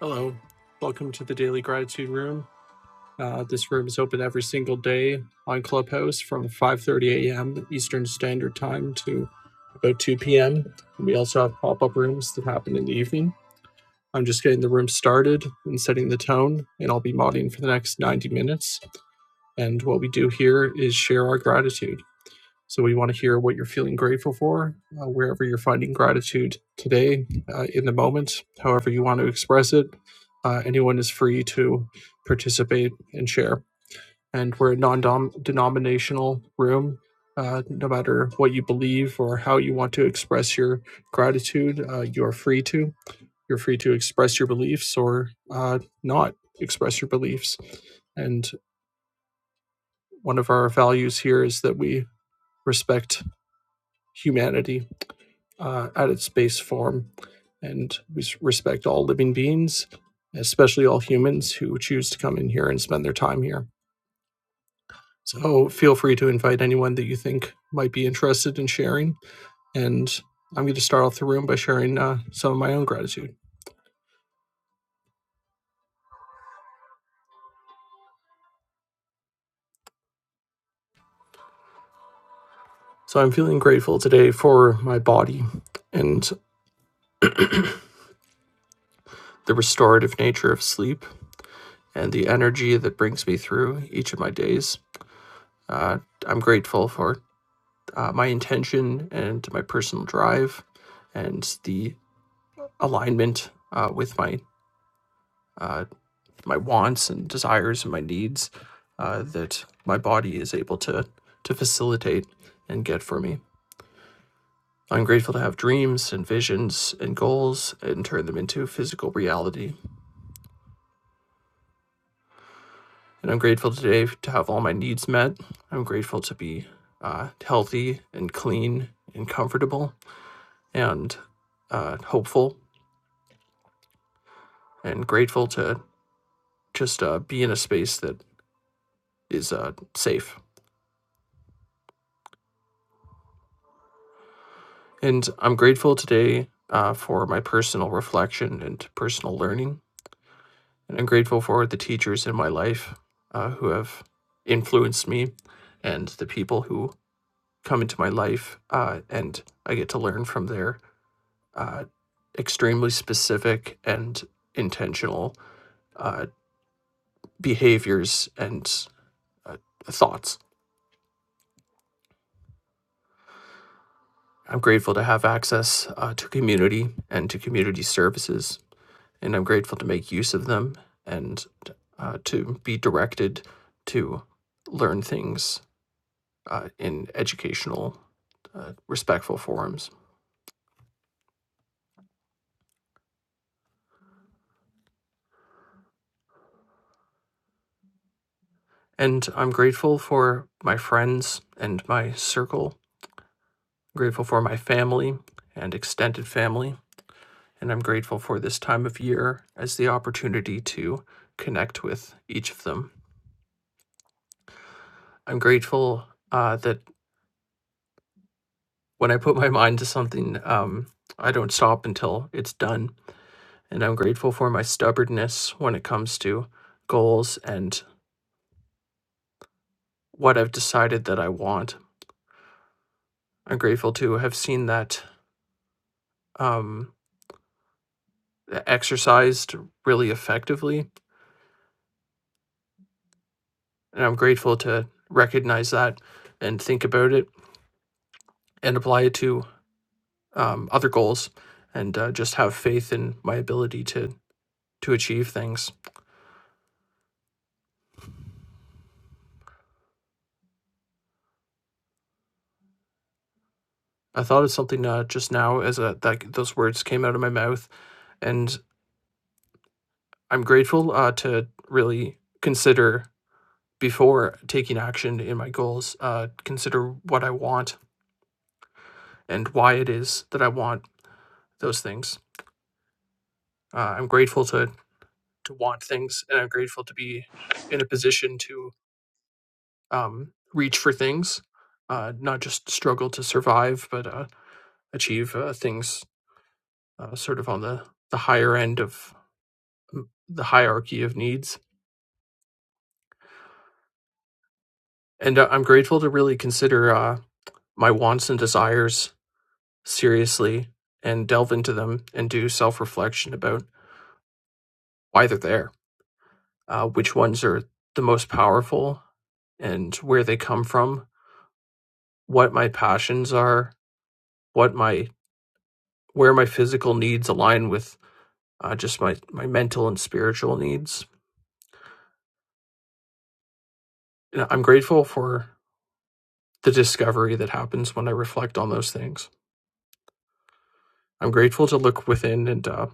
Hello, welcome to the Daily Gratitude Room. Uh, this room is open every single day on Clubhouse from 5:30 a.m. Eastern Standard Time to about 2 p.m. We also have pop-up rooms that happen in the evening. I'm just getting the room started and setting the tone, and I'll be modding for the next 90 minutes. And what we do here is share our gratitude. So we want to hear what you're feeling grateful for, uh, wherever you're finding gratitude today, uh, in the moment, however you want to express it. Uh, anyone is free to participate and share. And we're a non denominational room. Uh, no matter what you believe or how you want to express your gratitude, uh, you are free to. You're free to express your beliefs or uh, not express your beliefs. And one of our values here is that we respect humanity uh, at its base form. And we respect all living beings, especially all humans who choose to come in here and spend their time here. So feel free to invite anyone that you think might be interested in sharing. And I'm going to start off the room by sharing uh, some of my own gratitude. So I'm feeling grateful today for my body and the restorative nature of sleep and the energy that brings me through each of my days. Uh, I'm grateful for uh, my intention and my personal drive and the alignment uh, with my uh, my wants and desires and my needs uh, that my body is able to to facilitate and get for me. I'm grateful to have dreams and visions and goals and turn them into physical reality. And I'm grateful today to have all my needs met. I'm grateful to be uh, healthy and clean and comfortable and uh, hopeful and grateful to just uh, be in a space that is uh, safe. And I'm grateful today uh, for my personal reflection and personal learning. And I'm grateful for the teachers in my life uh, who have influenced me and the people who come into my life. Uh, and I get to learn from their uh, extremely specific and intentional uh, behaviors and uh, thoughts. I'm grateful to have access uh, to community and to community services and I'm grateful to make use of them and uh, to be directed to learn things uh, in educational, uh, respectful forums. And I'm grateful for my friends and my circle, I'm grateful for my family and extended family. And I'm grateful for this time of year as the opportunity to connect with each of them. I'm grateful uh, that when I put my mind to something, um, I don't stop until it's done and I'm grateful for my stubbornness when it comes to goals and what I've decided that I want. I'm grateful to have seen that um, exercised really effectively, and I'm grateful to recognize that and think about it and apply it to um, other goals, and uh, just have faith in my ability to to achieve things. I thought of something uh, just now as uh that those words came out of my mouth, and I'm grateful uh, to really consider before taking action in my goals, uh, consider what I want and why it is that I want those things. Uh, I'm grateful to to want things, and I'm grateful to be in a position to um, reach for things, uh, not just struggle to survive, but uh, achieve uh, things uh, sort of on the the higher end of the hierarchy of needs. And uh, I'm grateful to really consider uh, my wants and desires seriously and delve into them and do self reflection about why they're there, uh, which ones are the most powerful, and where they come from, what my passions are, what my where my physical needs align with uh, just my my mental and spiritual needs. And I'm grateful for the discovery that happens when I reflect on those things. I'm grateful to look within and uh,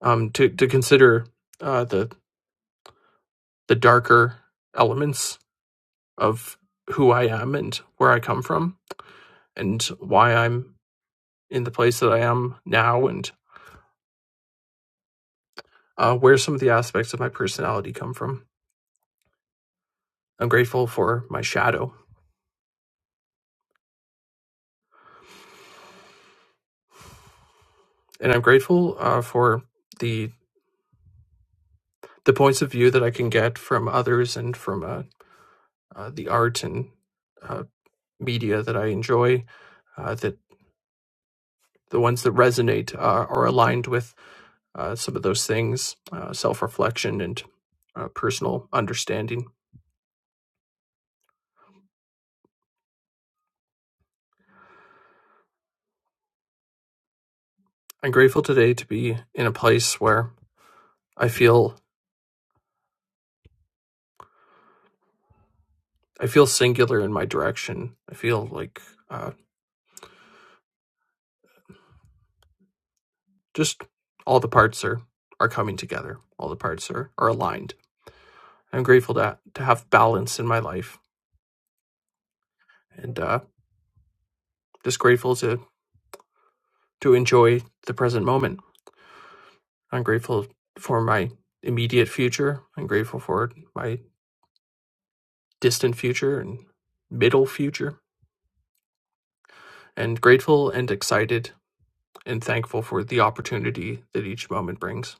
um to to consider uh, the the darker elements of who I am and where I come from and why I'm in the place that I am now and uh, where some of the aspects of my personality come from. I'm grateful for my shadow, and I'm grateful uh, for the the points of view that I can get from others and from uh, uh, the art and uh, media that I enjoy. Uh, that the ones that resonate uh, are aligned with uh, some of those things, uh, self reflection and uh, personal understanding. I'm grateful today to be in a place where I feel I feel singular in my direction. I feel like uh, just all the parts are are coming together. All the parts are are aligned. I'm grateful to to have balance in my life, and uh, just grateful to to enjoy the present moment. I'm grateful for my immediate future. I'm grateful for my distant future and middle future, and grateful and excited and thankful for the opportunity that each moment brings.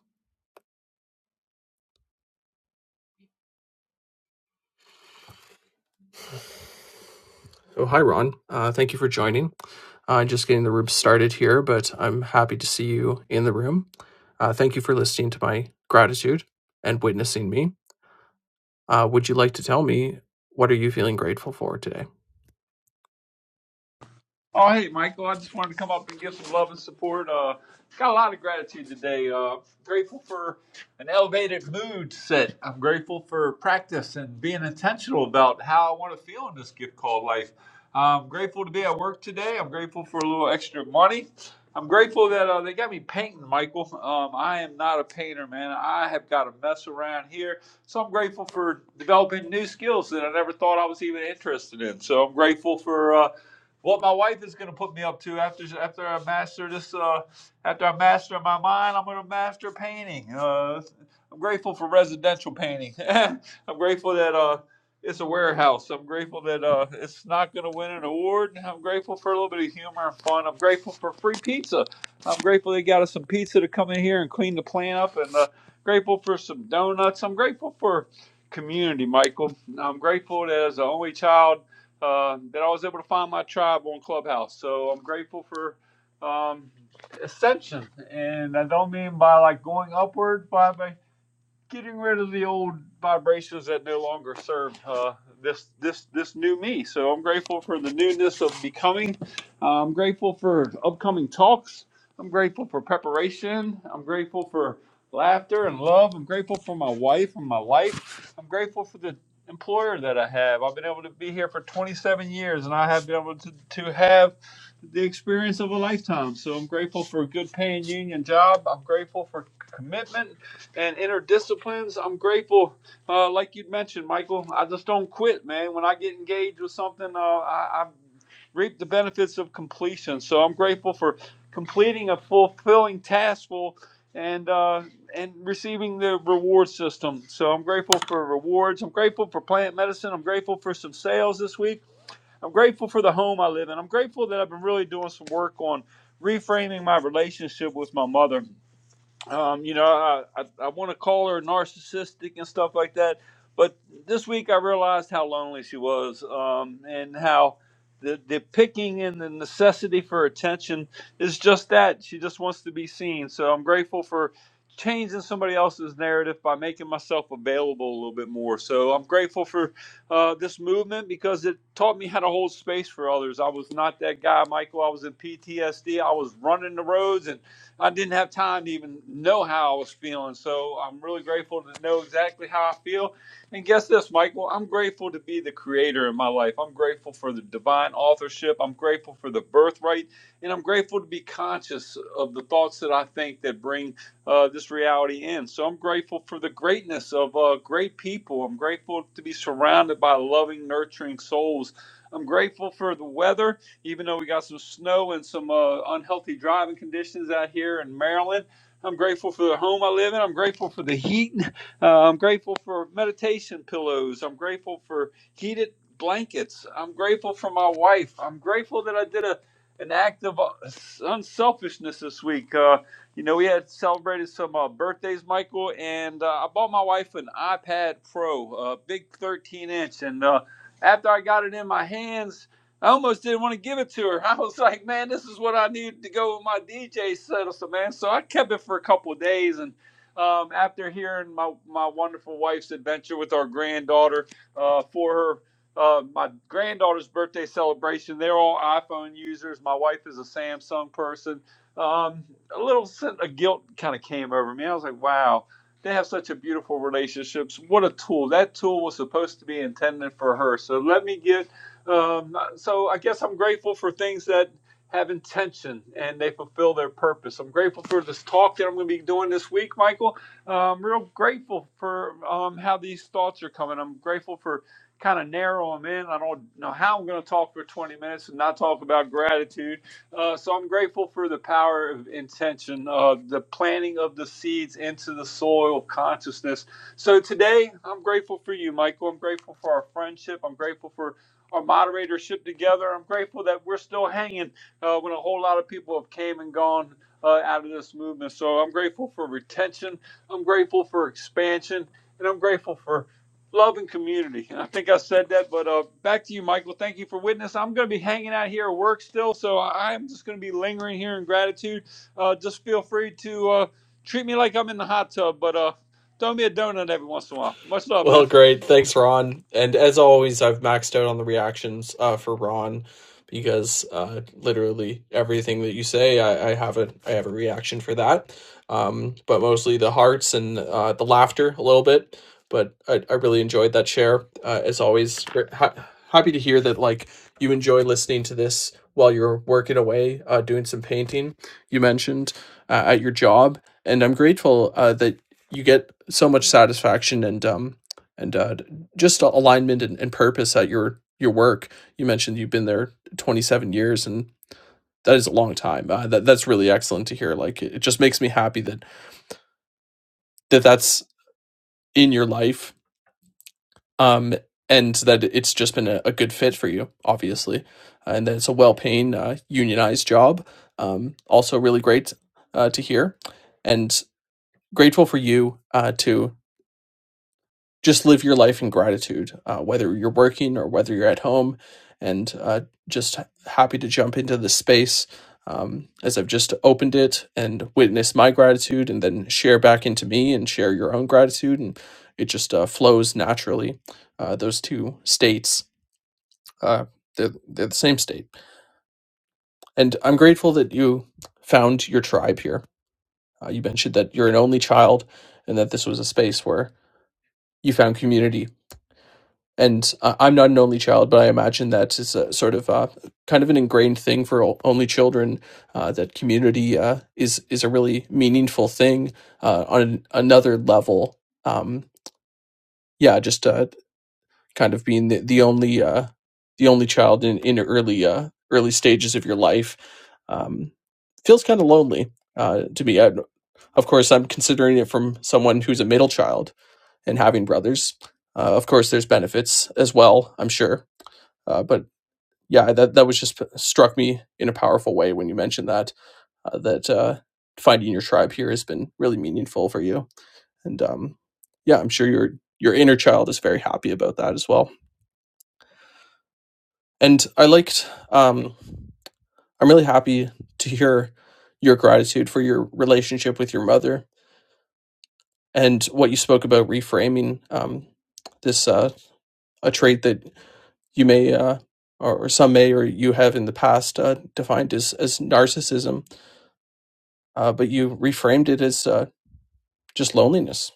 So, hi, Ron. Uh, thank you for joining. Uh, just getting the room started here, but I'm happy to see you in the room. Uh, thank you for listening to my gratitude and witnessing me. Uh, would you like to tell me what are you feeling grateful for today? Oh, hey, Michael. I just wanted to come up and give some love and support. Uh, got a lot of gratitude today. Uh, grateful for an elevated mood set. I'm grateful for practice and being intentional about how I want to feel in this gift called life. I'm grateful to be at work today. I'm grateful for a little extra money. I'm grateful that uh, they got me painting, Michael. Um, I am not a painter, man. I have got to mess around here. So I'm grateful for developing new skills that I never thought I was even interested in. So I'm grateful for. uh, what my wife is going to put me up to after after I master this uh, after I master my mind, I'm going to master painting. Uh, I'm grateful for residential painting. I'm grateful that uh, it's a warehouse. I'm grateful that uh, it's not going to win an award. I'm grateful for a little bit of humor and fun. I'm grateful for free pizza. I'm grateful they got us some pizza to come in here and clean the plant up, and uh, grateful for some donuts. I'm grateful for community, Michael. I'm grateful that as the only child uh, that I was able to find my tribe on Clubhouse. So I'm grateful for um, ascension, and I don't mean by like going upward by, by getting rid of the old vibrations that no longer served uh, this this this new me. So I'm grateful for the newness of becoming. Uh, I'm grateful for upcoming talks. I'm grateful for preparation. I'm grateful for laughter and love. I'm grateful for my wife and my life. I'm grateful for the employer that I have. I've been able to be here for 27 years, and I have been able to, to have the experience of a lifetime. So I'm grateful for a good paying union job. I'm grateful for commitment and inner disciplines. I'm grateful, uh, like you'd mentioned, Michael. I just don't quit, man. When I get engaged with something, uh, I, I reap the benefits of completion. So I'm grateful for completing a fulfilling taskful and uh, and receiving the reward system. So I'm grateful for rewards. I'm grateful for plant medicine. I'm grateful for some sales this week. I'm grateful for the home I live in. I'm grateful that I've been really doing some work on reframing my relationship with my mother um, you know, I, I, I want to call her narcissistic and stuff like that. But this week I realized how lonely she was um, and how the, the picking and the necessity for attention is just that. She just wants to be seen. So I'm grateful for changing somebody else's narrative by making myself available a little bit more. So I'm grateful for uh, this movement because it taught me how to hold space for others. I was not that guy, Michael. I was in PTSD. I was running the roads and I didn't have time to even know how I was feeling. So I'm really grateful to know exactly how I feel. And guess this, Michael, I'm grateful to be the creator in my life. I'm grateful for the divine authorship. I'm grateful for the birthright. And I'm grateful to be conscious of the thoughts that I think that bring uh, this reality in. So I'm grateful for the greatness of uh, great people. I'm grateful to be surrounded by loving, nurturing souls. I'm grateful for the weather even though we got some snow and some uh, unhealthy driving conditions out here in Maryland, I'm grateful for the home I live in. I'm grateful for the heat. Uh, I'm grateful for meditation pillows. I'm grateful for heated blankets. I'm grateful for my wife. I'm grateful that I did a an act of uh, unselfishness this week. Uh, you know, we had celebrated some uh, birthdays, Michael, and uh, I bought my wife an iPad Pro, a big 13 inch. And uh, after I got it in my hands, I almost didn't want to give it to her. I was like, man, this is what I need to go with my DJ set so man. So I kept it for a couple of days and um, after hearing my, my wonderful wife's adventure with our granddaughter uh, for her uh, my granddaughter's birthday celebration, they're all iPhone users. My wife is a Samsung person. Um, a little sense of guilt kind of came over me. I was like, wow, they have such a beautiful relationships. What a tool. That tool was supposed to be intended for her. So let me give um, so I guess I'm grateful for things that have intention and they fulfill their purpose. I'm grateful for this talk that I'm going to be doing this week, Michael. Uh, I'm real grateful for um, how these thoughts are coming. I'm grateful for kind of narrow them in. I don't know how I'm going to talk for 20 minutes and not talk about gratitude. Uh, so I'm grateful for the power of intention, uh, the planting of the seeds into the soil of consciousness. So today, I'm grateful for you, Michael. I'm grateful for our friendship. I'm grateful for our moderatorship together. I'm grateful that we're still hanging uh, when a whole lot of people have came and gone uh, out of this movement. So I'm grateful for retention. I'm grateful for expansion, and I'm grateful for love and community. And I think I said that, but uh, back to you, Michael. Thank you for witness. I'm going to be hanging out here at work still, so I- I'm just going to be lingering here in gratitude. Uh, just feel free to uh, treat me like I'm in the hot tub, but uh, throw me a donut every once in a while. Much love, man. Well, great. Thanks, Ron. And as always, I've maxed out on the reactions uh, for Ron because uh, literally everything that you say, I, I have a I have a reaction for that. Um, but mostly the hearts and uh, the laughter a little bit. But I, I really enjoyed that share. Uh, as always, ha- happy to hear that like you enjoy listening to this while you're working away, uh, doing some painting. You mentioned uh, at your job, and I'm grateful uh, that you get so much satisfaction and um, and uh, just alignment and, and purpose at your your work. You mentioned you've been there 27 years, and that is a long time. Uh, that that's really excellent to hear. Like it, it just makes me happy that that that's in your life, um, and that it's just been a, a good fit for you, obviously, and that it's a well paying uh, unionized job. Um, also, really great uh, to hear, and grateful for you uh, to just live your life in gratitude, uh, whether you're working or whether you're at home. And uh, just happy to jump into this space um, as I've just opened it and witness my gratitude and then share back into me and share your own gratitude. And it just uh, flows naturally. Uh, those two states, uh, they're, they're the same state. And I'm grateful that you found your tribe here. Uh, you mentioned that you're an only child and that this was a space where you found community and I- I'm not an only child, but I imagine that it's a sort of uh, kind of an ingrained thing for only children. Uh, that community uh, is is a really meaningful thing uh, on an, another level. Um, yeah, just uh, kind of being the, the only uh, the only child in in early uh, early stages of your life um, feels kind of lonely uh, to me. I, of course, I'm considering it from someone who's a middle child and having brothers. Uh, of course, there's benefits as well. I'm sure uh, but yeah, that that was just struck me in a powerful way when you mentioned that uh, that uh, finding your tribe here has been really meaningful for you. And um, yeah, I'm sure your your inner child is very happy about that as well. And I liked. Um, I'm really happy to hear your gratitude for your relationship with your mother and what you spoke about reframing um, this uh, a trait that you may uh, or, or some may or you have in the past uh, defined as as narcissism uh, but you reframed it as uh, just loneliness.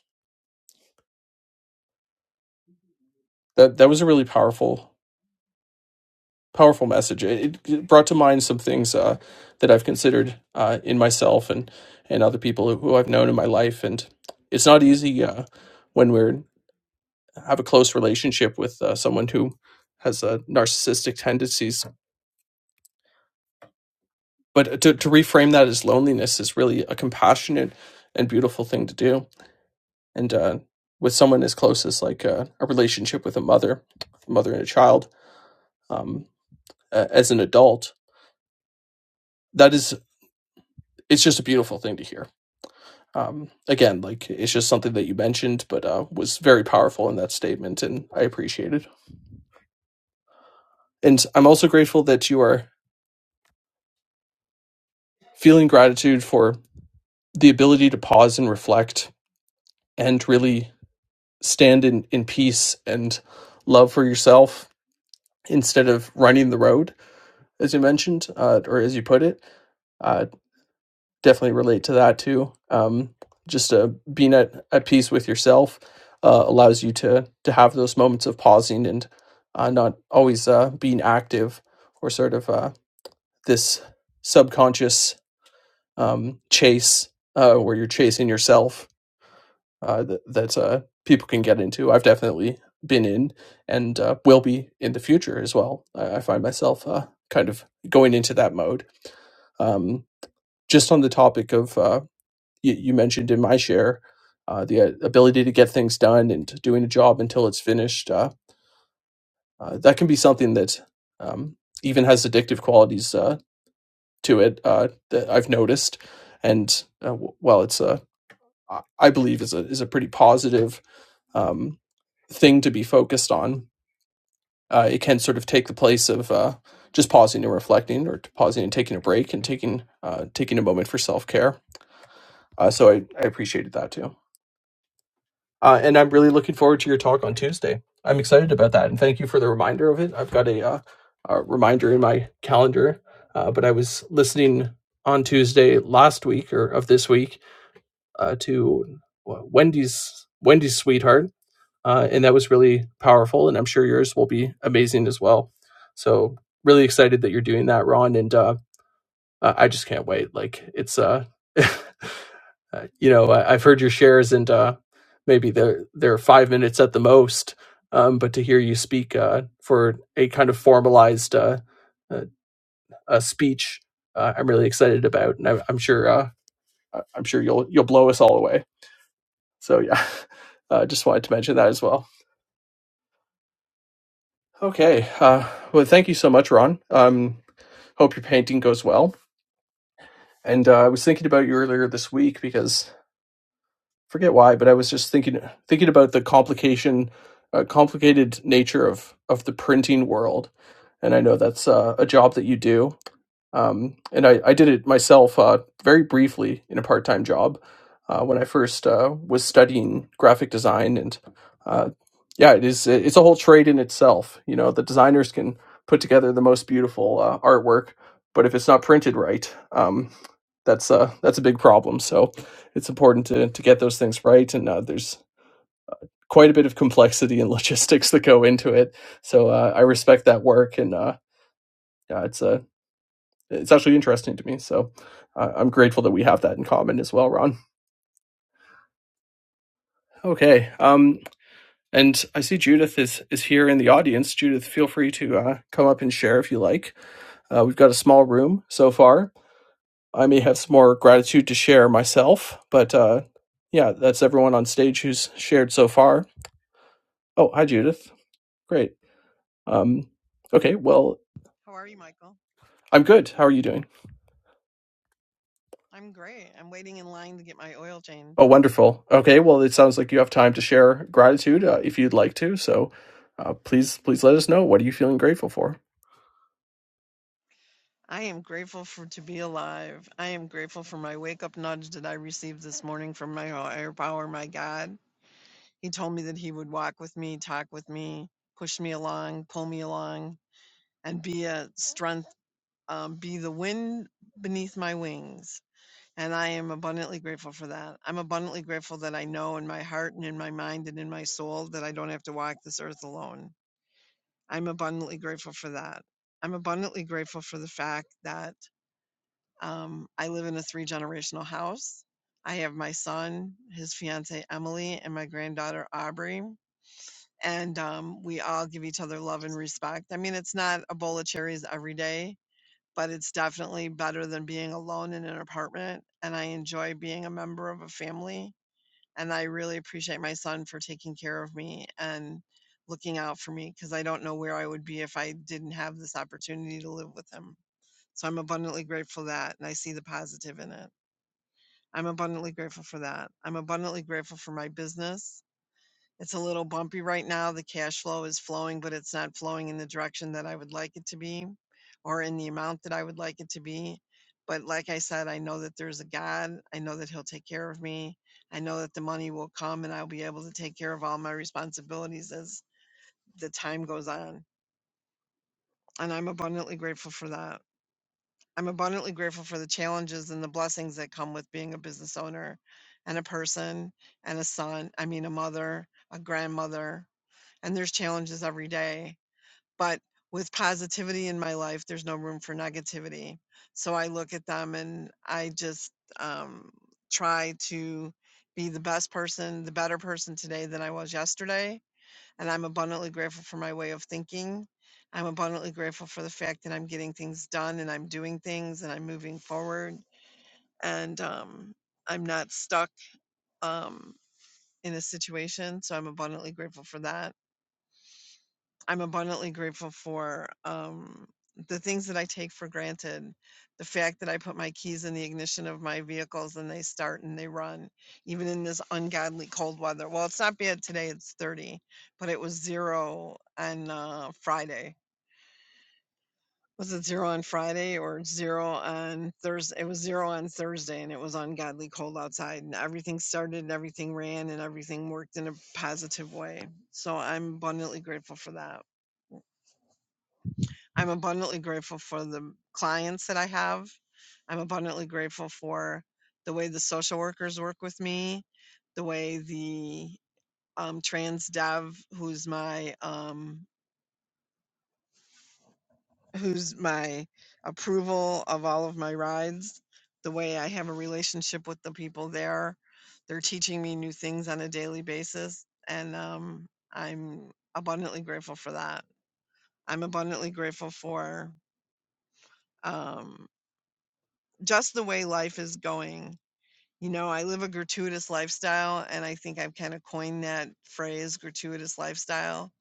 That that was a really powerful powerful message. It, it brought to mind some things uh, that I've considered uh, in myself and and other people who I've known in my life. And it's not easy uh, when we're have a close relationship with uh, someone who has uh, narcissistic tendencies. But to, to reframe that as loneliness is really a compassionate and beautiful thing to do. And uh, with someone as close as like uh, a relationship with a mother, mother and a child, um, a- as an adult. That is, it's just a beautiful thing to hear. Um, again, like it's just something that you mentioned, but uh, was very powerful in that statement, and I appreciate it. And I'm also grateful that you are feeling gratitude for the ability to pause and reflect, and really stand in in peace and love for yourself instead of running the road, as you mentioned, uh, or as you put it. Uh, definitely relate to that too. Um, just uh, being at, at peace with yourself uh, allows you to to have those moments of pausing and uh, not always uh, being active or sort of uh, this subconscious um, chase uh, where you're chasing yourself uh, that that uh, people can get into. I've definitely been in and uh, will be in the future as well. I, I find myself uh, kind of going into that mode. Um, just on the topic of uh, you, you mentioned in my share, uh, the uh, ability to get things done and doing a job until it's finished, uh, uh, that can be something that um, even has addictive qualities uh, to it uh, that I've noticed. And uh, w- well, it's a I I believe is a is a pretty positive um, thing to be focused on. Uh, it can sort of take the place of uh, just pausing and reflecting, or pausing and taking a break, and taking uh, taking a moment for self care. Uh, so I, I appreciated that too. Uh, and I'm really looking forward to your talk on Tuesday. I'm excited about that, and thank you for the reminder of it. I've got a, uh, a reminder in my calendar, uh, but I was listening on Tuesday last week or of this week uh, to Wendy's Wendy's sweetheart, uh, and that was really powerful. And I'm sure yours will be amazing as well. So really excited that you're doing that, Ron, and uh, I just can't wait. Like it's uh uh, you know I, i've heard your shares and uh maybe they're they're five minutes at the most um but to hear you speak uh for a kind of formalized uh, uh a speech uh, i'm really excited about and I, am I'm sure uh I- i'm sure you'll you'll blow us all away so yeah uh, just wanted to mention that as well okay uh well thank you so much ron um hope your painting goes well and uh, i was thinking about you earlier this week because forget why, but I was just thinking thinking about the complication, uh, complicated nature of of the printing world, and I know that's uh, a job that you do. Um, and I, I did it myself uh, very briefly in a part time job uh, when I first uh, was studying graphic design. And uh, yeah, it is it's a whole trade in itself. You know, the designers can put together the most beautiful uh, artwork, but if it's not printed right, um, that's a that's a big problem. So it's important to to get those things right. And uh, there's quite a bit of complexity and logistics that go into it. So uh, I respect that work, and uh, yeah, it's a it's actually interesting to me. So uh, I'm grateful that we have that in common as well, Ron. Okay. Um, and I see Judith is is here in the audience. Judith, feel free to uh, come up and share if you like. Uh, we've got a small room so far. I may have some more gratitude to share myself, but uh, yeah, that's everyone on stage who's shared so far. Oh, hi, Judith. Great. Um, okay. Well, How are you, Michael? I'm good. How are you doing? I'm great. I'm waiting in line to get my oil Oh, changed. wonderful. Okay, well, it sounds like you have time to share gratitude uh, if you'd like to. So, uh, please, please let us know what are you feeling grateful for. I am grateful for to be alive. I am grateful for my wake up nudge that I received this morning from my higher power, my God. He told me that he would walk with me, talk with me, push me along, pull me along, and be a strength, um, be the wind beneath my wings. And I am abundantly grateful for that. I'm abundantly grateful that I know in my heart and in my mind and in my soul that I don't have to walk this earth alone I'm abundantly grateful for that. I'm abundantly grateful for the fact that um, I live in a three generational house. I have my son, his fiance Emily, and my granddaughter Aubrey. And um, we all give each other love and respect. I mean, it's not a bowl of cherries every day, but it's definitely better than being alone in an apartment. And I enjoy being a member of a family and I really appreciate my son for taking care of me and looking out for me because I don't know where I would be if I didn't have this opportunity to live with him. So I'm abundantly grateful for that and I see the positive in it. I'm abundantly grateful for that. I'm abundantly grateful for my business it's a little bumpy right now. The cash flow is flowing, but it's not flowing in the direction that I would like it to be or in the amount that I would like it to be. But like I said, I know that there's a God. I know that He'll take care of me. I know that the money will come and I'll be able to take care of all my responsibilities as the time goes on. And I'm abundantly grateful for that. I'm abundantly grateful for the challenges and the blessings that come with being a business owner and a person and a son, I mean, a mother, a grandmother, and there's challenges every day. But with positivity in my life, there's no room for negativity. So I look at them and I just um, try to be the best person, the better person today than I was yesterday. And I'm abundantly grateful for my way of thinking. I'm abundantly grateful for the fact that I'm getting things done and I'm doing things and I'm moving forward and um, I'm not stuck um, in a situation. So I'm abundantly grateful for that I'm abundantly grateful for um, the things that I take for granted. The fact that I put my keys in the ignition of my vehicles and they start and they run, even in this ungodly cold weather. Well, it's not bad today, it's 30, but it was zero on uh, Friday. Was it zero on Friday or zero on Thursday? It was zero on Thursday and it was ungodly cold outside, and everything started and everything ran and everything worked in a positive way. So I'm abundantly grateful for that. I'm abundantly grateful for the clients that I have. I'm abundantly grateful for the way the social workers work with me, the way the um, trans dev, who's my um, who's my approval of all of my rides, the way I have a relationship with the people there. They're teaching me new things on a daily basis, and um, I'm abundantly grateful for that. I'm abundantly grateful for. Um, just the way life is going, you know, I live a gratuitous lifestyle, and I think I've kind of coined that phrase, gratuitous lifestyle.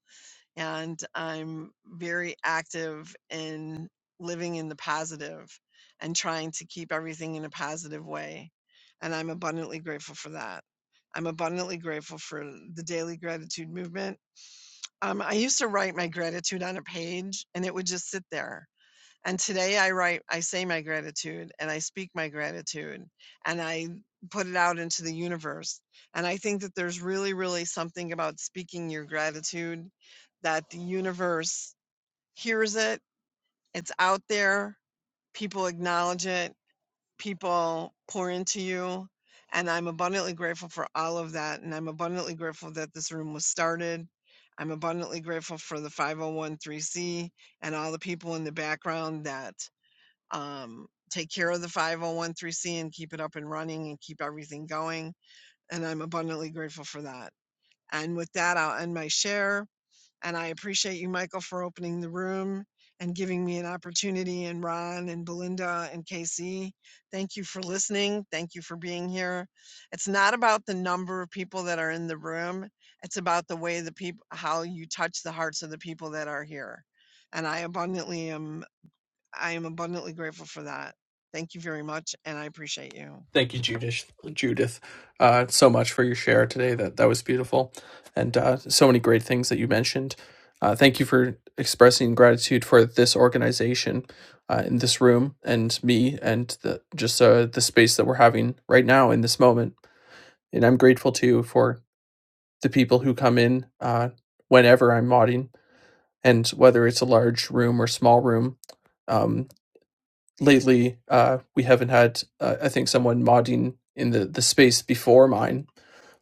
And I'm very active in living in the positive and trying to keep everything in a positive way. And I'm abundantly grateful for that. I'm abundantly grateful for the daily gratitude movement. Um, I used to write my gratitude on a page and it would just sit there and today I write, I say my gratitude and I speak my gratitude and I put it out into the universe. And I think that there's really, really something about speaking your gratitude that the universe hears it, it's out there, people acknowledge it, people pour into you. And I'm abundantly grateful for all of that. And I'm abundantly grateful that this room was started. I'm abundantly grateful for the 5013C and all the people in the background that um, take care of the 501c and keep it up and running and keep everything going. And I'm abundantly grateful for that. And with that, I'll end my share. And I appreciate you, Michael, for opening the room and giving me an opportunity. And Ron and Belinda and Casey, thank you for listening. Thank you for being here. It's not about the number of people that are in the room, it's about the way the people, how you touch the hearts of the people that are here. And I abundantly am I am abundantly grateful for that. Thank you very much, and I appreciate you. Thank you, Judith. Judith, uh, so much for your share today. That that was beautiful, and uh, so many great things that you mentioned. Uh, thank you for expressing gratitude for this organization, uh, in this room, and me, and the, just uh, the space that we're having right now in this moment. And I'm grateful to you for the people who come in uh, whenever I'm modding, and whether it's a large room or small room. Um, lately, uh, we haven't had, uh, I think, someone modding in the, the space before mine.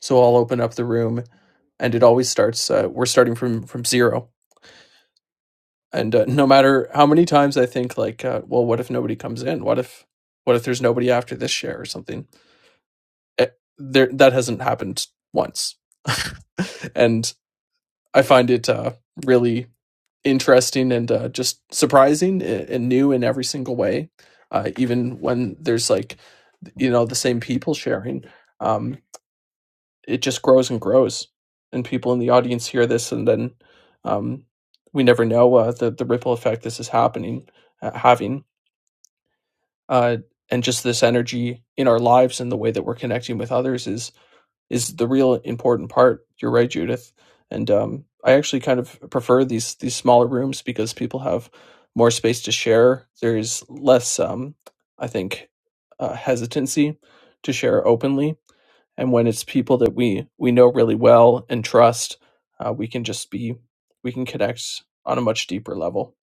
So I'll open up the room, and it always starts. Uh, we're starting from from zero, and uh, no matter how many times I think, like, uh, well, what if nobody comes in? What if what if there's nobody after this share or something? Eh, there, that hasn't happened once, and I find it uh, really interesting and uh, just surprising and new in every single way, uh, even when there's like you know the same people sharing. Um, it just grows and grows, and people in the audience hear this, and then um, we never know uh, the the ripple effect this is happening uh, having, uh, and just this energy in our lives and the way that we're connecting with others is is the real important part. You're right, Judith. And um, I actually kind of prefer these these smaller rooms because people have more space to share. There's less, um, I think, uh, hesitancy to share openly. And when it's people that we we know really well and trust, uh, we can just be we can connect on a much deeper level.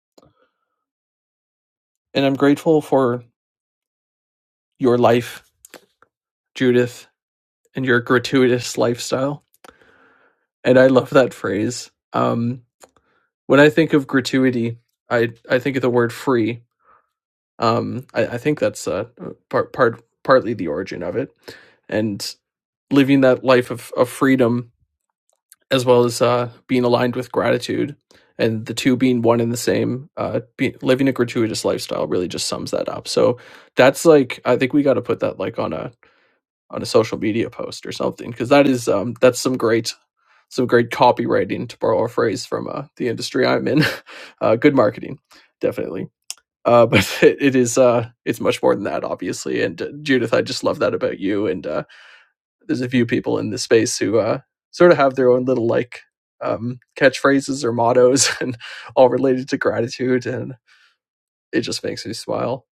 And I'm grateful for your life, Judith, and your gratuitous lifestyle. And I love that phrase. Um, when I think of gratuity, I I think of the word free. Um, I, I think that's uh, part part partly the origin of it, and living that life of of freedom as well as uh, being aligned with gratitude, and the two being one and the same. Uh, be, living a gratuitous lifestyle really just sums that up. So that's like I think we got to put that like on a on a social media post or something because that is um that's some great some great copywriting to borrow a phrase from uh, the industry I'm in. Uh, good marketing, definitely. Uh, but it, it is uh, it's much more than that, obviously. And uh, Judith, I just love that about you. And uh, there's a few people in this space who uh, sort of have their own little like um, catchphrases or mottos, and all related to gratitude. And it just makes me smile.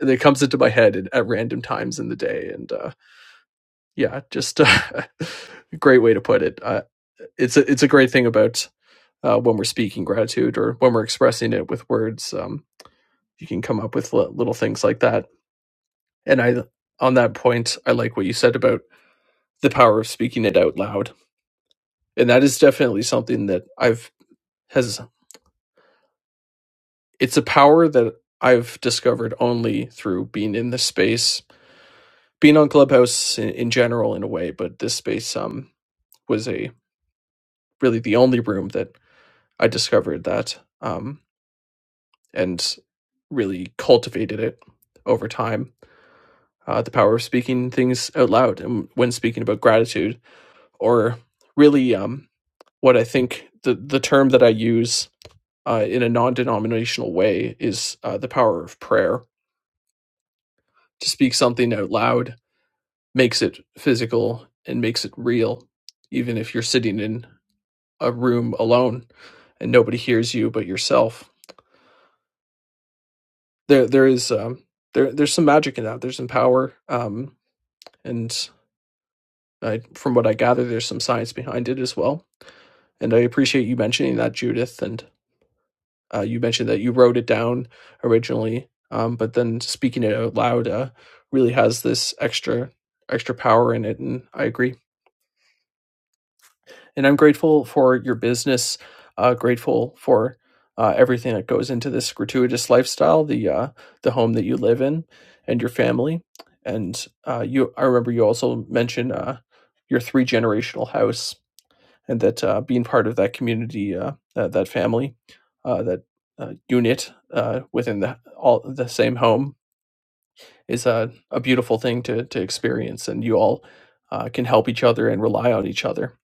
And It comes into my head at, at random times in the day, and uh, yeah, just a great way to put it. Uh, it's a it's a great thing about uh, when we're speaking gratitude or when we're expressing it with words. Um, you can come up with li- little things like that. And I, on that point, I like what you said about the power of speaking it out loud, and that is definitely something that I've has. It's a power that I've discovered only through being in this space, being on Clubhouse in, in general, in a way. But this space um, was a really the only room that I discovered that um, and really cultivated it over time uh, the power of speaking things out loud and when speaking about gratitude or really um, what i think the, the term that i use uh, in a non-denominational way is uh, the power of prayer to speak something out loud makes it physical and makes it real even if you're sitting in a room alone and nobody hears you but yourself there there is um, there there's some magic in that there's some power um, and I, from what i gather there's some science behind it as well And I appreciate you mentioning that, Judith. And uh, you mentioned that you wrote it down originally, um, but then speaking it out loud uh, really has this extra extra power in it. And I agree. And I'm grateful for your business. Uh, grateful for uh, everything that goes into this gratuitous lifestyle, the uh, the home that you live in, and your family. And uh, you, I remember you also mentioned uh, your three generational house and that uh, being part of that community, uh, that that family, uh, that uh, unit uh, within the all the same home is a, a beautiful thing to to experience, and you all uh, can help each other and rely on each other.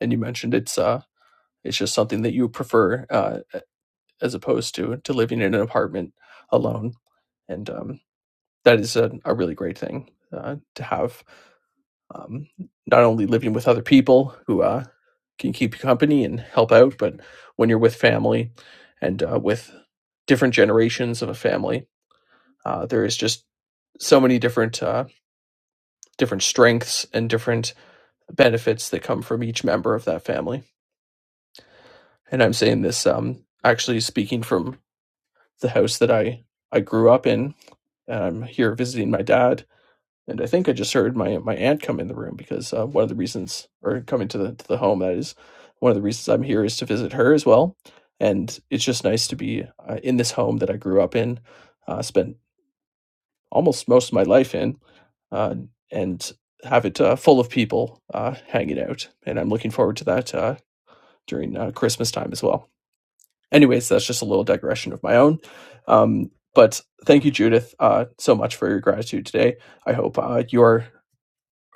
And you mentioned it's uh, it's just something that you prefer uh, as opposed to to living in an apartment alone, and um, that is a, a really great thing uh, to have um, not only living with other people who uh, can keep you company and help out, but when you're with family and uh, with different generations of a family, uh, there is just so many different uh, different strengths and different benefits that come from each member of that family. And I'm saying this um, actually speaking from the house that I I grew up in. And I'm here visiting my dad, And I think I just heard my my aunt come in the room because uh, one of the reasons, or coming to the to the home, that is one of the reasons I'm here is to visit her as well. And it's just nice to be uh, in this home that I grew up in, uh, spent almost most of my life in, uh, and have it uh, full of people uh, hanging out. And I'm looking forward to that uh, during uh, Christmas time as well. Anyways, that's just a little digression of my own. Um, but thank you, Judith, uh, so much for your gratitude today. I hope uh, your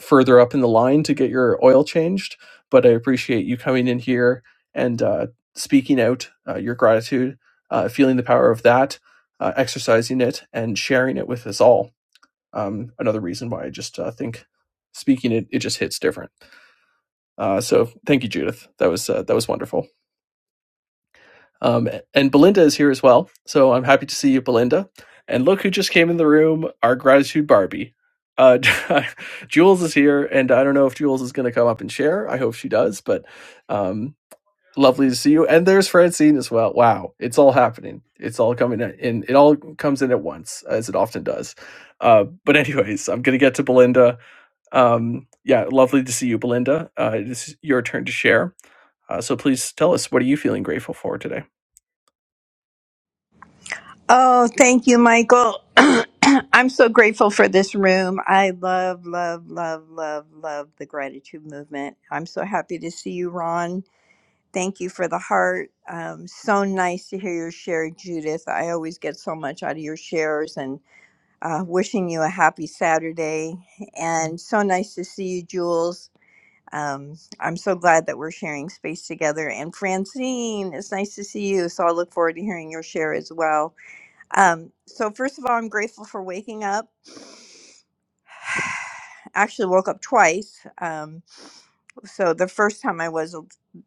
further up in the line to get your oil changed. But I appreciate you coming in here and uh, speaking out uh, your gratitude, uh, feeling the power of that, uh, exercising it, and sharing it with us all. Um, another reason why I just uh, think speaking it it just hits different. Uh, so thank you, Judith. That was uh, that was wonderful. Um, and Belinda is here as well. So I'm happy to see you, Belinda. And look who just came in the room our gratitude Barbie. Uh, Jules is here, and I don't know if Jules is going to come up and share. I hope she does, but um, lovely to see you. And there's Francine as well. Wow, it's all happening. It's all coming in. It all comes in at once, as it often does. Uh, but, anyways, I'm going to get to Belinda. Um, yeah, lovely to see you, Belinda. Uh, it is your turn to share. Uh, so please tell us, what are you feeling grateful for today? Oh, thank you, Michael. I'm so grateful for this room. I love, love, love, love, love the gratitude movement. I'm so happy to see you, Ron. Thank you for the heart. Um, so nice to hear your share, Judith. I always get so much out of your shares and uh, wishing you a happy Saturday. And so nice to see you, Jules. Um, I'm so glad that we're sharing space together. And Francine, it's nice to see you. So I look forward to hearing your share as well. Um, so first of all, I'm grateful for waking up. Actually, woke up twice. Um, so the first time I was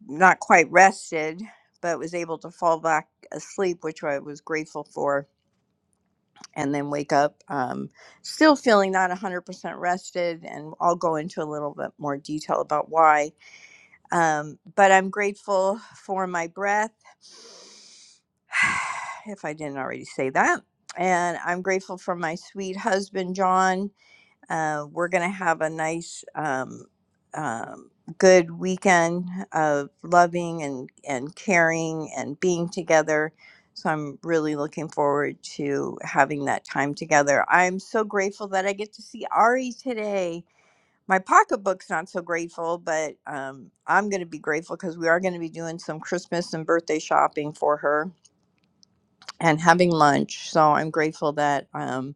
not quite rested, but was able to fall back asleep, which I was grateful for, and then wake up um, still feeling not 100% rested. And I'll go into a little bit more detail about why. Um, but I'm grateful for my breath, if I didn't already say that. And I'm grateful for my sweet husband, John. Uh, we're going to have a nice, um, um, good weekend of loving and, and caring and being together. So I'm really looking forward to having that time together. I'm so grateful that I get to see Ari today my pocketbook's not so grateful, but um, I'm going to be grateful because we are going to be doing some Christmas and birthday shopping for her and having lunch. So I'm grateful that um,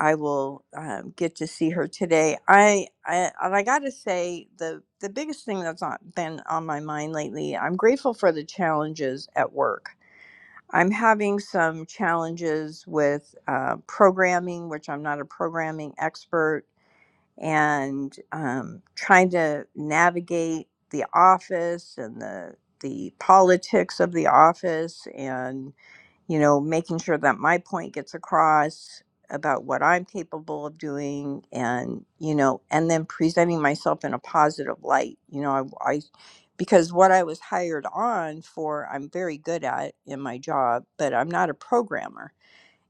I will um, get to see her today. I I, and I got to say the the biggest thing that's not been on my mind lately. I'm grateful for the challenges at work. I'm having some challenges with uh, programming, which I'm not a programming expert and um, trying to navigate the office and the the politics of the office and you know making sure that my point gets across about what I'm capable of doing and you know and then presenting myself in a positive light you know I, I because what I was hired on for I'm very good at in my job but I'm not a programmer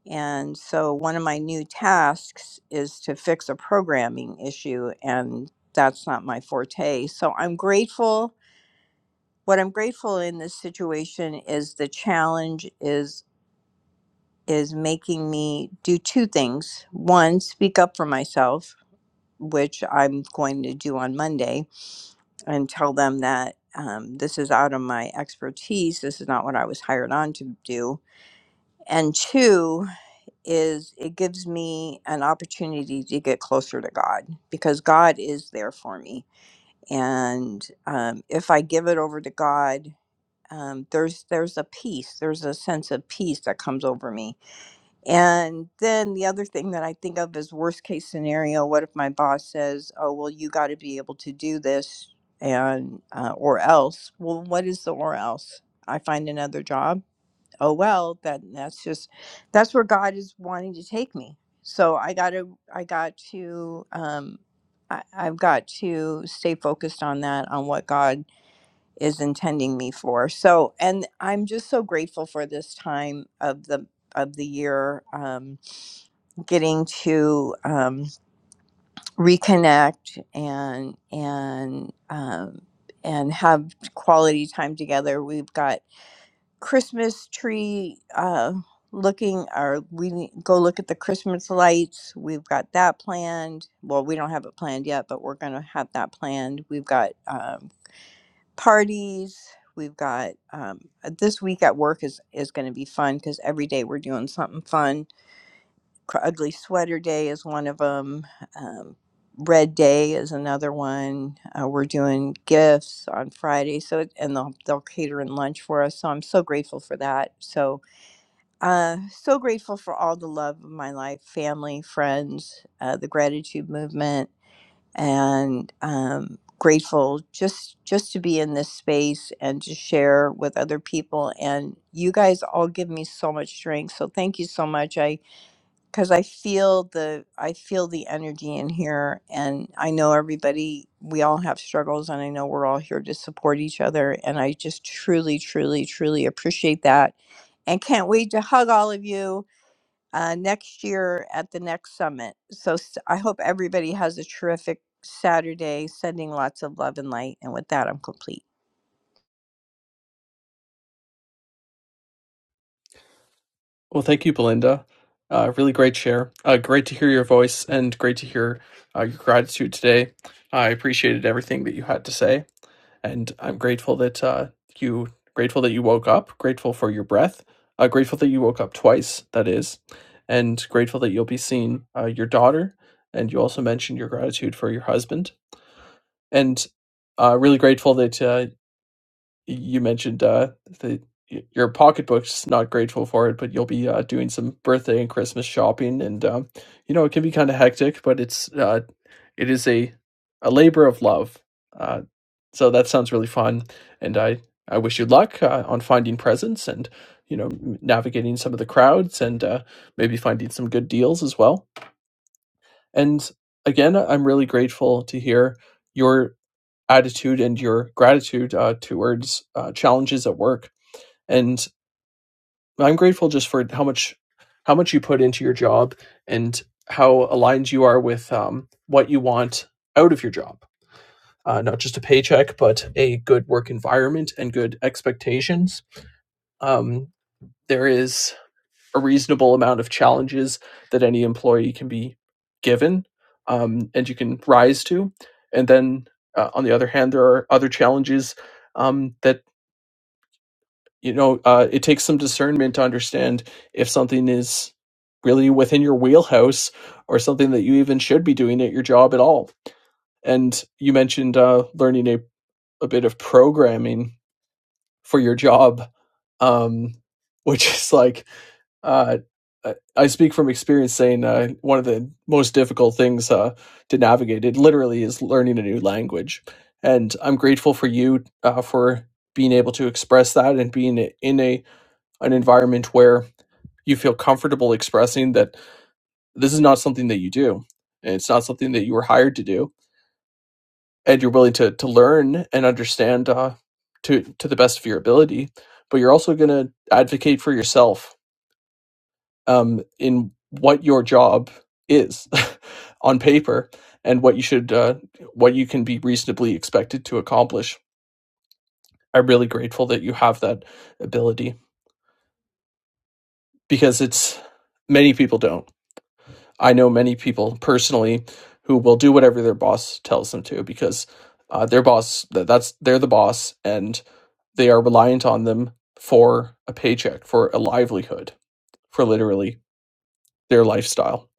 and so one of my new tasks is to fix a programming issue, and that's not my forte. So I'm grateful. What I'm grateful in this situation is the challenge is is making me do two things. One, speak up for myself, which I'm going to do on Monday, and tell them that um, this is out of my expertise. This is not what I was hired on to do. And two, is it gives me an opportunity to get closer to God because God is there for me, and um, if I give it over to God, um, there's there's a peace, there's a sense of peace that comes over me. And then the other thing that I think of is worst case scenario: what if my boss says, "Oh, well, you got to be able to do this," and uh, or else. Well, what is the or else? I find another job oh well then that's just that's where god is wanting to take me so i gotta i got to um I, i've got to stay focused on that on what god is intending me for so and i'm just so grateful for this time of the of the year um getting to um reconnect and and um and have quality time together we've got Christmas tree uh, looking, or we need- go look at the Christmas lights. We've got that planned. Well, we don't have it planned yet, but we're going to have that planned. We've got um, parties. We've got um, uh, this week at work is, is going to be fun because every day we're doing something fun. Cr- Ugly Sweater Day is one of them. Um, Red Day is another one. Uh, we're doing gifts on Friday, so it, and they'll they'll cater in lunch for us. So I'm so grateful for that. So uh, so grateful for all the love of my life, family, friends, uh, the gratitude movement, and um, grateful just just to be in this space and to share with other people. And you guys all give me so much strength. So thank you so much. I because I feel the I feel the energy in here, and I know everybody. We all have struggles, and I know we're all here to support each other. And I just truly, truly, truly appreciate that, and can't wait to hug all of you uh, next year at the next summit. So s- I hope everybody has a terrific Saturday, sending lots of love and light. And with that, I'm complete. Well, thank you, Belinda. Uh, really great share. Uh, great to hear your voice and great to hear uh, your gratitude today. I appreciated everything that you had to say. and I'm grateful that uh, you grateful that you woke up, grateful for your breath, uh, grateful that you woke up twice. That is, and grateful that you'll be seeing uh, your daughter, and you also mentioned your gratitude for your husband, and uh, really grateful that uh, you mentioned uh, that y- your pocketbook's not grateful for it, but you'll be uh, doing some birthday and Christmas shopping, and um, you know it can be kind of hectic, but it's uh, it is a a labor of love. Uh, so that sounds really fun, and I I wish you luck uh, on finding presents and you know navigating some of the crowds and uh, maybe finding some good deals as well. And again, I'm really grateful to hear your attitude and your gratitude uh, towards uh, challenges at work. And I'm grateful just for how much how much you put into your job and how aligned you are with um, what you want out of your job uh, not just a paycheck, but a good work environment and good expectations. Um, there is a reasonable amount of challenges that any employee can be given um, and you can rise to. And then uh, on the other hand, there are other challenges um, that, you know, uh, it takes some discernment to understand if something is really within your wheelhouse or something that you even should be doing at your job at all. And you mentioned uh, learning a, a bit of programming for your job um which is like uh I speak from experience saying uh, one of the most difficult things uh, to navigate it literally is learning a new language. And I'm grateful for you uh, for being able to express that and being in a an environment where you feel comfortable expressing that this is not something that you do and it's not something that you were hired to do and you're willing to to learn and understand uh, to to the best of your ability, but you're also going to advocate for yourself um, in what your job is on paper and what you should uh, what you can be reasonably expected to accomplish. I'm really grateful that you have that ability because it's many people don't. I know many people personally who will do whatever their boss tells them to because uh, their boss th- that's they're the boss and They are reliant on them for a paycheck, for a livelihood, for literally their lifestyle.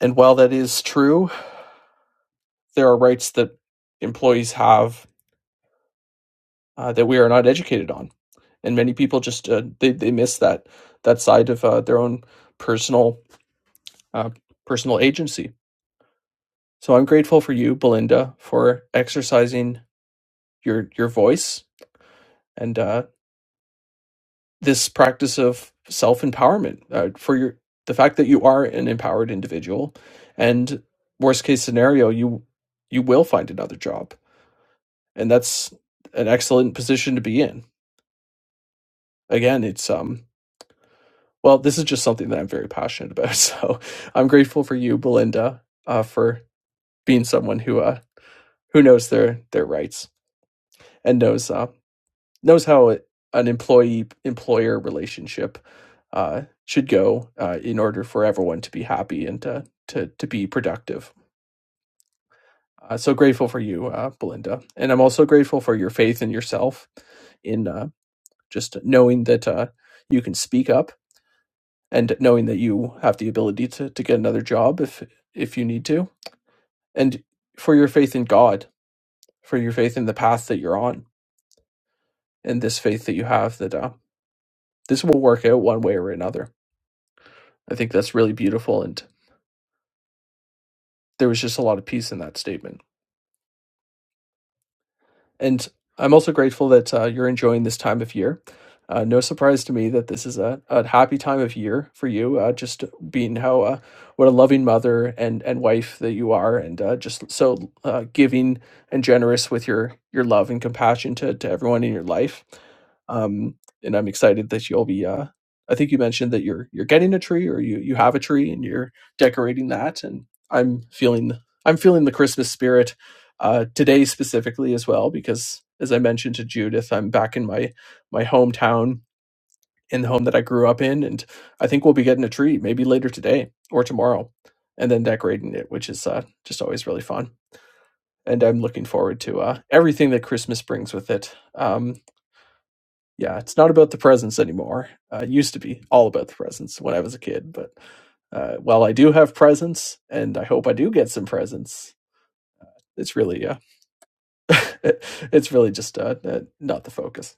And while that is true, there are rights that employees have uh, that we are not educated on, and many people just uh, they they miss that that side of uh, their own personal uh, personal agency. So I'm grateful for you, Belinda, for exercising your your voice and uh, this practice of self empowerment uh, for your the fact that you are an empowered individual, and worst case scenario, you you will find another job, and that's an excellent position to be in. Again, it's um well, this is just something that I'm very passionate about, so I'm grateful for you, Belinda, uh, for being someone who uh who knows their their rights and knows uh, knows how an employee employer relationship uh, should go uh, in order for everyone to be happy and to to, to be productive. Uh, so grateful for you, uh, Belinda, and I'm also grateful for your faith in yourself in uh, just knowing that uh, you can speak up and knowing that you have the ability to to get another job if if you need to, and for your faith in God, for your faith in the path that you're on, and this faith that you have that uh, this will work out one way or another I think that's really beautiful. And there was just a lot of peace in that statement. And I'm also grateful that uh, you're enjoying this time of year. Uh, no surprise to me that this is a, a happy time of year for you, uh, just being how uh, what a loving mother and, and wife that you are, and uh, just so uh, giving and generous with your your love and compassion to, to everyone in your life. Um, and I'm excited that you'll be. Uh, I think you mentioned that you're you're getting a tree or you you have a tree and you're decorating that, and I'm feeling I'm feeling the Christmas spirit uh, today specifically as well, because as I mentioned to Judith, I'm back in my my hometown in the home that I grew up in, and I think we'll be getting a tree maybe later today or tomorrow, and then decorating it, which is uh, just always really fun. And I'm looking forward to uh, everything that Christmas brings with it. Um, yeah, it's not about the presents anymore. Uh, it used to be all about the presents when I was a kid, but uh, while I do have presents, and I hope I do get some presents, it's really uh, it's really just uh, uh, not the focus.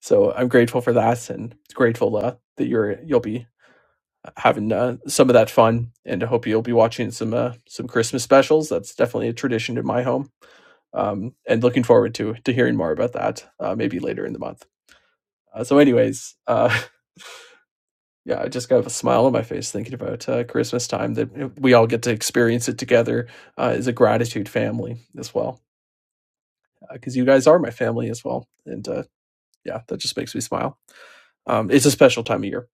So I'm grateful for that, and grateful uh, that you're you'll be having uh, some of that fun, and I hope you'll be watching some uh, some Christmas specials. That's definitely a tradition in my home, um, and looking forward to to hearing more about that uh, maybe later in the month. Uh, so, anyways, uh, yeah, I just got a smile on my face thinking about uh, Christmas time that we all get to experience it together uh, as a gratitude family as well, because uh, you guys are my family as well, and uh, yeah, that just makes me smile. Um, it's a special time of year.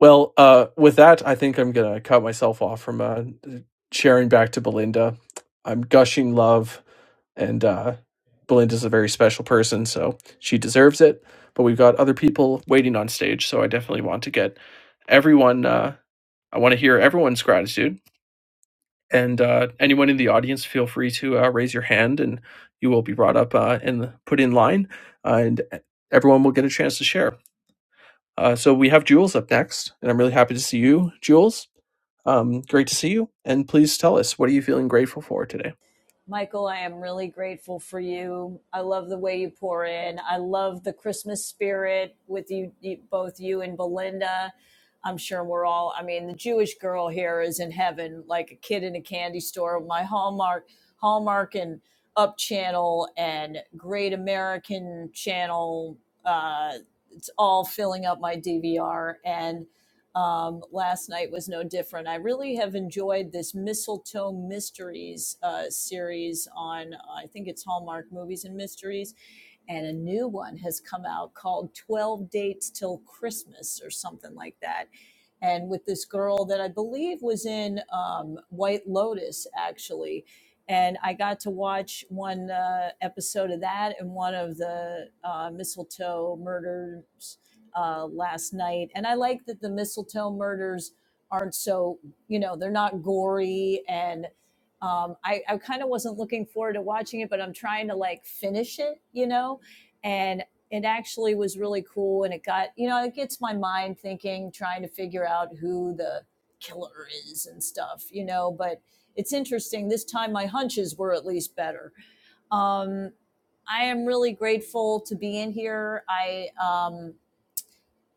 Well, uh, with that, I think I'm gonna cut myself off from uh, sharing back to Belinda. I'm gushing love, and uh, Belinda's a very special person, so she deserves it. But we've got other people waiting on stage, so I definitely want to get everyone. Uh, I want to hear everyone's gratitude, and uh, anyone in the audience, feel free to uh, raise your hand, and you will be brought up uh, and put in line, uh, and everyone will get a chance to share. Uh, so we have Jules up next, and I'm really happy to see you, Jules. Um, great to see you, and please tell us what are you feeling grateful for today. Michael, I am really grateful for you. I love the way you pour in. I love the Christmas spirit with you, both you and Belinda. I'm sure we're all, I mean, the Jewish girl here is in heaven like a kid in a candy store. My Hallmark, Hallmark and Up Channel and Great American Channel, uh, it's all filling up my DVR. And um, last night was no different. I really have enjoyed this Mistletoe Mysteries uh, series on, uh, I think it's Hallmark Movies and Mysteries and a new one has come out called 12 Dates Till Christmas or something like that. And with this girl that I believe was in um, White Lotus, actually. And I got to watch one uh, episode of that and one of the uh, mistletoe murders uh, last night. And I like that the mistletoe murders aren't so, you know, they're not gory and um, I, I kind of wasn't looking forward to watching it, but I'm trying to like finish it, you know, and it actually was really cool and it got you know it gets my mind thinking trying to figure out who the killer is and stuff you know but it's interesting this time my hunches were at least better um, i am really grateful to be in here i um,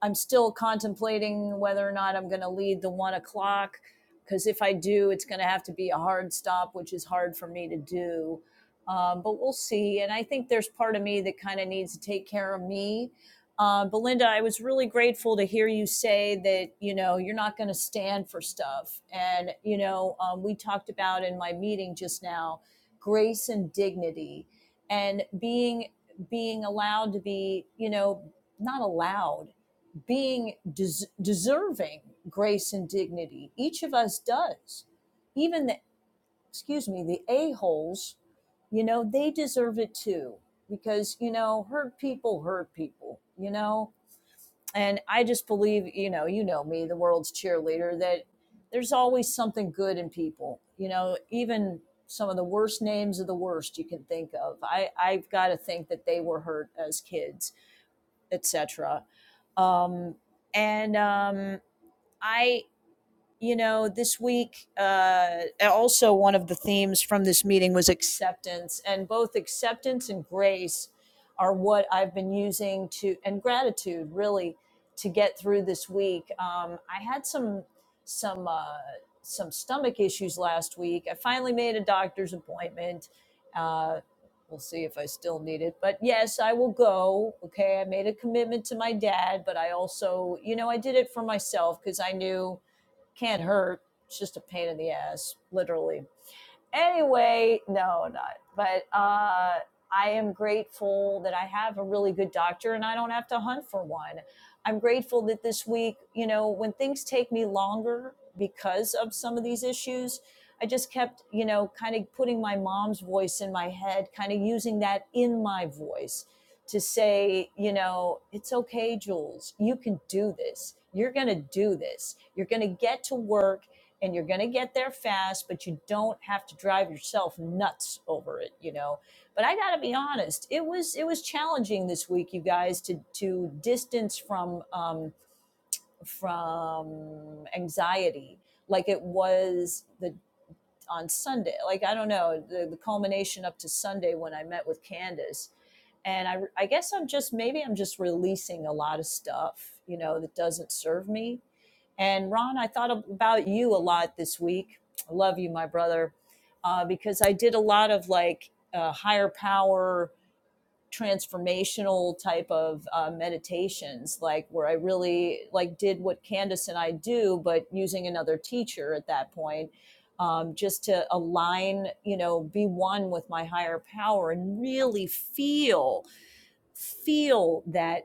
I'm still contemplating whether or not I'm going to lead the one o'clock because if I do, it's going to have to be a hard stop, which is hard for me to do. Um, but we'll see. And I think there's part of me that kind of needs to take care of me. Uh, Belinda, I was really grateful to hear you say that you know you're not going to stand for stuff, and you know um, we talked about in my meeting just now, grace and dignity, and being being allowed to be you know not allowed being des- deserving grace and dignity. Each of us does. Even the, excuse me, the a-holes, you know, they deserve it too because, you know, hurt people hurt people, you know? And I just believe, you know, you know me, the world's cheerleader, that there's always something good in people, you know, even some of the worst names of the worst you can think of. I, I've got to think that they were hurt as kids etc. Um, and um, I you know, this week, uh, also one of the themes from this meeting was acceptance, and both acceptance and grace are what I've been using to, and gratitude really to get through this week. Um, I had some some uh, some stomach issues last week. I finally made a doctor's appointment. Uh, we'll see if I still need it, but yes, I will go. Okay, I made a commitment to my dad, but I also, you know, I did it for myself because I knew can't hurt. It's just a pain in the ass, literally anyway, no, not. But uh, I am grateful that I have a really good doctor and I don't have to hunt for one. I'm grateful that this week, you know, when things take me longer because of some of these issues, I just kept, you know, kind of putting my mom's voice in my head, kind of using that in my voice to say, you know, it's okay, Jules. You can do this. You're going to do this. You're going to get to work and you're going to get there fast, but you don't have to drive yourself nuts over it, you know. But I got to be honest, it was it was challenging this week, you guys, to to distance from um, from anxiety like it was the on Sunday. Like I don't know the, the culmination up to Sunday when I met with Candace. And I, I guess I'm just maybe I'm just releasing a lot of stuff, you know, that doesn't serve me and Ron, I thought about you a lot this week. I love you, my brother, uh, because I did a lot of like uh, higher power transformational type of uh, meditations, like where I really like did what Candace and I do, but using another teacher at that point. Um, just to align, you know, be one with my higher power and really feel, feel that,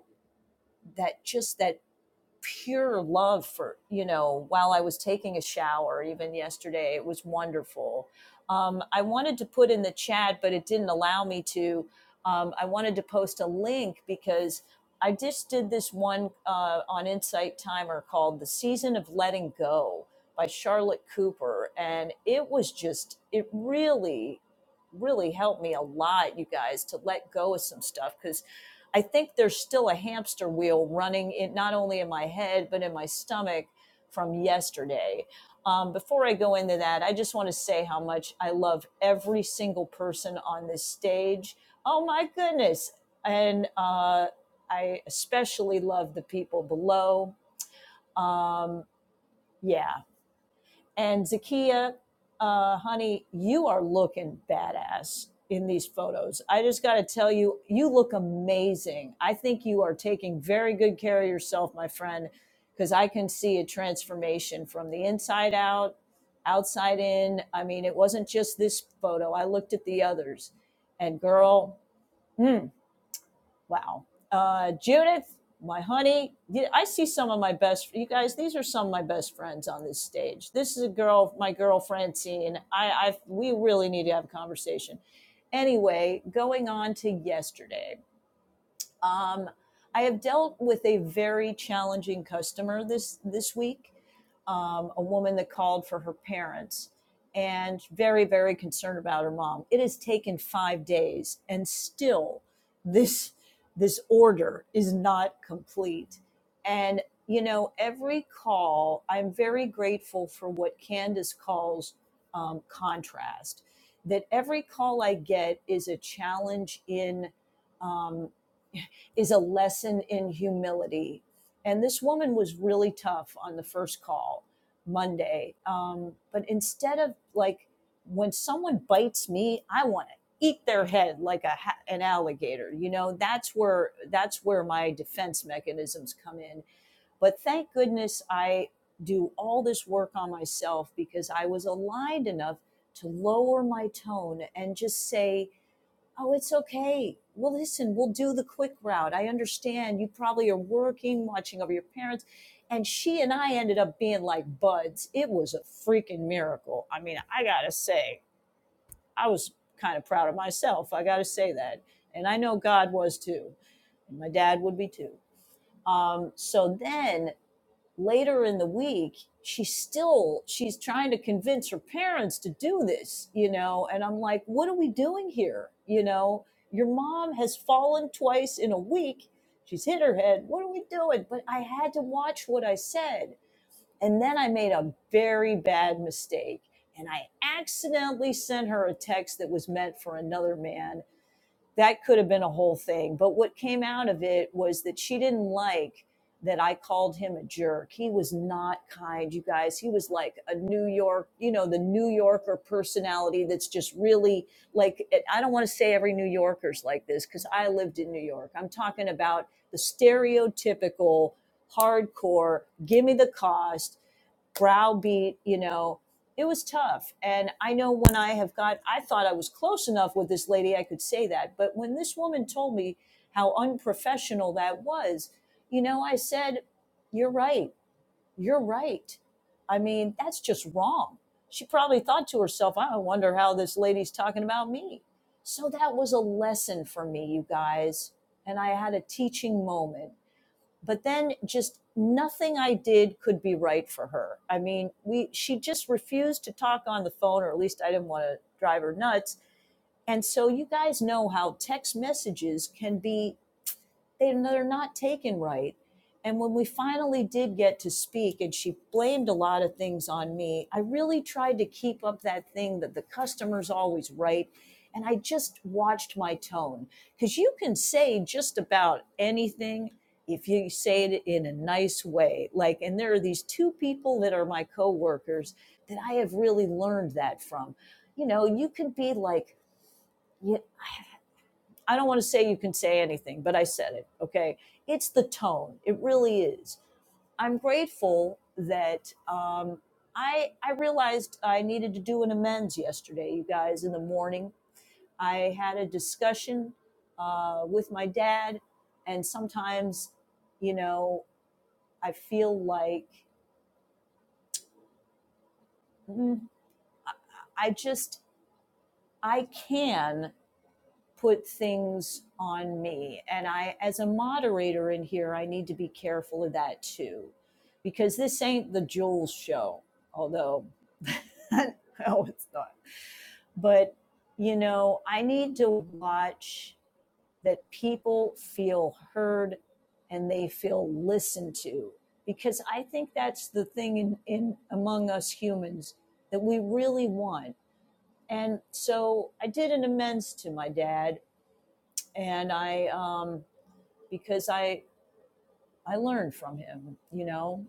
that just that pure love for you know while i was taking a shower even yesterday it was wonderful um, i wanted to put in the chat but it didn't allow me to um, i wanted to post a link because i just did this one uh, on insight timer called the season of letting go by charlotte cooper and it was just it really really helped me a lot you guys to let go of some stuff because I think there's still a hamster wheel running in not only in my head but in my stomach from yesterday. Um, before I go into that, I just want to say how much I love every single person on this stage. Oh my goodness! And uh, I especially love the people below. Um, yeah, and Zakia, uh, honey, you are looking badass in these photos. I just got to tell you, you look amazing. I think you are taking very good care of yourself, my friend, because I can see a transformation from the inside out, outside in. I mean, it wasn't just this photo, I looked at the others. And girl, mm, Wow. Uh, Judith, my honey, I see some of my best, you guys, these are some of my best friends on this stage. This is a girl, my girl Francine. I, I, we really need to have a conversation. Anyway, going on to yesterday. Um, I have dealt with a very challenging customer this this week. Um, a woman that called for her parents and very very concerned about her mom. It has taken five days, and still this this order is not complete. And you know, every call, I'm very grateful for what Candace calls um, contrast. That every call I get is a challenge in. Um, is a lesson in humility. And this woman was really tough on the first call Monday. Um, but instead of like, when someone bites me, I want to eat their head like a an alligator. You know, that's where that's where my defense mechanisms come in. But thank goodness I do all this work on myself because I was aligned enough to lower my tone and just say, Oh, it's okay. Well, listen, we'll do the quick route. I understand you probably are working, watching over your parents. And she and I ended up being like buds. It was a freaking miracle. I mean, I got to say, I was kind of proud of myself. I got to say that. And I know God was too. And my dad would be too. Um, so then later in the week she's still she's trying to convince her parents to do this you know and i'm like what are we doing here you know your mom has fallen twice in a week she's hit her head what are we doing but i had to watch what i said and then i made a very bad mistake and i accidentally sent her a text that was meant for another man that could have been a whole thing. But what came out of it was that she didn't like that I called him a jerk. He was not kind, you guys. He was like a New York, you know, the New Yorker personality that's just really like, I don't want to say every New Yorker's like this because I lived in New York. I'm talking about the stereotypical hardcore, give me the cost, browbeat, you know, it was tough. And I know when I have got, I thought I was close enough with this lady, I could say that. But when this woman told me how unprofessional that was, you know, I said, You're right. You're right. I mean, that's just wrong. She probably thought to herself, I wonder how this lady's talking about me. So that was a lesson for me, you guys. And I had a teaching moment but then just nothing I did could be right for her. I mean, we she just refused to talk on the phone, or at least I didn't want to drive her nuts. And so you guys know how text messages can be they, no, they're not taken right. And when we finally did get to speak, and she blamed a lot of things on me, I really tried to keep up that thing that the customer's always right. And I just watched my tone because you can say just about anything if you say it in a nice way. Like, and there are these two people that are my coworkers that I have really learned that from. You know, you can be like, yeah, I don't want to say you can say anything, but I said it. Okay. It's the tone. It really is. I'm grateful that um, I, I realized I needed to do an amends yesterday, you guys, in the morning. I had a discussion uh, with my dad, and sometimes, you know, I feel like mm, I just, I can put things on me. And I, as a moderator in here, I need to be careful of that too, because this ain't the Jules show, although, no, it's not. But, you know, I need to watch that people feel heard and they feel listened to, because I think that's the thing in, in among us humans that we really want. And so I did an amends to my dad and I um, because I I learned from him. You know,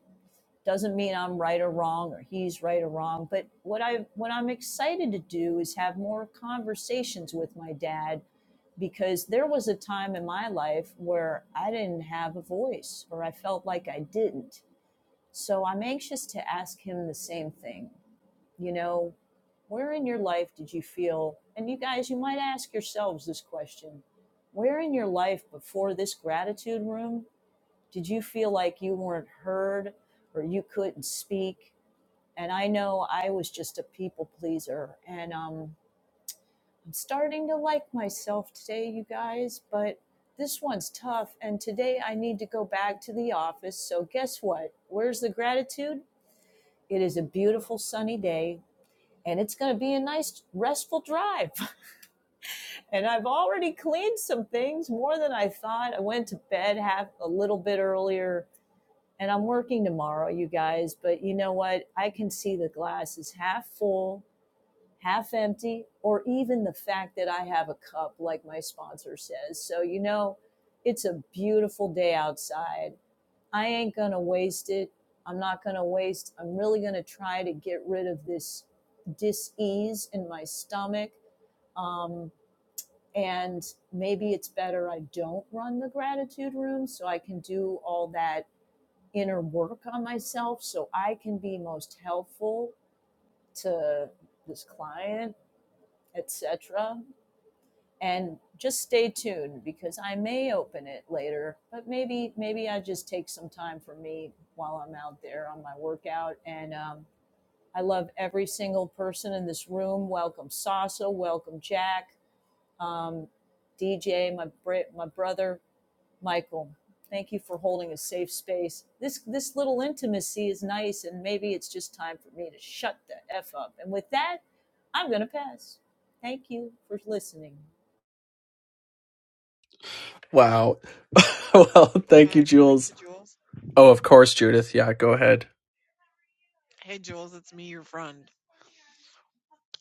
doesn't mean I'm right or wrong or he's right or wrong. But what I what I'm excited to do is have more conversations with my dad because there was a time in my life where I didn't have a voice or I felt like I didn't. So I'm anxious to ask him the same thing you know, where in your life did you feel, and you guys, you might ask yourselves this question where in your life before this gratitude room did you feel like you weren't heard or you couldn't speak? And I know I was just a people pleaser, and um, I'm starting to like myself today, you guys, but this one's tough. And today I need to go back to the office. So, guess what? Where's the gratitude? It is a beautiful sunny day and it's going to be a nice restful drive. And I've already cleaned some things more than I thought. I went to bed half a little bit earlier and I'm working tomorrow, you guys, but you know what? I can see the glass is half full, half empty, or even the fact that I have a cup like my sponsor says. So, you know, it's a beautiful day outside. I ain't going to waste it. I'm not going to waste. I'm really going to try to get rid of this dis-ease in my stomach um, and maybe it's better I don't run the gratitude room so I can do all that inner work on myself so I can be most helpful to this client, etc. And just stay tuned because I may open it later, but maybe maybe I just take some time for me while I'm out there on my workout. And um, I love every single person in this room. Welcome Sasa, welcome Jack, um, DJ, my my brother Michael. Thank you for holding a safe space. This this little intimacy is nice, and maybe it's just time for me to shut the f up. And with that, I'm gonna pass. Thank you for listening. Wow. well, Nico, may thank you, I pour into Jules. Jules? Oh, of course, Judith. Yeah, go ahead. Hey, Jules, it's me, your friend.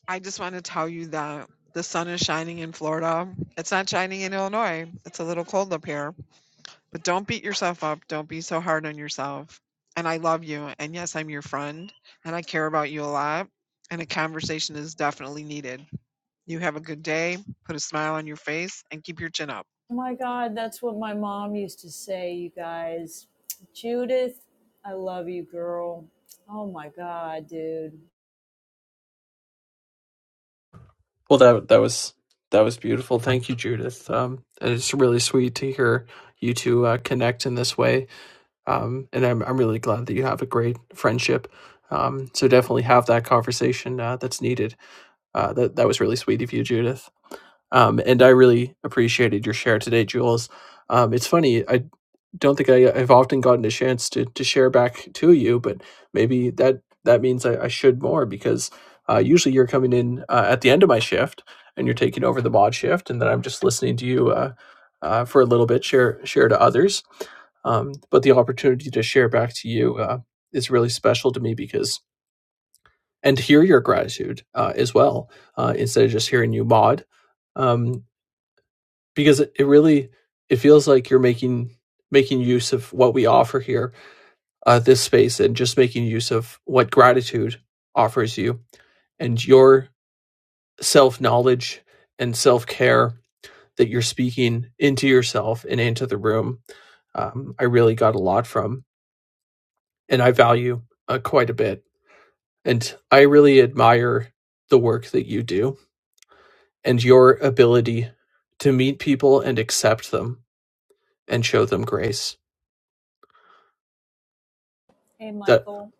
I just want to tell you that the sun is shining in Florida. It's not shining in Illinois. It's a little cold up here. But don't beat yourself up. Don't be so hard on yourself. And I love you. And yes, I'm your friend, and I care about you a lot. And a conversation is definitely needed. You have a good day. Put a smile on your face and keep your chin up. Oh my God, that's what my mom used to say, you guys. Judith, I love you, girl. Oh my God, dude. Well, that that was that was beautiful. Thank you, Judith. Um, and it's really sweet to hear you two uh, connect in this way. Um, and I'm I'm really glad that you have a great friendship. Um, so definitely have that conversation uh, that's needed. Uh, that that was really sweet of you, Judith. Um, and I really appreciated your share today, Jules. Um, it's funny, I don't think I, I've often gotten a chance to to share back to you, but maybe that that means I, I should more because uh, usually you're coming in uh, at the end of my shift and you're taking over the mod shift, and then I'm just listening to you uh, uh, for a little bit, share share to others. Um, but the opportunity to share back to you uh, is really special to me because and to hear your gratitude uh, as well uh, instead of just hearing you mod. Um, because it, it really it feels like you're making making use of what we offer here uh, this space and just making use of what gratitude offers you and your self knowledge and self care that you're speaking into yourself and into the room um, I really got a lot from, and I value uh, quite a bit. And I really admire the work that you do and your ability to meet people and accept them and show them grace. Hey, That Michael.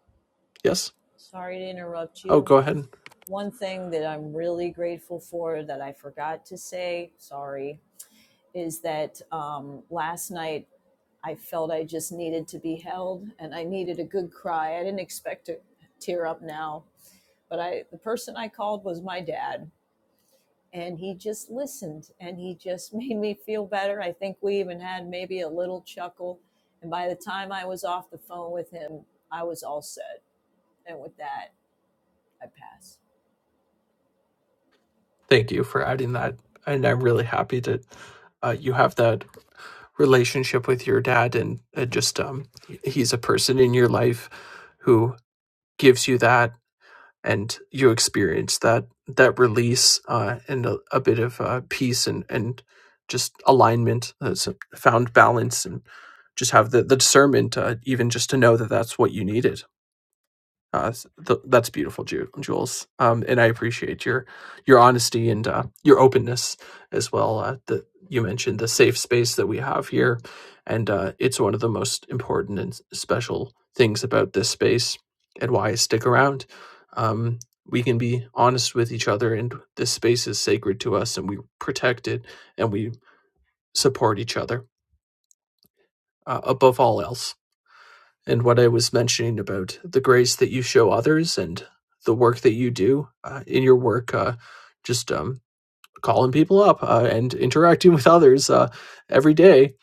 yes. Sorry to interrupt Oh, you. go ahead. One thing that I'm really grateful for that I forgot to say, sorry, is that um, last night I felt I just needed to be held and I needed a good cry. I didn't expect to tear up now, but I the person I called was my dad and he just listened and he just made me feel better. I think we even had maybe a little chuckle and by the time I was off the phone with him, I was all set. And with that, I pass. Thank you for adding that. And I'm really happy that uh, you have that relationship with your dad, and uh, just um, he- he's a person in your life who gives you that, and you experience that that release uh, and a, a bit of uh, peace and and just alignment, uh, some found balance, and just have the the discernment, uh, even just to know that that's what you needed. Uh, s- th- that's beautiful, Ju- Jules. Um, and I appreciate your your honesty and uh, your openness as well. Uh, that you mentioned the safe space that we have here, and uh, it's one of the most important and s- special things about this space and why I stick around. Um, we can be honest with each other, and this space is sacred to us, and we protect it, and we support each other uh, above all else and what I was mentioning about the grace that you show others and the work that you do uh, in your work, uh, just um, calling people up uh, and interacting with others uh, every day,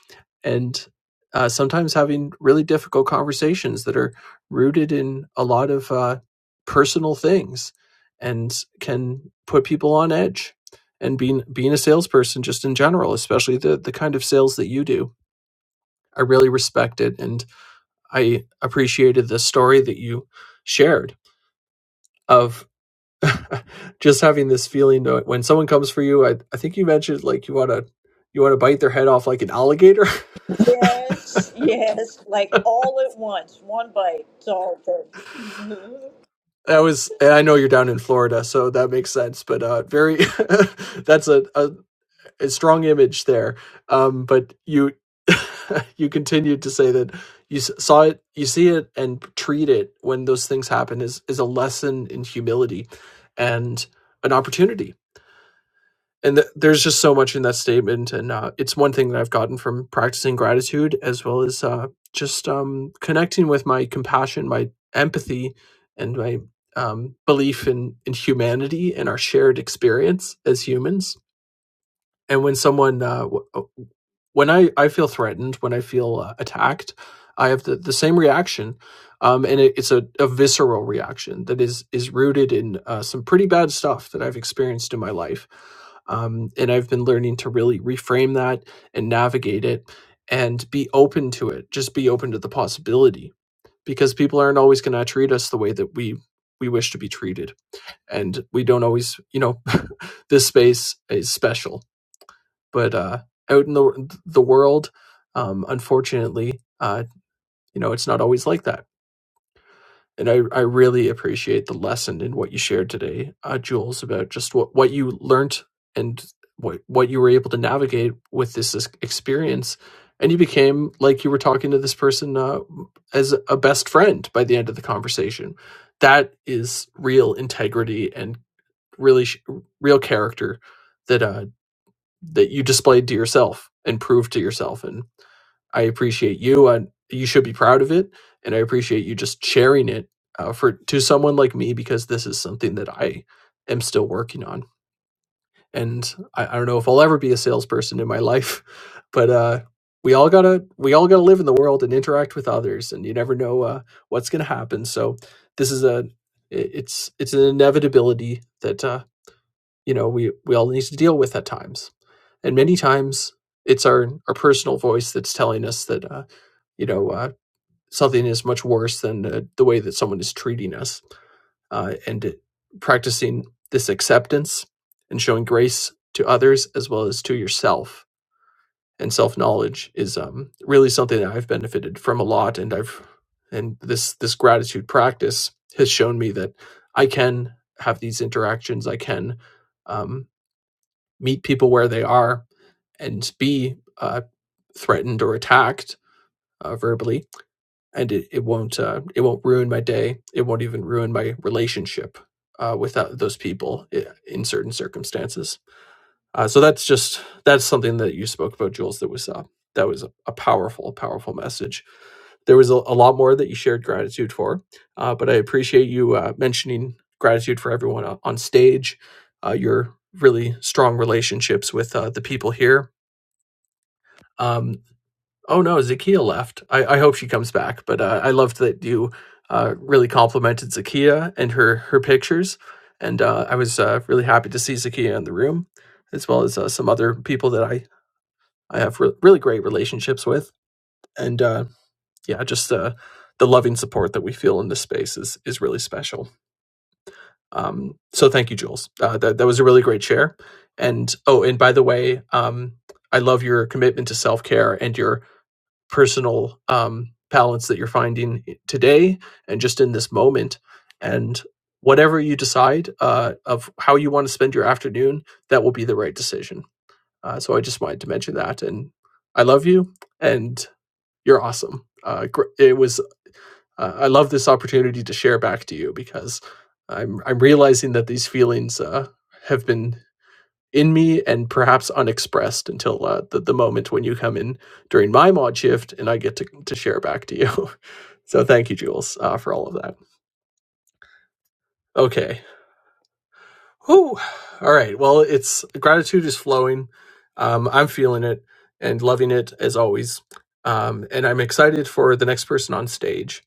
and uh, sometimes having really difficult conversations that are rooted in a lot of uh, personal things and can put people on edge. And being being a salesperson, just in general, especially the the kind of sales that you do, I really respect it and I appreciated the story that you shared of just having this feeling that when someone comes for you, I, I think you mentioned like you want to you want to bite their head off like an alligator. Yes, yes, like all at once, one bite, it's all good. That was and I know you're down in Florida, so that makes sense. But uh, very that's a, a a strong image there. Um, but you you continued to say that you saw it, you see it, and treat it when those things happen is is a lesson in humility and an opportunity and th- there's just so much in that statement and uh, it's one thing that i've gotten from practicing gratitude as well as uh, just um, connecting with my compassion my empathy and my um, belief in, in humanity and our shared experience as humans and when someone uh, when I, I feel threatened when i feel uh, attacked i have the, the same reaction um, and it, it's a, a visceral reaction that is is rooted in uh, some pretty bad stuff that i've experienced in my life um, and i've been learning to really reframe that and navigate it and be open to it just be open to the possibility because people aren't always going to treat us the way that we we wish to be treated and we don't always you know this space is special but uh, out in the the world, um, unfortunately, uh, you know, it's not always like that. And I, I really appreciate the lesson in what you shared today, uh, Jules, about just what, what you learned and what what you were able to navigate with this ex- experience. And you became like you were talking to this person uh, as a best friend by the end of the conversation. That is real integrity and really sh- real character That. uh, that you displayed to yourself and proved to yourself. And I appreciate you. And you should be proud of it. And I appreciate you just sharing it uh, for to someone like me because this is something that I am still working on. And I, I don't know if I'll ever be a salesperson in my life, but uh, we all gotta we all gotta live in the world and interact with others. And you never know uh, what's gonna happen. So this is a it- it's it's an inevitability that uh, you know we we all need to deal with at times and many times it's our our personal voice that's telling us that uh, you know uh, something is much worse than uh, the way that someone is treating us uh, and it- practicing this acceptance and showing grace to others as well as to yourself and self-knowledge is um, really something that i've benefited from a lot and i've and this this gratitude practice has shown me that i can have these interactions i can um, meet people where they are and be uh, threatened or attacked uh, verbally, and it, it won't uh, it won't ruin my day. It won't even ruin my relationship uh, with those people eh, in certain circumstances. Uh, so that's just that's something that you spoke about, Jules. That was uh, that was a, powerful, powerful message. There was a, a lot more that you shared gratitude for, uh, but I appreciate you uh, mentioning gratitude for everyone on on stage. Uh, your really strong relationships with uh, the people here Um, oh no, Zakia left. I, I hope she comes back. But uh, I loved that you uh, really complimented Zakia and her her pictures, and uh, I was uh, really happy to see Zakia in the room, as well as uh, some other people that I I have re- really great relationships with, and uh, yeah, just uh, the loving support that we feel in this space is is really special. Um, so thank you, Jules. Uh, that that was a really great share. And oh, and by the way, um, I love your commitment to self care and your personal um, balance that you're finding today and just in this moment. And whatever you decide uh, of how you want to spend your afternoon, that will be the right decision. Uh, so I just wanted to mention that. And I love you, and you're awesome. Uh, it was uh, I love this opportunity to share back to you because I'm I'm realizing that these feelings uh, have been in me and perhaps unexpressed until uh, the, the moment when you come in during my mod shift and I get to, to share back to you. so thank you, Jules, uh, for all of that. Okay. Whew. All right. Well, it's gratitude is flowing. Um, I'm feeling it and loving it as always. Um, and I'm excited for the next person on stage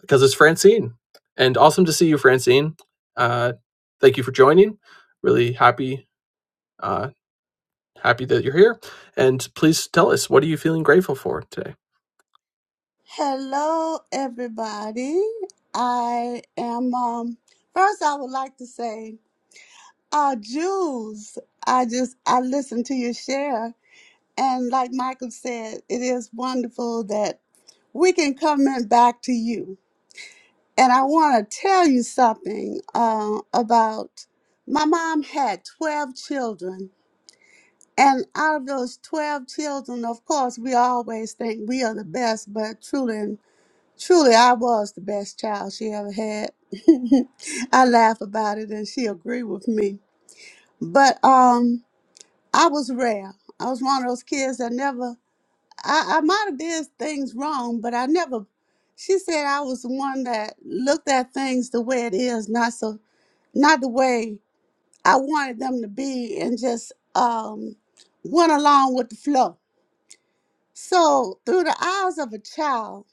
because it's Francine. And awesome to see you, Francine. Uh, thank you for joining. Really happy uh, Happy that you're here. And please tell us, what are you feeling grateful for today? Hello, everybody. I am. Um, first, I would like to say, uh, Jews. I just I listened to your share, and like Michael said, it is wonderful that we can come in back to you. And I want to tell you something uh, about my mom had twelve children, and out of those twelve children, of course, we always think we are the best, but truly. Truly, I was the best child she ever had. I laugh about it and she agreed with me. But um, I was rare. I was one of those kids that never, I, I might have did things wrong, but I never, she said I was the one that looked at things the way it is, not so, not the way I wanted them to be and just um, went along with the flow. So through the eyes of a child,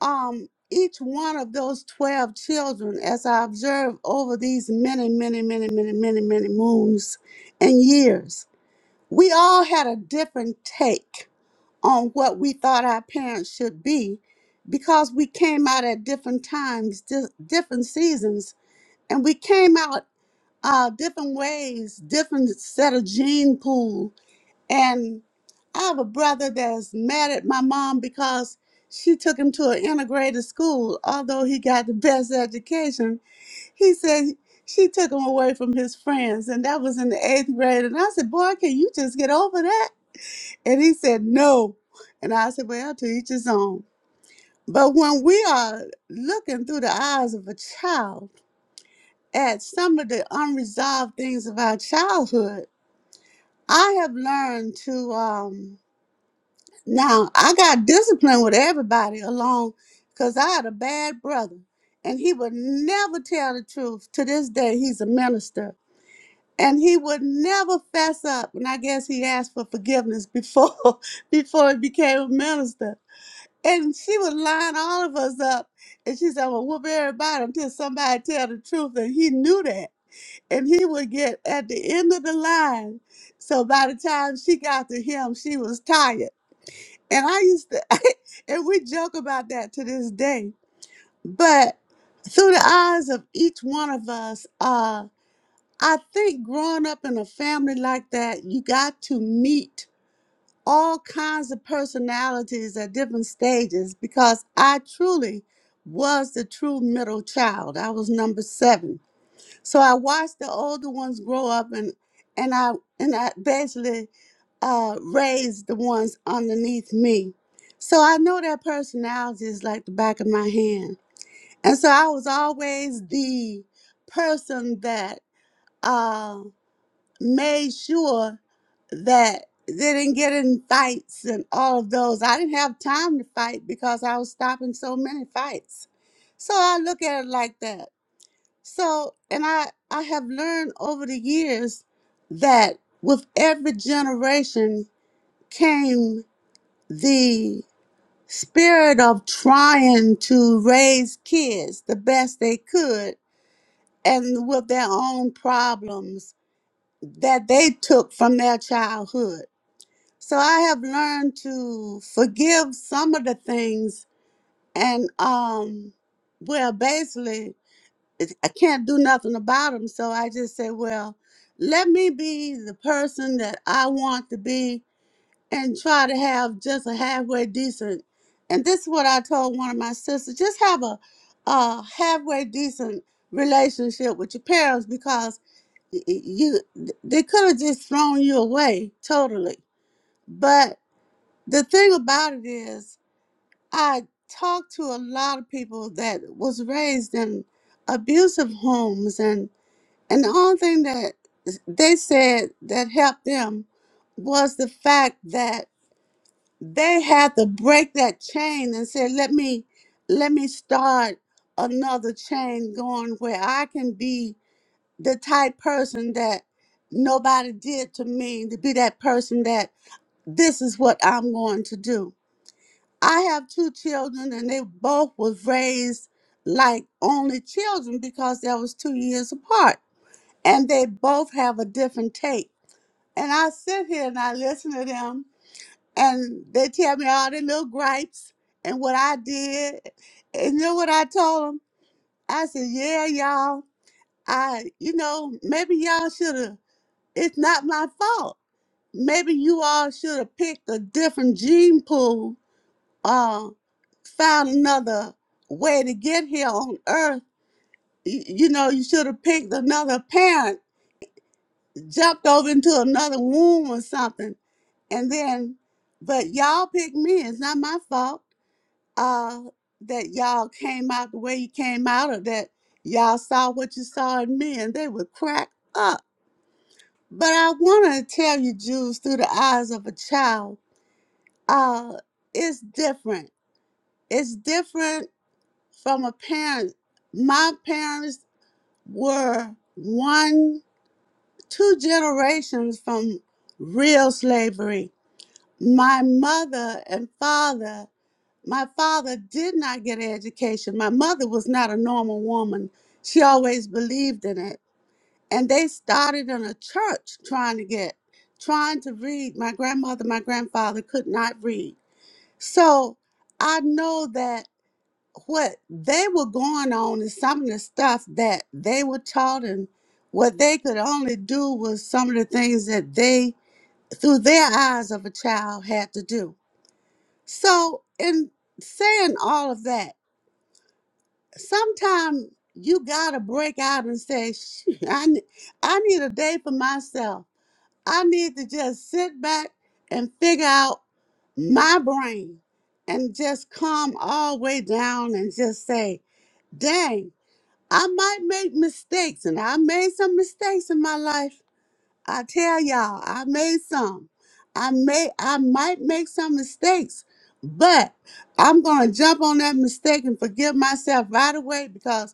um each one of those 12 children as i observed over these many many many many many many moons and years we all had a different take on what we thought our parents should be because we came out at different times di- different seasons and we came out uh, different ways different set of gene pool and I have a brother that's mad at my mom because she took him to an integrated school. Although he got the best education, he said she took him away from his friends, and that was in the eighth grade. And I said, Boy, can you just get over that? And he said, No. And I said, Well, to each his own. But when we are looking through the eyes of a child at some of the unresolved things of our childhood, I have learned to. um, Now I got disciplined with everybody along because I had a bad brother and he would never tell the truth. To this day, he's a minister. And he would never fess up. And I guess he asked for forgiveness before before he became a minister. And she would line all of us up and she said, Well whoop everybody until somebody tell the truth. And he knew that. And he would get at the end of the line. So by the time she got to him, she was tired and I used to, and we joke about that to this day. But through the eyes of each one of us, uh, I think growing up in a family like that, you got to meet all kinds of personalities at different stages because I truly was the true middle child. I was number seven. So I watched the older ones grow up and and I and I basically uh, raise the ones underneath me. So I know their personality is like the back of my hand. And so I was always the person that uh, made sure that they didn't get in fights and all of those. I didn't have time to fight because I was stopping so many fights. So I look at it like that. So, and I, I have learned over the years that with every generation, came the spirit of trying to raise kids the best they could and with their own problems that they took from their childhood. So I have learned to forgive some of the things and um well basically it- I can't do nothing about them so I just say well let me be the person that I want to be and try to have just a halfway decent. And this is what I told one of my sisters: just have a, a halfway decent relationship with your parents because y- y- you they could have just thrown you away totally. But the thing about it is, I talked to a lot of people that was raised in abusive homes, and and the only thing that they said that helped them was the fact that they had to break that chain and say let me let me start another chain going where i can be the type person that nobody did to me to be that person that this is what i'm going to do i have two children and they both was raised like only children because they was two years apart and they both have a different take and i sit here and i listen to them and they tell me all their little gripes and what I did. And you know what I told them? I said, "Yeah, y'all. I, you know, maybe y'all should have. It's not my fault. Maybe you all should have picked a different gene pool. Uh, found another way to get here on Earth. Y- You know, you should have picked another parent, jumped over into another womb or something, and then. But y'all picked me. It's not my fault." uh that y'all came out the way you came out or that y'all saw what you saw in me and they would crack up but i want to tell you jews through the eyes of a child uh it's different it's different from a parent my parents were one two generations from real slavery my mother and father My father did not get an education. My mother was not a normal woman. She always believed in it. And they started in a church trying to get, trying to read. My grandmother, my grandfather could not read. So I know that what they were going on is some of the stuff that they were taught, and what they could only do was some of the things that they, through their eyes of a child, had to do. So, in saying all of that, sometimes you gotta break out and say, "Shoot, I, ne- I need a day for myself. I need to just sit back and figure out my brain and just calm all the way down and just say, dang, I might make mistakes and I made some mistakes in my life. I tell y'all, I made some. I may I might make some mistakes, but I'm gonna jump on that mistake and forgive myself right away because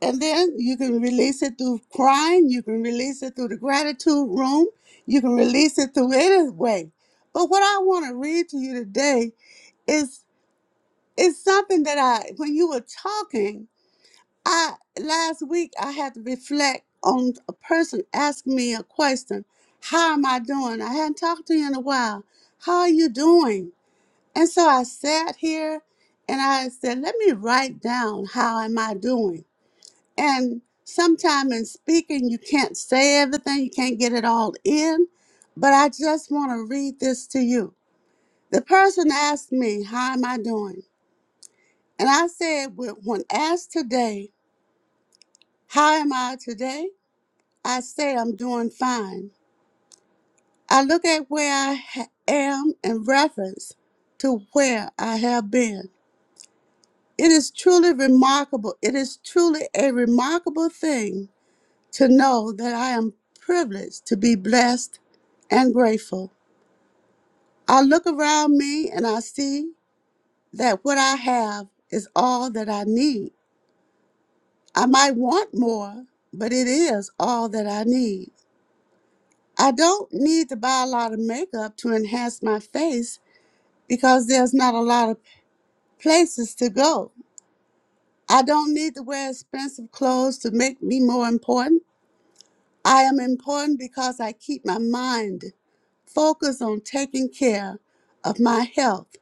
and then you can release it through crying. You can release it through the gratitude room. You can release it through any way. But what I want to read to you today is is something that I, when you were talking, I last week I had to reflect on a person asking me a question. How am I doing? I hadn't talked to you in a while. How are you doing? And so I sat here and I said, let me write down how am I doing and sometimes in speaking, you can't say everything, you can't get it all in. But I just want to read this to you. The person asked me, How am I doing? And I said, "Well, When asked today, How am I today? I say, I'm doing fine. I look at where I ha- am in reference to where I have been. It is truly remarkable. It is truly a remarkable thing to know that I am privileged to be blessed and grateful. I look around me and I see that what I have is all that I need. I might want more, but it is all that I need. I don't need to buy a lot of makeup to enhance my face because there's not a lot of places to go. I don't need to wear expensive clothes to make me more important. I am important because I keep my mind focus on taking care of my health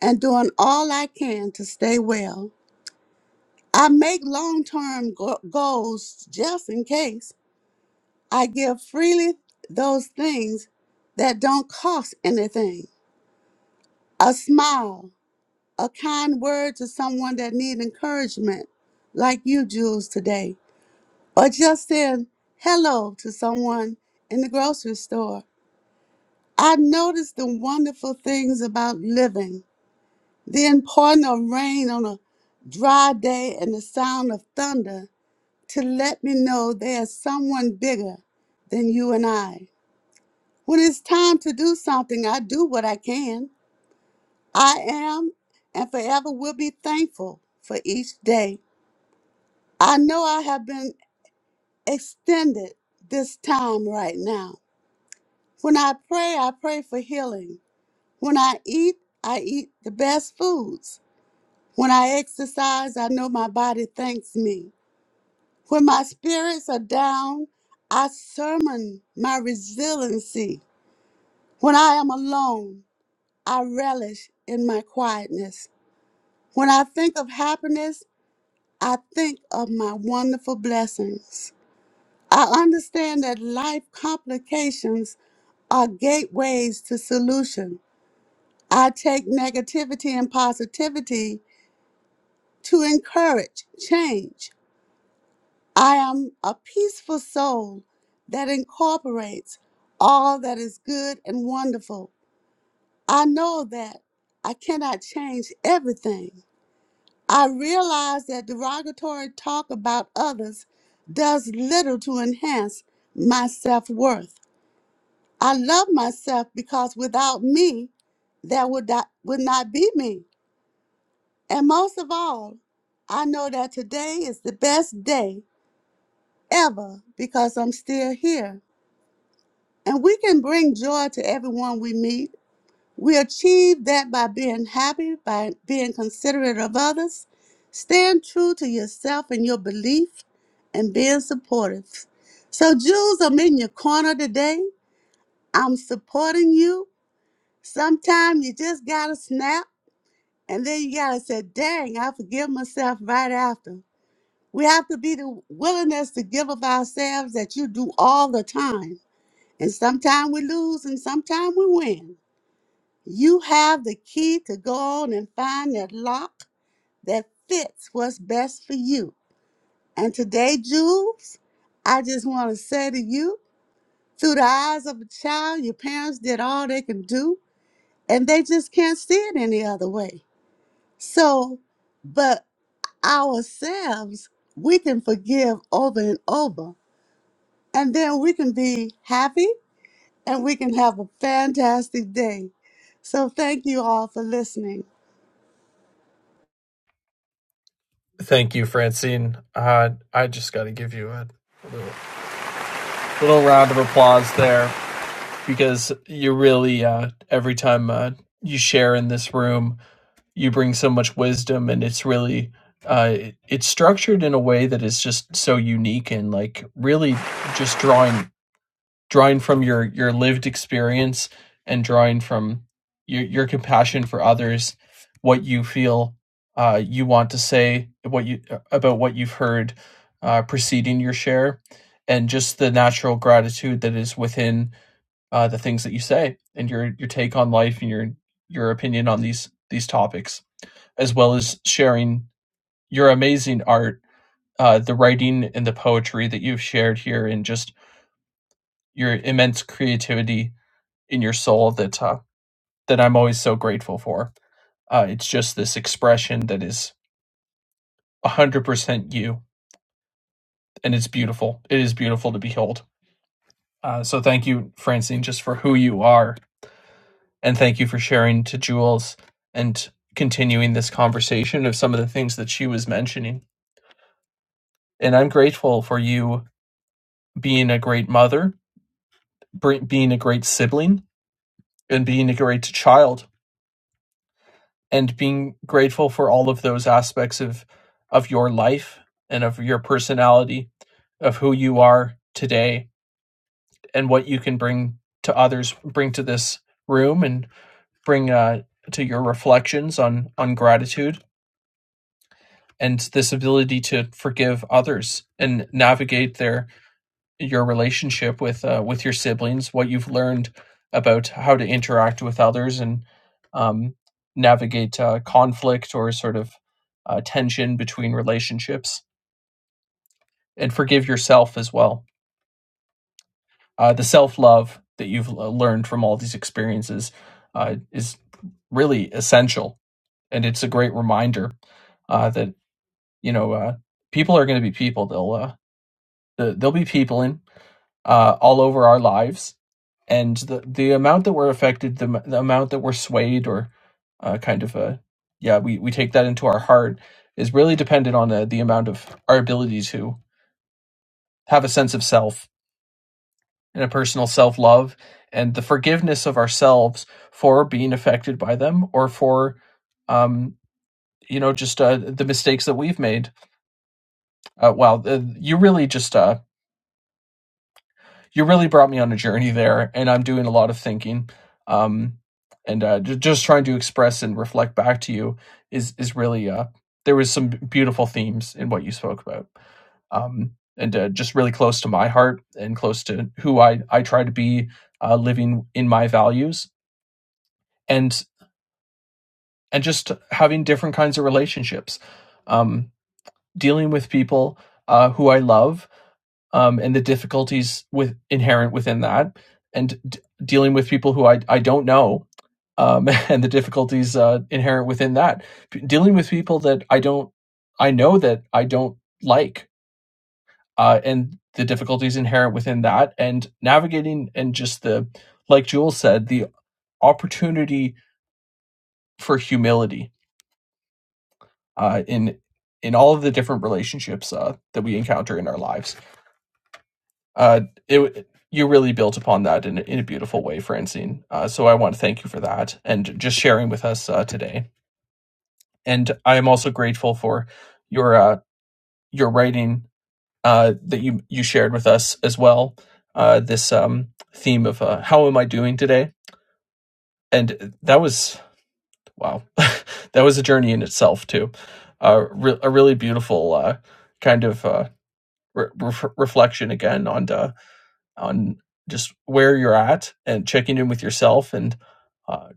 and doing all I can to stay well. I make long term go- goals just in case. I give freely those things that don't cost anything a smile, a kind word to someone that needs encouragement, like you, Jules, today, or just saying hello to someone in the grocery store. I notice the wonderful things about living Then pardon of rain on a dry day and the sound of thunder to let me know there's someone bigger than you and I. When it's time to do something, I do what I can. I am and forever will be thankful for each day. I know I have been extended this time right now. When I pray, I pray for healing. When I eat, I eat the best foods. When I exercise, I know my body thanks me. When my spirits are down, I summon my resiliency. When I am alone, I relish in my quietness. When I think of happiness, I think of my wonderful blessings. I understand that life complications are gateways to solution. I take negativity and positivity to encourage change. I am a peaceful soul that incorporates all that is good and wonderful. I know that I cannot change everything. I realize that derogatory talk about others does little to enhance my self worth. I love myself because without me, there would not, would not be me. And most of all, I know that today is the best day ever because I'm still here. and we can bring joy to everyone we meet. We achieve that by being happy, by being considerate of others, staying true to yourself and your belief, and being supportive. So, Jules, I'm in your corner today. I'm supporting you. Sometimes you just gotta snap, and then you gotta say, dang, I forgive myself right after. We have to be the willingness to give of ourselves that you do all the time. And sometimes we lose and sometimes we win. You have the key to go on and find that lock that fits what's best for you. And today, Jules, I just want to say to you, through the eyes of a child, your parents did all they can do, and they just can't see it any other way. So, but ourselves, we can forgive over and over, and then we can be happy and we can have a fantastic day. So, thank you all for listening. Thank you, Francine. Uh, I just got to give you a little, little round of applause there because you really, uh, every time uh, you share in this room, you bring so much wisdom and it's really. Uh, it- it's structured in a way that is just so unique and like really just drawing drawing from your your lived experience and drawing from your your compassion for others what you feel uh, you want to say what you uh, about what you've heard uh, preceding your share and just the natural gratitude that is within uh, the things that you say and your your take on life and your your opinion on these these topics as well as sharing your amazing art uh, the writing and the poetry that you've shared here and just your immense creativity in your soul that uh, that I'm always so grateful for. Uh, it's just this expression that is 100% you, and it's beautiful. It is beautiful to behold. Uh, so thank you, Francine, just for who you are, and thank you for sharing to Jules and continuing this conversation of some of the things that she was mentioning. And I'm grateful for you being a great mother, being a great sibling, and being a great child and being grateful for all of those aspects of of your life and of your personality of who you are today and what you can bring to others bring to this room and bring uh, to your reflections on on gratitude and this ability to forgive others and navigate their your relationship with uh, with your siblings, what you've learned about how to interact with others and um, navigate uh, conflict or sort of uh, tension between relationships, and forgive yourself as well. Uh, the self love that you've uh, learned from all these experiences uh, is really essential, and it's a great reminder uh, that you know uh, people are going to be people. They'll uh, they'll be people uh, all over our lives, and the the amount that we're affected, the, the amount that we're swayed, or uh, kind of a yeah, we we take that into our heart is really dependent on the the amount of our ability to have a sense of self and a personal self love and the forgiveness of ourselves for being affected by them or for um you know just uh, the mistakes that we've made uh, wow uh, you really just uh you really brought me on a journey there, and I'm doing a lot of thinking, um, and uh, ju- just trying to express and reflect back to you is is really uh, there was some beautiful themes in what you spoke about, um, and uh, just really close to my heart and close to who I I try to be, uh, living in my values and and just having different kinds of relationships, um, dealing with people uh, who I love um, and the difficulties with inherent within that, and d- dealing with people who I I don't know, um, and the difficulties uh, inherent within that, P- dealing with people that I don't I know that I don't like, uh, and the difficulties inherent within that, and navigating and just the like Jules said, the opportunity for humility uh, in in all of the different relationships uh, that we encounter in our lives. Uh, it you really built upon that in, in a beautiful way, Francine. Uh, so I want to thank you for that and just sharing with us uh, today. And I am also grateful for your uh, your writing uh, that you you shared with us as well. Uh, this um, theme of uh, how am I doing today? And that was wow, that was a journey in itself too. Uh, re- a really beautiful uh, kind of uh, re- ref reflection again on. uh. on just where you're at and checking in with yourself and uh,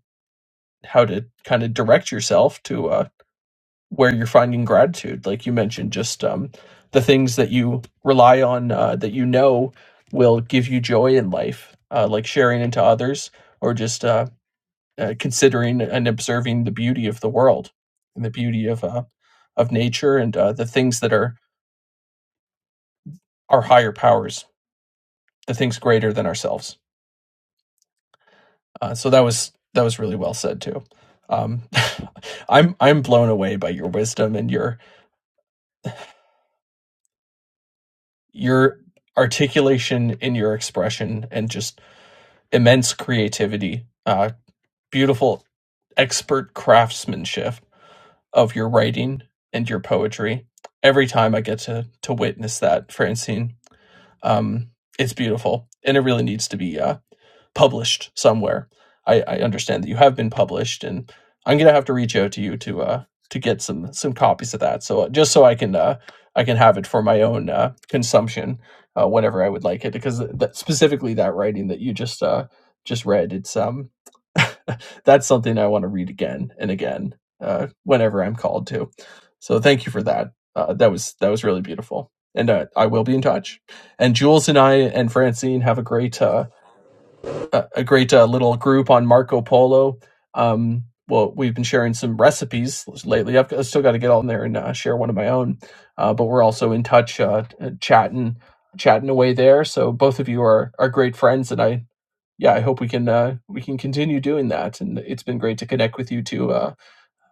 how to kind of direct yourself to uh, where you're finding gratitude. Like you mentioned, just um, the things that you rely on uh, that you know will give you joy in life, uh, like sharing into others or just uh, uh, considering and observing the beauty of the world and the beauty of uh, of nature and uh, the things that are our higher powers, the things greater than ourselves. Uh, so that was that was really well said too. Um, I'm I'm blown away by your wisdom and your your articulation in your expression and just immense creativity, uh, beautiful expert craftsmanship of your writing and your poetry. Every time I get to to witness that, Francine, um, it's beautiful and it really needs to be. uh, published somewhere. I, I understand that you have been published, and I'm gonna have to reach out to you to uh to get some some copies of that. So uh, just so I can uh I can have it for my own uh, consumption uh, whenever I would like it, because that, specifically that writing that you just uh just read, it's um that's something I want to read again and again uh whenever I'm called to. So thank you for that. Uh, that was that was really beautiful, and uh, I will be in touch. And Jules and I and Francine have a great uh, a, a great uh, little group on Marco Polo. Um, well, we've been sharing some recipes lately. I've still got to get on there and uh, share one of my own, uh, but we're also in touch, uh, chatting, chatting away there. So both of you are are great friends, and I yeah, I hope we can uh, we can continue doing that. And it's been great to connect with you too uh,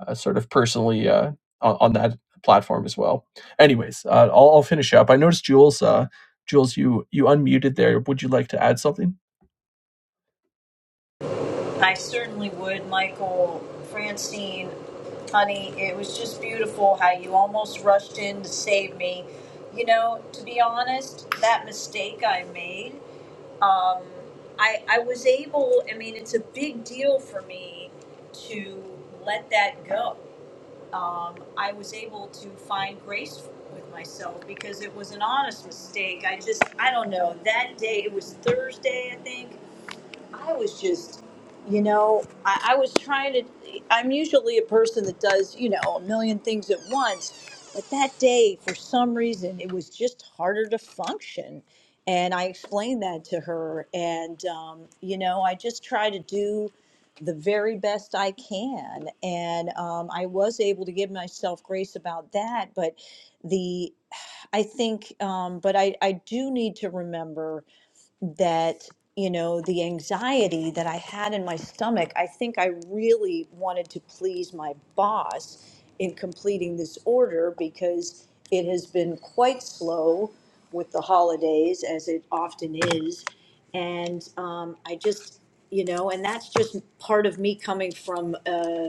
uh, sort of personally uh, on, on that platform as well. Anyways, uh, I'll, I'll finish up. I noticed Jules, uh, Jules, you you unmuted there. Would you like to add something? I certainly would, Michael, Francine, honey. It was just beautiful how you almost rushed in to save me. You know, to be honest, that mistake I made, um, I, I was able, I mean, it's a big deal for me to let that go. um, I was able to find grace with myself because it was an honest mistake. I just, I don't know. That day, it was Thursday, I think. I was just, you know, I, I was trying to. I'm usually a person that does, you know, a million things at once. But that day, for some reason, it was just harder to function. And I explained that to her. And, um, you know, I just try to do the very best I can. And um, I was able to give myself grace about that. But the, I think, um, but I, I do need to remember that you know the anxiety that i had in my stomach i think i really wanted to please my boss in completing this order because it has been quite slow with the holidays as it often is and um, i just you know and that's just part of me coming from uh,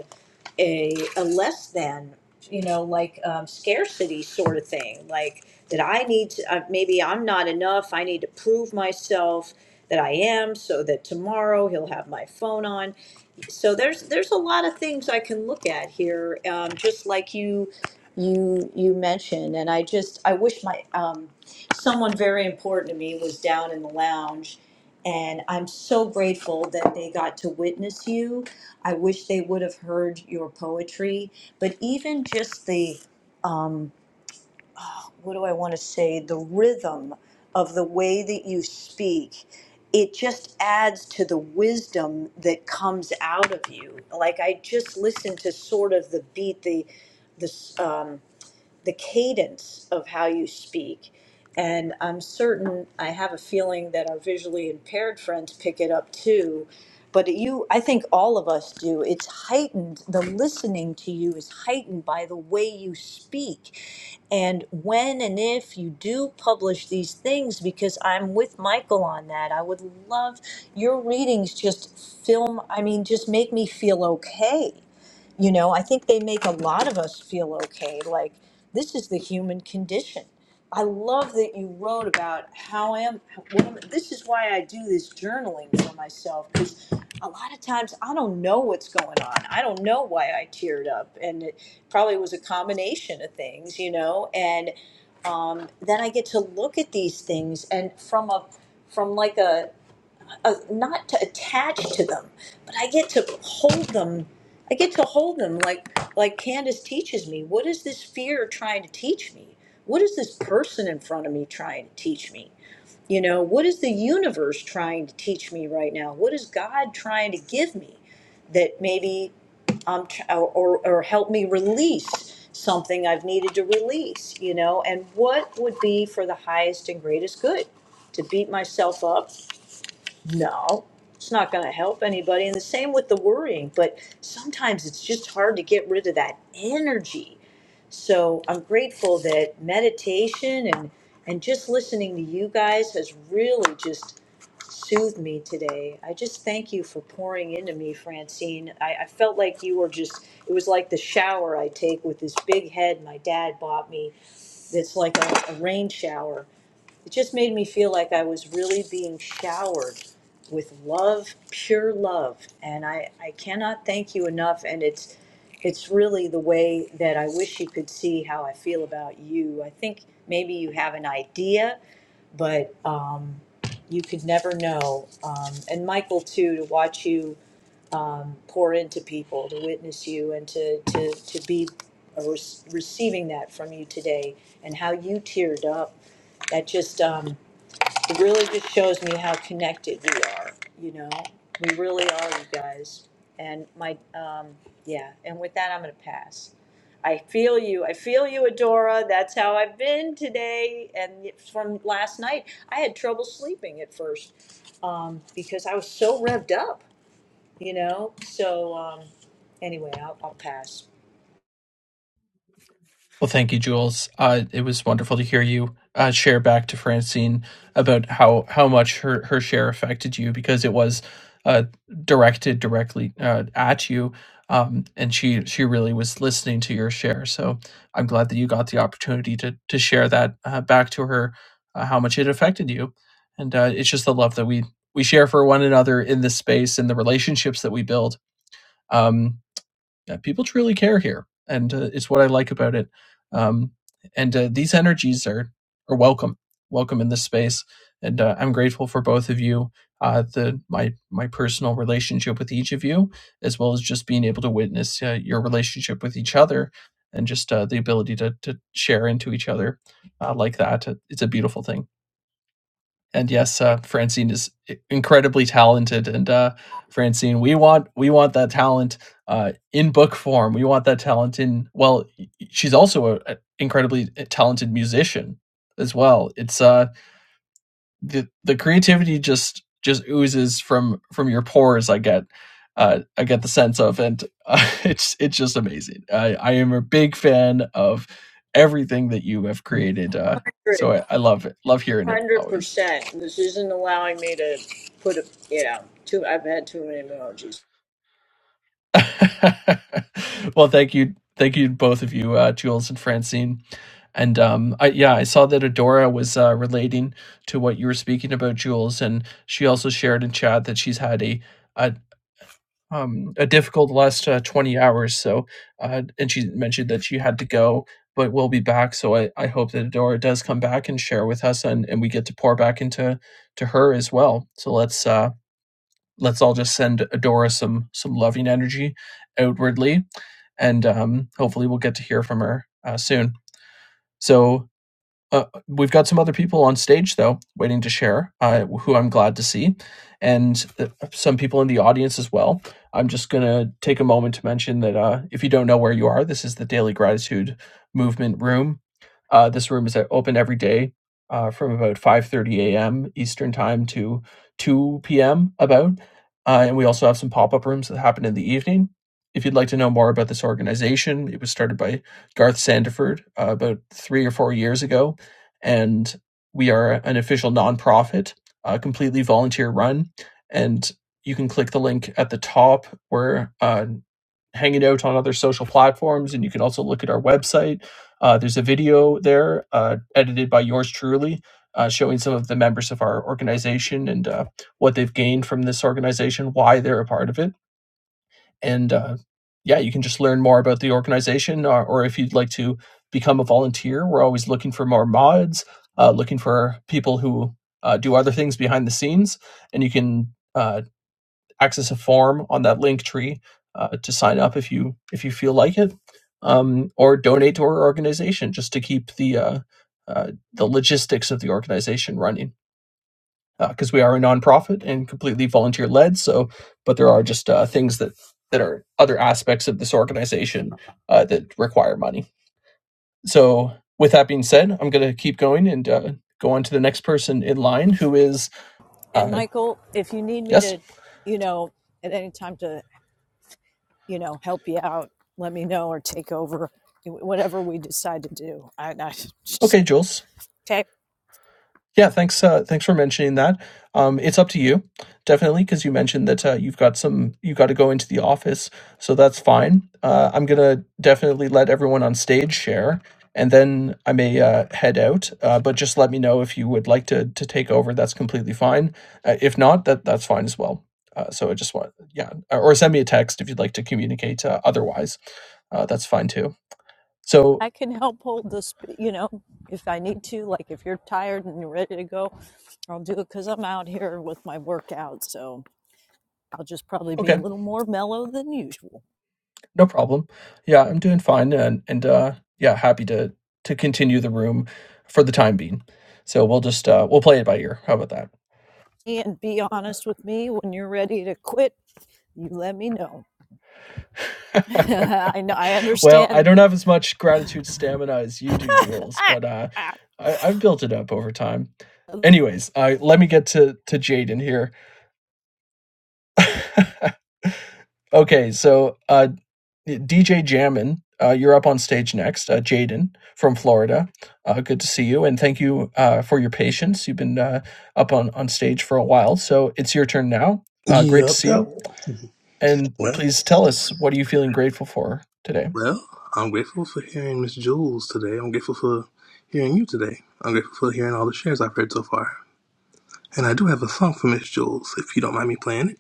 a, a less than, you know, like um, scarcity sort of thing. Like that I need to, uh, maybe I'm not enough. I need to prove myself that I am so that tomorrow he'll have my phone on. So there's there's a lot of things I can look at here, um, just like you you you mentioned. And I just I wish my um, someone very was down in the lounge so grateful that they got to witness you. I wish they would have heard your poetry, but even just the um, what do I want to say? The rhythm of the way that you speak. It just adds to the wisdom that comes out of you. Like I just listened to sort of the beat, the this. Um, the cadence of how you speak. And I'm certain, I have a feeling that our visually impaired friends pick it up too. But you, I think all of us do. It's heightened, the listening to you is heightened by the way you speak. And when and if you do publish these things, because I'm with Michael on that, I would love your readings just film, I mean, just make me feel okay you know, I think they make a lot of us feel okay, like this is the human condition. I love that you wrote about how I am. What am this is why I do this journaling for myself because a lot of times I don't know what's going on. I don't know why I teared up, and it probably was a combination of things, you know. And um, then I get to look at these things and from a from like a uh, not to attach to them, but I get to hold them. I get to hold them like like Candace teaches me. What is this fear trying to teach me? What is this person in front of me trying to teach me? You know, what is the universe trying to teach me right now? What is God trying to give me that maybe um, tr- or, or or help me release something I've needed to release, you know? And what would be for the highest and greatest good? To beat myself up no, it's not going to help anybody. And the same with the worrying, but sometimes it's just hard to get rid of that energy. So I'm grateful that meditation and and just listening to you guys has really just soothed me today. I just thank you for pouring into me, Francine. I, I felt like you were just, it was like the shower I take with this big head my dad bought me that's like a, a rain shower. It just made me feel like I was really being showered with love, pure love, and I, I cannot thank you enough. And it's it's really the way that I wish you could see how I feel about you. I think maybe you have an idea, but um, you could never know. Um, and Michael too, to watch you um, pour into people, to witness you, and to to to be uh, re- receiving that from you today, and how you teared up. That just um, it really just shows me how connected we are, you know? We really are, you guys. And my, um, yeah, and with that, I'm gonna pass. I feel you, I feel you, Adora, that's how I've been today, and from last night, I had trouble sleeping at first, um, because I was so revved up, you know? So, um, anyway, I'll, I'll pass. Well, thank you, Jules. Uh, it was wonderful to hear you uh, share back to Francine about how how much her her share affected you because it was uh, directed directly uh, at you, um, and she she really was listening to your share. So I'm glad that you got the opportunity to to share that uh, back to her uh, how much it affected you, and uh, it's just the love that we we share for one another in this space and the relationships that we build. Um, uh, people truly care here, and uh, it's what I like about it. Um, and uh, these energies are are welcome, welcome in this space, and uh, I'm grateful for both of you. Uh, the my my personal relationship with each of you, as well as just being able to witness uh, your relationship with each other, and just uh, the ability to to share into each other uh, like that. It's a beautiful thing and yes, uh, Francine is i- incredibly talented. And uh, Francine, we want we want that talent uh, in book form. We want that talent in well. y- y- She's also an incredibly eh, talented musician as well. It's uh the the creativity just just oozes from from your pores. I get. Uh, I get the sense of, and uh, it's it's just amazing. I, I am a big fan of everything that you have created. Uh, so one I, I love it, love hearing it Hundred always. percent, this isn't allowing me to put a, you know, too, I've had too many emojis. well, thank you, thank you both of you, uh, Jules and Francine. And um, I, yeah, I saw that Adora was uh, relating to what you were speaking about, Jules, and she also shared in chat that she's had a a, um, a difficult last uh, twenty hours. So, uh, and she mentioned that she had to go, but will be back. So I, I hope that Adora does come back and share with us, and, and we get to pour back into to her as well. So let's uh, let's all just send Adora some some loving energy outwardly and um, hopefully we'll get to hear from her uh, soon. So uh, we've got some other people on stage though waiting to share uh, who i'm glad to see and uh, some people in the audience as well i'm just going to take a moment to mention that uh, if you don't know where you are this is the daily gratitude movement room uh, this room is uh, open every day uh, from about 5.30 a.m eastern time to 2 p.m about uh, and we also have some pop-up rooms that happen in the evening if you'd like to know more about this organization it was started by garth sandiford uh, about three or four years ago and we are an official nonprofit, uh, completely volunteer run. And you can click the link at the top. We're uh, hanging out on other social platforms, and you can also look at our website. Uh, there's a video there, uh, edited by yours truly, uh, showing some of the members of our organization and uh, what they've gained from this organization, why they're a part of it and uh, yeah, you can just learn more about the organization, or, or if you'd like to become a volunteer, we're always looking for more mods, uh, looking for people who uh, do other things behind the scenes, and you can uh, access a form on that link tree uh, to sign up if you if you feel like it, um, or donate to our organization just to keep the uh, uh, the logistics of the organization running because uh, we are a nonprofit and completely volunteer led. So, but there are just uh, things that that are other aspects of this organization uh, that require money. So, with that being said, I'm going to keep going and uh, go on to the next person in line, who is And uh, Michael, if you need me yes, to, you know, at any time to, you know, help you out, let me know or take over, whatever we decide to do. I, I just, okay, Jules. okay. Yeah, thanks. Uh, thanks for mentioning that. Um, it's up to you, definitely, because you mentioned that uh, you've got some, you got to go into the office, so that's fine. Uh, I'm gonna definitely let everyone on stage share, and then I may uh, head out. Uh, but just let me know if you would like to to take over. That's completely fine. Uh, if not, that that's fine as well. Uh, so I just want, yeah, or send me a text if you'd like to communicate. Uh, otherwise, uh, that's fine too. So I can help hold this, you know, if I need to. Like if you're tired and you're ready to go, I'll do it because I'm out here with my workout. So I'll just probably okay. be a little more mellow than usual. No problem. Yeah, I'm doing fine and and uh yeah, happy to to continue the room for the time being. So we'll just uh we'll play it by ear. How about And be honest with me when you're ready to quit. You let me know. that? I know. I well, I understand. don't have as much gratitude stamina as you do, Jules, ah, but uh ah. I, I've built it up over time. Anyways, uh, let me get to to Jaden here. Okay, so uh DJ Jammin, uh, you're up on stage next. Uh, Jaden from Florida, uh, good to see you, and thank you uh, for your patience. You've been uh, up on, on stage for a while, so it's your turn now. Uh, great to Yep, see yep. you, and Well, please tell us what are you feeling grateful for today. well, I'm grateful for hearing Miss Jules today. I'm grateful for hearing you today. I'm grateful for hearing all the shares I've heard so far. And I do have a song for Miss Jules, if you don't mind me playing it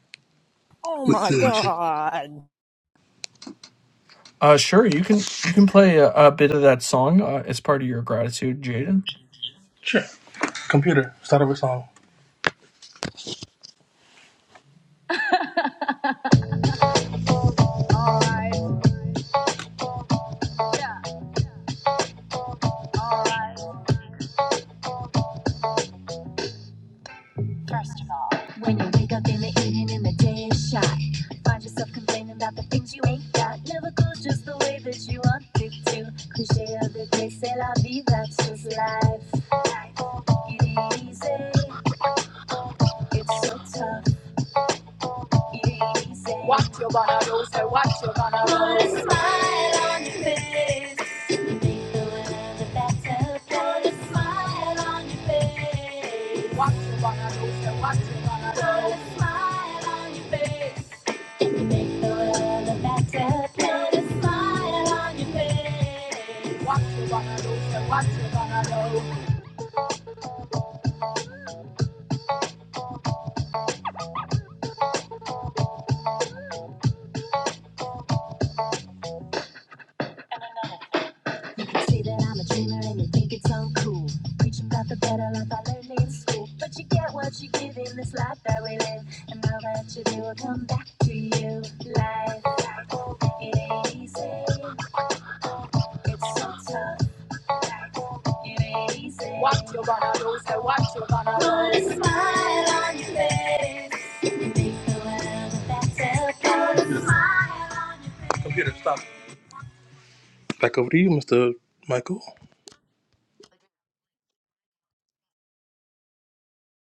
Oh with my you, Marcia. God. Uh, sure. You can you can play a, a bit of that song uh, as part of your gratitude, Jaden. Sure. Computer, start over song. Alright, yeah, alright. First of all, when you wake up in the evening in the day is shy, find yourself complaining about the things you ain't got. Never goes just the way that you want it to. Cliche of the day, say la vie, that's just life. It ain't easy, it's so tough. Say What you gonna do? Say what you gonna do? Put a smile on your face. You Make the world a better place. Put a smile on your face. What you gonna do? Say what you gonna do? Put a smile on your face. You Make the world a better place. Put a smile on your face. What you gonna do? Say what you gonna do? You can see that I'm a dreamer and you think it's uncool. Preaching about the better life I learned in school. But you get what you give in this life that we live. And all that you do will come back to you. Life, it ain't easy. It's so tough. It ain't easy. What you gonna do? Say what you gonna do? Put a smile on your face. and make the world a better place. Put a smile on your face. Computer, stop. Back over to you, Mr. Michael.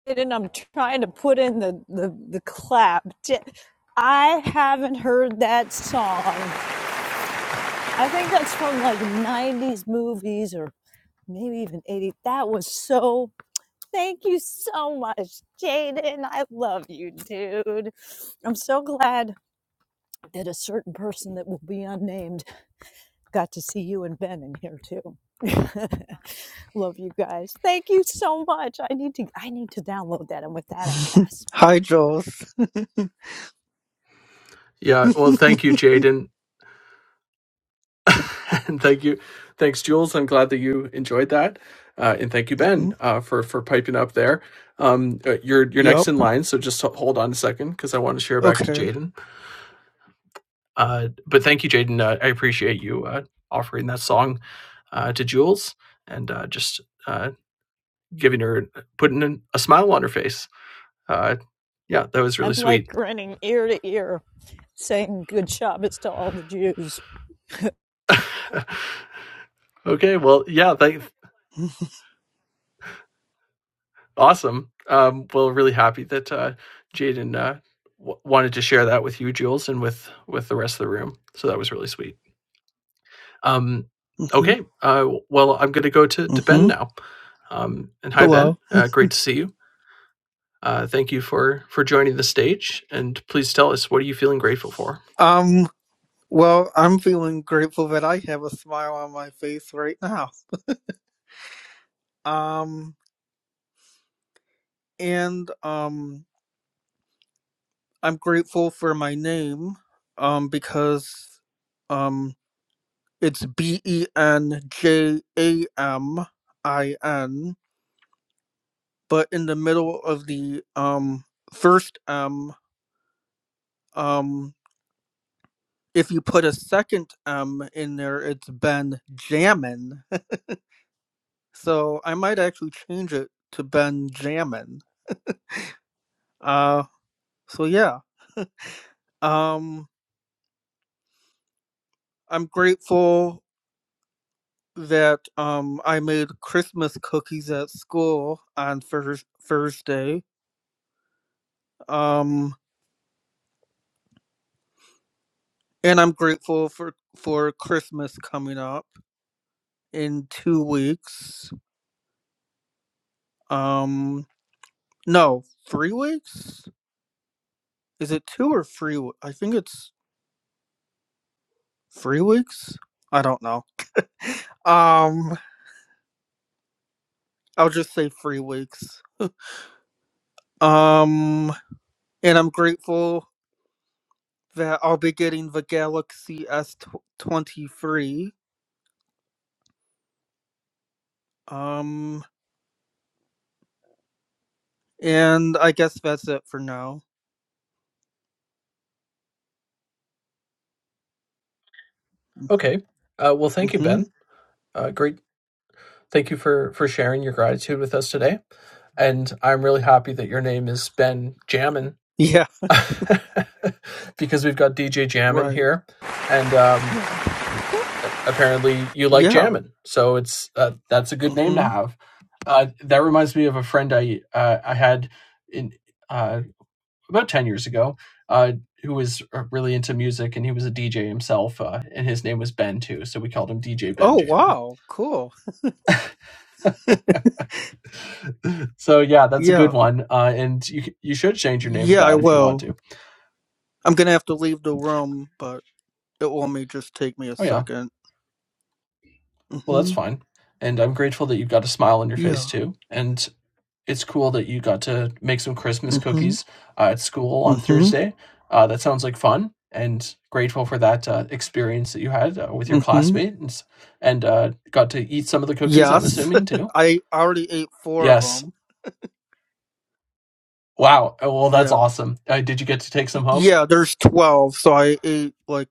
And I'm trying to put in the, the, the clap. I I haven't heard that song. I think that's from like 90s movies or maybe even '80s. That was so, thank you so much, Jaden. I love you, dude. I'm so glad that a certain person that will be unnamed Got to see you and Ben in here too. Love you guys. Thank you so much. I need to I need to download that and with that I pass. Hi, Jules. Yeah. Well, thank hmm you, Jaden, and thank you, thanks, Jules. I'm glad that you enjoyed that, uh, and thank you, Ben, uh, for for piping up there. Um, uh, you're you're Yep. next in line, so just ho- hold on a second because I want to share back to Okay. Jaden. Uh, but thank you, Jaden. Uh, I appreciate you uh, offering that song uh, to Jules and uh, just uh, giving her, putting an, a smile on her face. Uh, yeah, that was I'm really like sweet. grinning ear to ear, saying good Shabbos to all the Jews. okay, well, yeah, thank, awesome. Um, well, really happy that uh, Jaden uh, w- wanted to share that with you, Jules, and with with the rest of the room. So that was really sweet. Um, hmm okay, uh, well, I'm going to go to to Ben hmm now. Um, and hi, Ben. Hello. Uh, great to see you Uh, thank you for for joining the stage, and please tell us what are you feeling grateful for. Um. Well, I'm feeling grateful that I have a smile on my face right now. Um. And um, I'm grateful for my name. Um, because um, it's B E N J A M I N, but in the middle of the um first M, um. if you put a second M in there, it's Ben Jammin. So I might actually change it to Ben Jammin. Uh, so yeah, um, I'm grateful that um, I made Christmas cookies at school on Thurs Thursday. Um, and I'm grateful for for Christmas coming up in two weeks. Um, no, three weeks. Is it two or three? I think it's three weeks. I don't know. Um, I'll just say three weeks. Um, and I'm grateful that I'll be getting the Galaxy S twenty three. Um, and I guess that's it for now. Okay. Uh, well, thank you, Mm-hmm. Ben. Uh, great. Thank you for for sharing your gratitude with us today. And I'm really happy that your name is Ben Jammin Yeah. because we've got DJ Jammin Right. here, and um, apparently you like Yeah. Jammin, so it's uh, that's a good name to Mm-hmm. have. Uh, that reminds me of a friend I uh, I had in uh, about ten years ago uh, who was uh, really into music, and he was a DJ himself, uh, and his name was Ben too, so we called him DJ Ben Oh Jammin. wow. Cool. So yeah, that's a good Yeah. one. Uh, and you you should change your name to Yeah. I that if you want will. to. I'm gonna have to leave the room, but it will only just take me a Oh yeah, second. well that's Mm-hmm. fine. And I'm grateful that you've got a smile on your face Yeah. too. And it's cool that you got to make some Christmas Mm-hmm. cookies uh, at school on Mm-hmm. Thursday. Uh, that sounds like fun. And grateful for that uh, experience that you had uh, with your Mm-hmm. classmates, and uh, got to eat some of the cookies. I'm Yes, assuming too. I already ate four of Yes. them. Wow. Oh, Well, that's Yeah, awesome. Uh, did you get to take Y- some home? yeah. There's twelve, so I ate like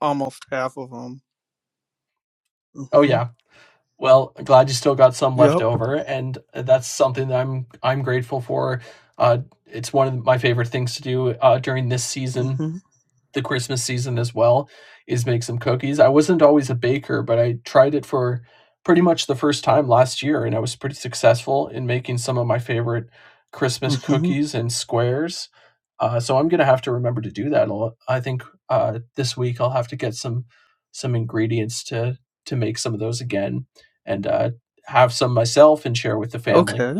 almost half of them. Oh Mm-hmm. yeah. Well, I'm glad you still got some left Yep. over, and that's something that I'm I'm grateful for. Uh, it's one of my favorite things to do uh, during this season Mm-hmm. the Christmas season as well, is make some cookies. I wasn't always a baker, but I tried it for pretty much the first time last year, and I was pretty successful in making some of my favorite Christmas Mm-hmm. cookies and squares. Uh, so I'm gonna have to remember to do that. a lot. I think uh, this week I'll have to get some some ingredients to to make some of those again, and uh, have some myself and share with the family. Okay.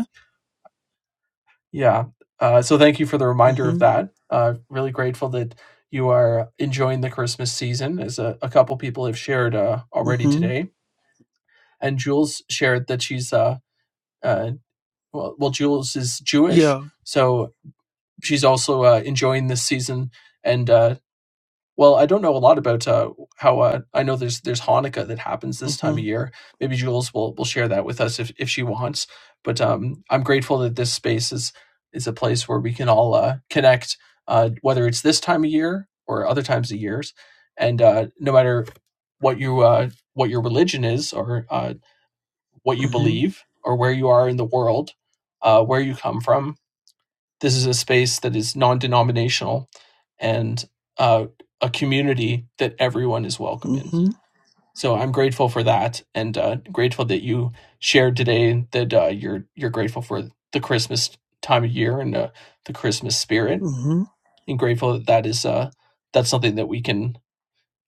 Yeah. Uh, so thank you for the reminder of Mm-hmm. that. Uh, really grateful that you are enjoying the Christmas season, as a, a couple people have shared uh, already Mm-hmm. today. And Jules shared that she's, uh, uh, well, well, Jules is Jewish, Yeah. so she's also uh, enjoying this season. And uh, well, I don't know a lot about, uh, how, uh I know there's there's Hanukkah that happens this Mm-hmm. time of year. Maybe Jules will will share that with us if if she wants. But, um, I'm grateful that this space is is a place where we can all, uh, connect, uh, whether it's this time of year or other times of years. And, uh, no matter what you, uh, what your religion is or, uh, what you Mm-hmm. believe or where you are in the world, uh, where you come from, this is a space that is non-denominational and uh, a community that everyone is welcome in Mm-hmm. so i'm grateful for that and uh, grateful that you shared today that uh, you're you're grateful for the christmas time of year and uh, the christmas spirit Mm-hmm. and grateful that that is uh, that's something that we can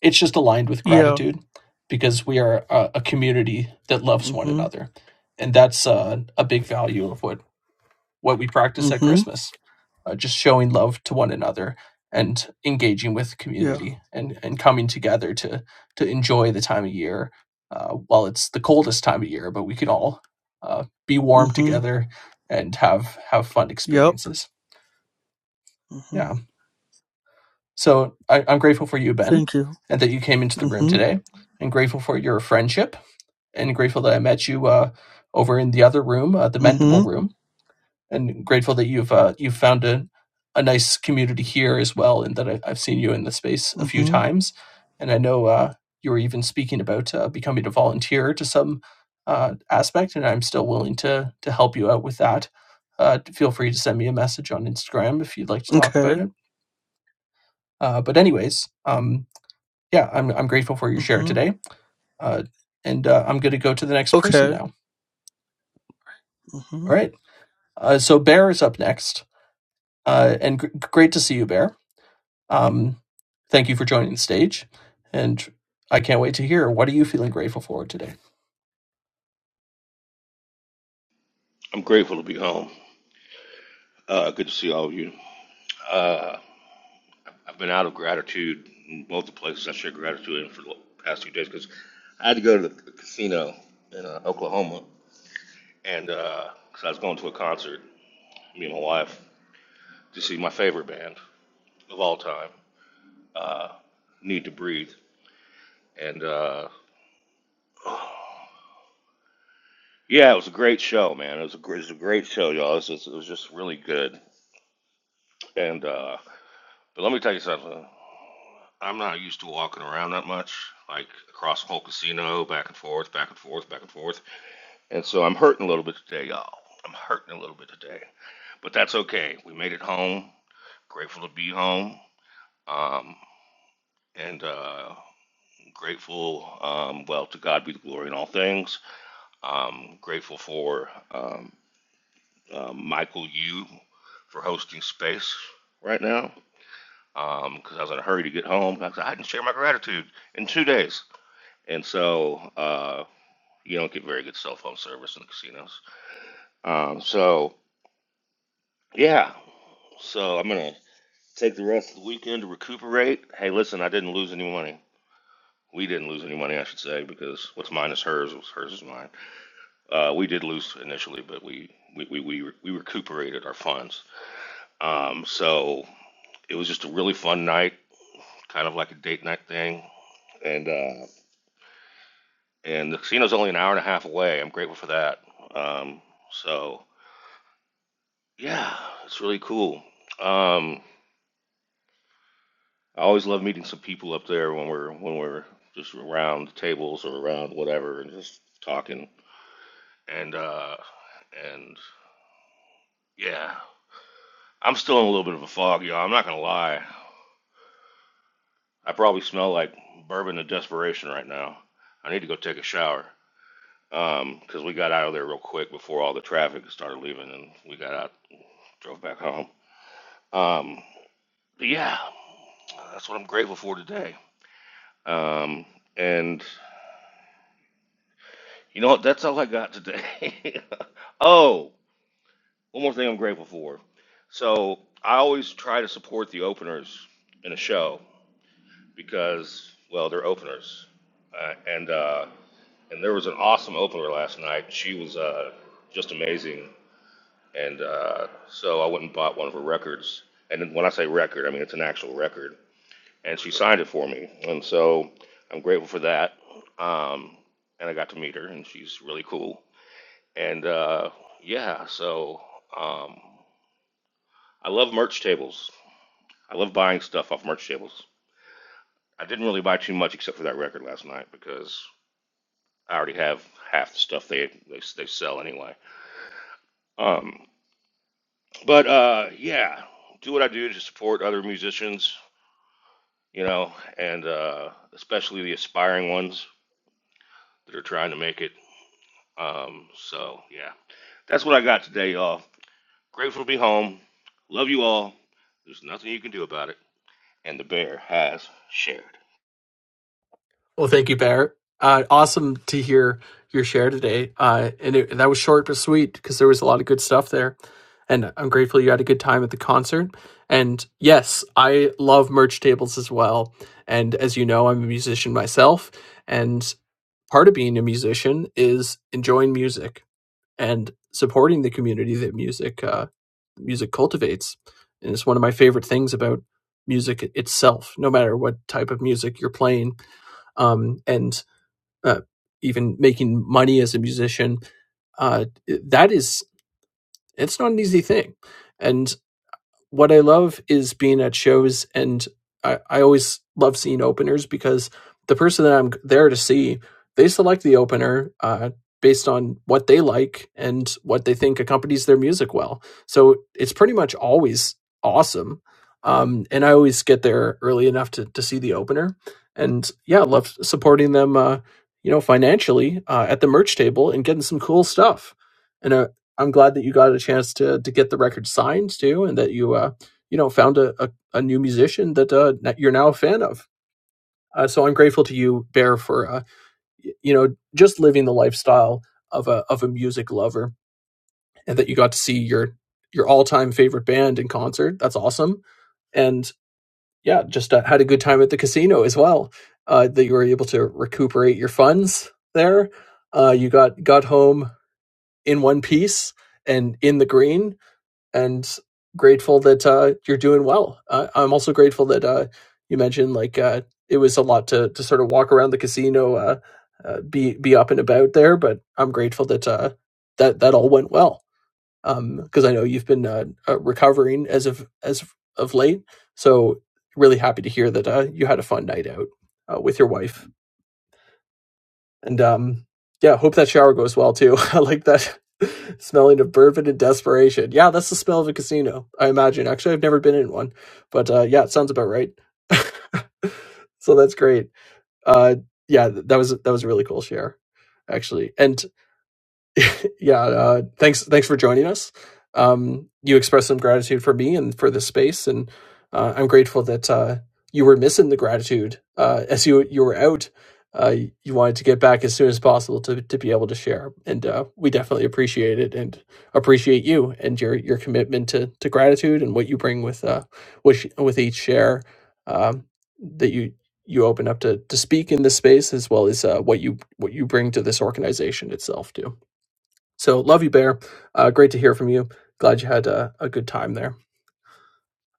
it's just aligned with Yeah. gratitude because we are a, a community that loves one Mm-hmm. another and that's uh, a big value of what what we practice at Mm-hmm. Christmas, uh, just showing love to one another and engaging with Yeah. community and, and coming together to to enjoy the time of year. Uh, while it's the coldest time of year, but we can all uh, be warm Mm-hmm. together and have have fun Yep. experiences. Mm-hmm. Yeah. So I, I'm grateful for you, Ben, Thank you. and that you came into the room Mm-hmm. today, and grateful for your friendship, and grateful that I met you uh, over in the other room, uh, the Mm-hmm. Mendable room and grateful that you've uh, you've found a, a nice community here as well, and that I, I've seen you in the space a few Mm-hmm. times, and I know uh, you were even speaking about uh, becoming a volunteer to some uh, aspect, and I'm still willing to to help you out with that. Uh, feel free to send me a message on Instagram if you'd like to talk about Okay. it. Uh, but anyways, um, yeah, I'm I'm grateful for your share Mm-hmm. today, uh, and uh, I'm going to go to the next person Okay. now. Mm-hmm. All right, uh, so Bear is up next, uh, and gr- great to see you, Bear. Um, thank you for joining the stage, and I can't wait to hear what are you feeling grateful for today. I'm grateful to be home. Uh, good to see all of you. Uh, I've been out of gratitude in both the places I share gratitude in for the past few days because I had to go to the casino in uh, Oklahoma and because uh, I was going to a concert, me and my wife, to see my favorite band of all time, Need to Breathe. And uh, yeah, it was a great show, man. It was a, gr- it was a great show, y'all. It was, just, it was just really good. And uh, but let me tell you something. I'm not used to walking around that much, like across the whole casino, back and forth, back and forth, back and forth. And so I'm hurting a little bit today, y'all. I'm hurting a little bit today, but that's okay. We made it home. Grateful to be home. Um, and uh, grateful, um, well, to God be the glory in all things. Um, grateful for um, um Michael Yu for hosting space right now because um, I was in a hurry to get home. I said, I didn't share my gratitude in two days. And so, uh, You don't get very good cell phone service in the casinos. Um, so yeah, so I'm gonna take the rest of the weekend to recuperate. Hey, listen, I didn't lose any money. We didn't lose any money, I should say, because what's mine is hers. What's hers is mine. Uh, we did lose initially, but we we we we, we recuperated our funds. Um, so it was just a really fun night, kind of like a date night thing, and uh, and the casino's only an hour and a half away. I'm grateful for that. Um, so yeah, it's really cool. Um, I always love meeting some people up there when we're when we're just around tables or around whatever and just talking. And uh and yeah, I'm still in a little bit of a fog, y'all. I'm not gonna lie. I probably smell like bourbon and desperation right now. I need to go take a shower. Um, 'cause we got out of there real quick before all the traffic started leaving, and we got out, drove back home. Um, but yeah, that's what I'm grateful for today. Um, and you know what? That's all I got today. oh, One more thing I'm grateful for. So I always try to support the openers in a show because, well, they're openers. Uh, and uh, and there was an awesome opener last night. She was uh, just amazing. And uh, so I went and bought one of her records. And when I say record, I mean it's an actual record. And she signed it for me. And so I'm grateful for that. Um, and I got to meet her, and she's really cool. And uh, yeah, so um, I love merch tables. I love buying stuff off merch tables. I didn't really buy too much except for that record last night because I already have half the stuff they they, they sell anyway. Um, but uh, yeah, do what I do to support other musicians, you know, and uh, especially the aspiring ones that are trying to make it. Um, so yeah, that's what I got today, y'all. Grateful to be home. Love you all. There's nothing you can do about it. And the bear has shared. Well, thank you, Bear. Uh, awesome to hear your share today, uh, and it, that was short but sweet because there was a lot of good stuff there. And I'm grateful you had a good time at the concert. And yes, I love merch tables as well. And as you know, I'm a musician myself, and part of being a musician is enjoying music and supporting the community that music uh, music cultivates. And it's one of my favorite things about music itself, no matter what type of music you're playing, um, and uh, even making money as a musician. Uh, that is, it's not an easy thing, and what I love is being at shows, and I, I always love seeing openers because the person that I'm there to see, they select the opener uh, based on what they like and what they think accompanies their music well. So it's pretty much always awesome. Um, and I always get there early enough to, to see the opener. And yeah, I love supporting them, uh, you know, financially uh, at the merch table and getting some cool stuff. and I, I'm glad that you got a chance to to get the record signed too, and that you uh, you know found a, a, a new musician that uh, you're now a fan of. Uh, so I'm grateful to you, Bear, for uh, you know just living the lifestyle of a of a music lover, and that you got to see your your all time favorite band in concert. That's awesome, and yeah, just uh, had a good time at the casino as well. Uh, that you were able to recuperate your funds there. Uh, you got got home in one piece and in the green and grateful that uh, you're doing well. Uh, I'm also grateful that uh, you mentioned like uh, it was a lot to to sort of walk around the casino, uh, uh, be be up and about there. But I'm grateful that uh, that that all went well because um, I know you've been uh, uh, recovering as of as of late. So really happy to hear that uh, you had a fun night out uh, with your wife and um, yeah, hope that shower goes well too. I like that smelling of bourbon and desperation. Yeah, that's the smell of a casino, I imagine. Actually, I've never been in one, but uh, yeah, it sounds about right. so that's great. Uh, yeah, that was that was a really cool share, actually. And yeah, uh, thanks thanks for joining us. Um, you expressed some gratitude for me and for this space, and uh, I'm grateful that uh, you were missing the gratitude uh, as you you were out. Uh, you wanted to get back as soon as possible to to be able to share, and uh, we definitely appreciate it and appreciate you and your your commitment to to gratitude and what you bring with uh with with each share um, that you you open up to to speak in this space as well as uh, what you what you bring to this organization itself too. So love you, Bear. Uh, great to hear from you. Glad you had a, a good time there.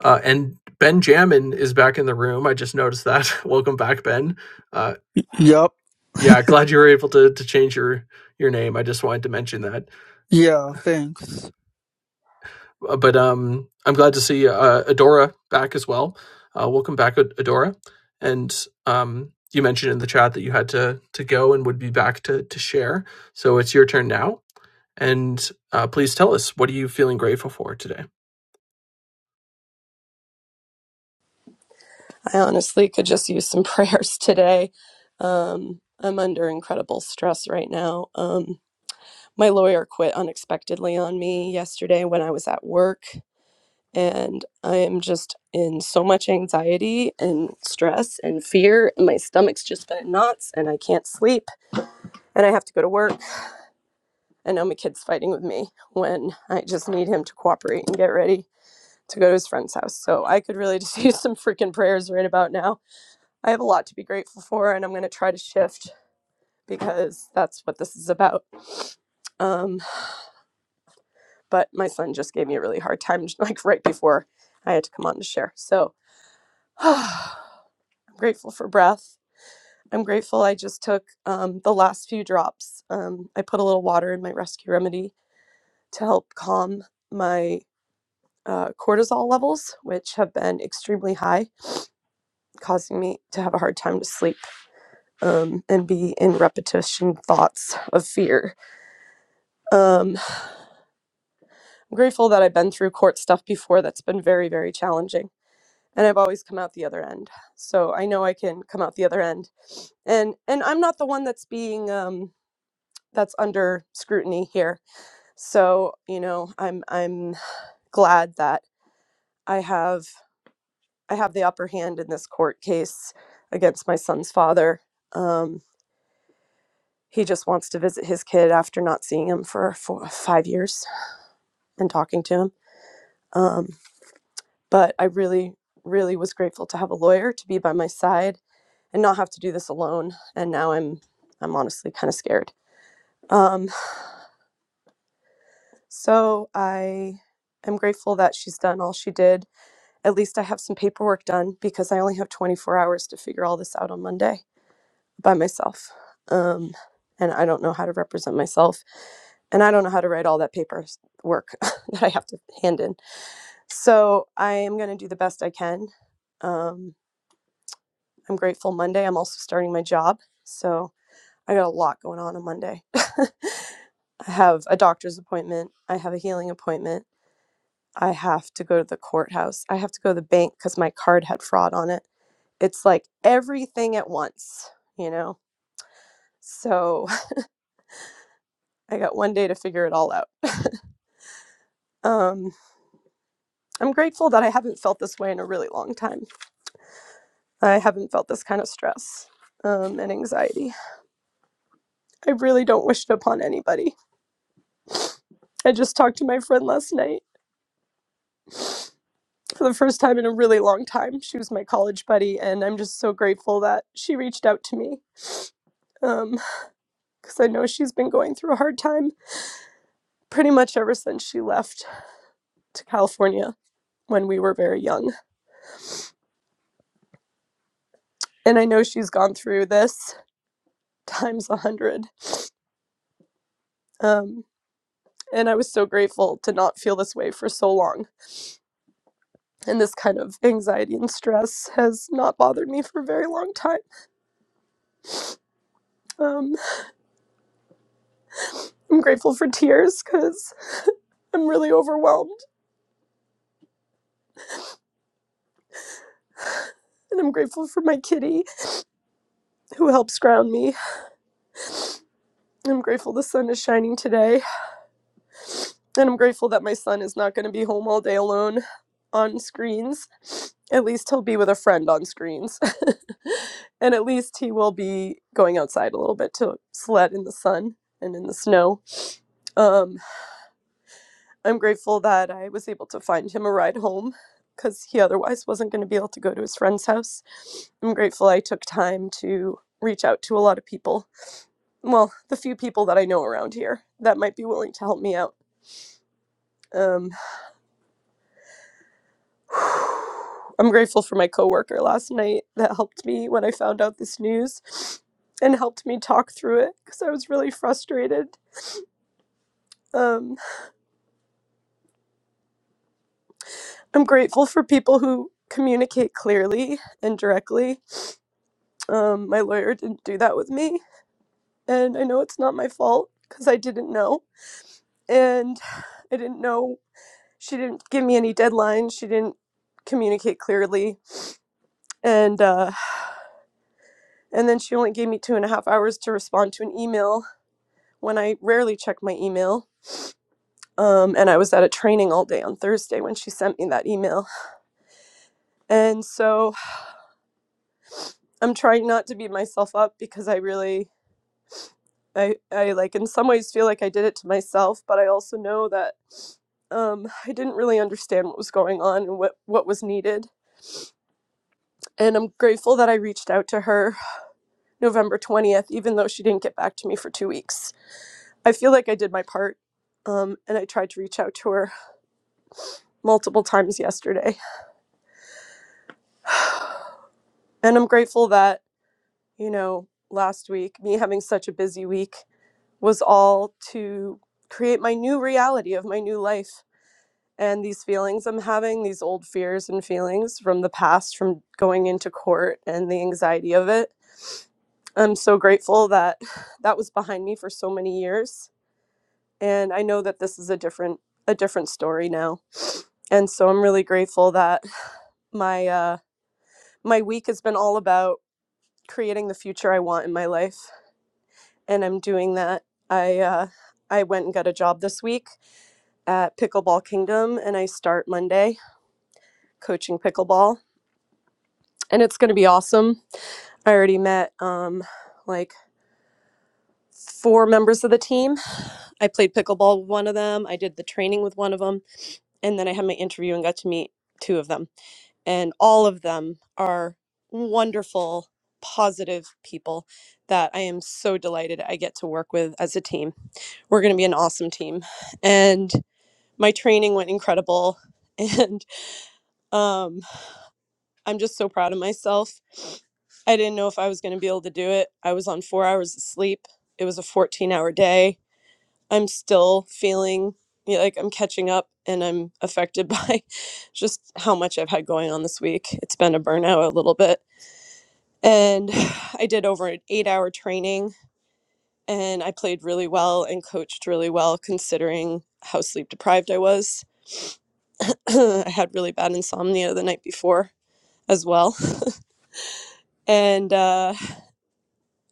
Uh, and Ben Jamin is back in the room. I just noticed that. Welcome back, Ben. Uh, Yep. yeah, glad you were able to to change your your name. I just wanted to mention that. Yeah. Thanks. Uh, but um, I'm glad to see uh, Adora back as well. Uh, welcome back, Ad- Adora. And um, you mentioned in the chat that you had to to go and would be back to to share. So it's your turn now. And uh, please tell us what are you feeling grateful for today. I honestly could just use some prayers today. Um, I'm under incredible stress right now. Um, my lawyer quit unexpectedly on me yesterday when I was at work, and I am just in so much anxiety and stress and fear. And my stomach's just been in knots, and I can't sleep, and I have to go to work. And now my kid's fighting with me when I just need him to cooperate and get ready to go to his friend's house. So I could really just use some freaking prayers right about now. I have a lot to be grateful for, and I'm going to try to shift because that's what this is about. Um, but my son just gave me a really hard time, like right before I had to come on to share. So I'm grateful for breath. I'm grateful I just took um, the last few drops. Um, I put a little water in my rescue remedy to help calm my uh, cortisol levels, which have been extremely high, causing me to have a hard time to sleep um, and be in repetition thoughts of fear Um, I'm grateful that I've been through court stuff before that's been very, very challenging. And I've always come out the other end. So I know I can come out the other end. And and I'm not the one that's being um that's under scrutiny here. So, you know, I'm I'm glad that I have I have the upper hand in this court case against my son's father. Um he just wants to visit his kid after not seeing him for four, five years and talking to him. Um, But I really, really was grateful to have a lawyer to be by my side and not have to do this alone. And now I'm, I'm honestly kind of scared. Um, so I am grateful that she's done all she did. At least I have some paperwork done because I only have 24 hours to figure all this out on Monday by myself. Um, and I don't know how to represent myself and I don't know how to write all that paperwork that I have to hand in. So I am going to do the best I can. Um, I'm grateful Monday. I'm also starting my job. So I got a lot going on on Monday. I have a doctor's appointment. I have a healing appointment. I have to go to the courthouse. I have to go to the bank because my card had fraud on it. It's like everything at once, you know? So I got one day to figure it all out. Um, I'm grateful that I haven't felt this way in a really long time. I haven't felt this kind of stress um, and anxiety. I really don't wish it upon anybody. I just talked to my friend last night for the first time in a really long time. She was my college buddy, and I'm just so grateful that she reached out to me um, because I know she's been going through a hard time pretty much ever since she left to California when we were very young. And I know she's gone through this times a hundred. Um, and I was so grateful to not feel this way for so long. And this kind of anxiety and stress has not bothered me for a very long time. Um, I'm grateful for tears because I'm really overwhelmed and I'm grateful for my kitty who helps ground me. I'm grateful the sun is shining today, and I'm grateful that my son is not going to be home all day alone on screens. At least he'll be with a friend on screens. and at least he will be going outside a little bit to sled in the sun and in the snow. Um, I'm grateful that I was able to find him a ride home because he otherwise wasn't going to be able to go to his friend's house. I'm grateful I took time to reach out to a lot of people well, the few people that I know around here that might be willing to help me out. Um, I'm grateful for my coworker last night that helped me when I found out this news and helped me talk through it because I was really frustrated. Um, I'm grateful for people who communicate clearly and directly. Um, my lawyer didn't do that with me, and I know it's not my fault because I didn't know. And I didn't know, she didn't give me any deadlines, she didn't communicate clearly and uh, and then she only gave me two and a half hours to respond to an email when I rarely check my email. Um, and I was at a training all day on Thursday when she sent me that email. And so I'm trying not to beat myself up because I really, I, I like in some ways feel like I did it to myself, but I also know that um, I didn't really understand what was going on and what, what was needed. And I'm grateful that I reached out to her November 20th, even though she didn't get back to me for two weeks I feel like I did my part. Um, and I tried to reach out to her multiple times yesterday. And I'm grateful that, you know, last week, me having such a busy week was all to create my new reality of my new life. And these feelings I'm having, these old fears and feelings from the past, from going into court and the anxiety of it. I'm so grateful that that was behind me for so many years. And I know that this is a different a different story now. And so I'm really grateful that my uh my week has been all about creating the future I want in my life and I'm doing that. I uh I went and got a job this week at Pickleball Kingdom and I start Monday coaching pickleball and it's going to be awesome. I already met um like four members of the team. I played pickleball with one of them. I did the training with one of them and then I had my interview and got to meet two of them and all of them are wonderful, positive people that I am so delighted I get to work with as a team. We're going to be an awesome team. And my training went incredible. And um, I'm just so proud of myself. I didn't know if I was going to be able to do it. I was on four hours of sleep, it was a 14 hour day. I'm still feeling yeah, like I'm catching up and I'm affected by just how much I've had going on this week. It's been a burnout a little bit And I did over an eight hour training and I played really well and coached really well considering how sleep deprived I was. I had really bad insomnia the night before as well. And uh,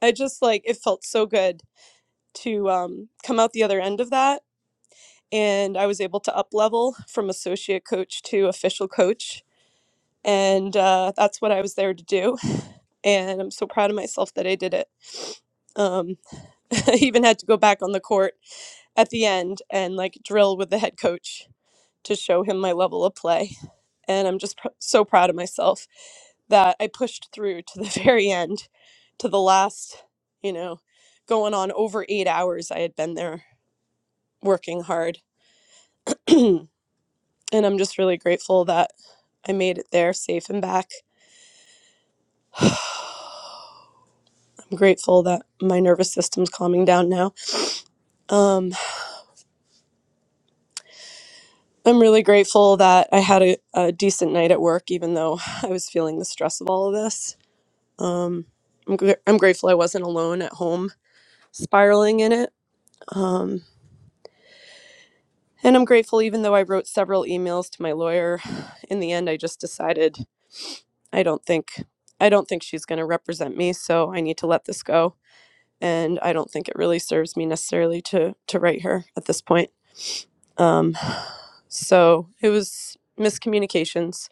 I just like it felt so good to um, come out the other end of that. And I was able to up level from associate coach to official coach. And uh, that's what I was there to do. And I'm so proud of myself that I did it. Um, I even had to go back on the court at the end and like drill with the head coach to show him my level of play. And I'm just pr- so proud of myself that I pushed through to the very end, to the last, you know, going on over eight hours I had been there working hard. and I'm just really grateful that I made it there safe and back. I'm grateful that my nervous system's calming down now. Um, I'm really grateful that I had a, a decent night at work, even though I was feeling the stress of all of this Um, I'm, gr- I'm grateful I wasn't alone at home spiraling in it. Um, and I'm grateful, even though I wrote several emails to my lawyer, in the end, I just decided I don't think I don't think she's going to represent me, so I need to let this go. And I don't think it really serves me necessarily to to write her at this point. Um, so it was miscommunications,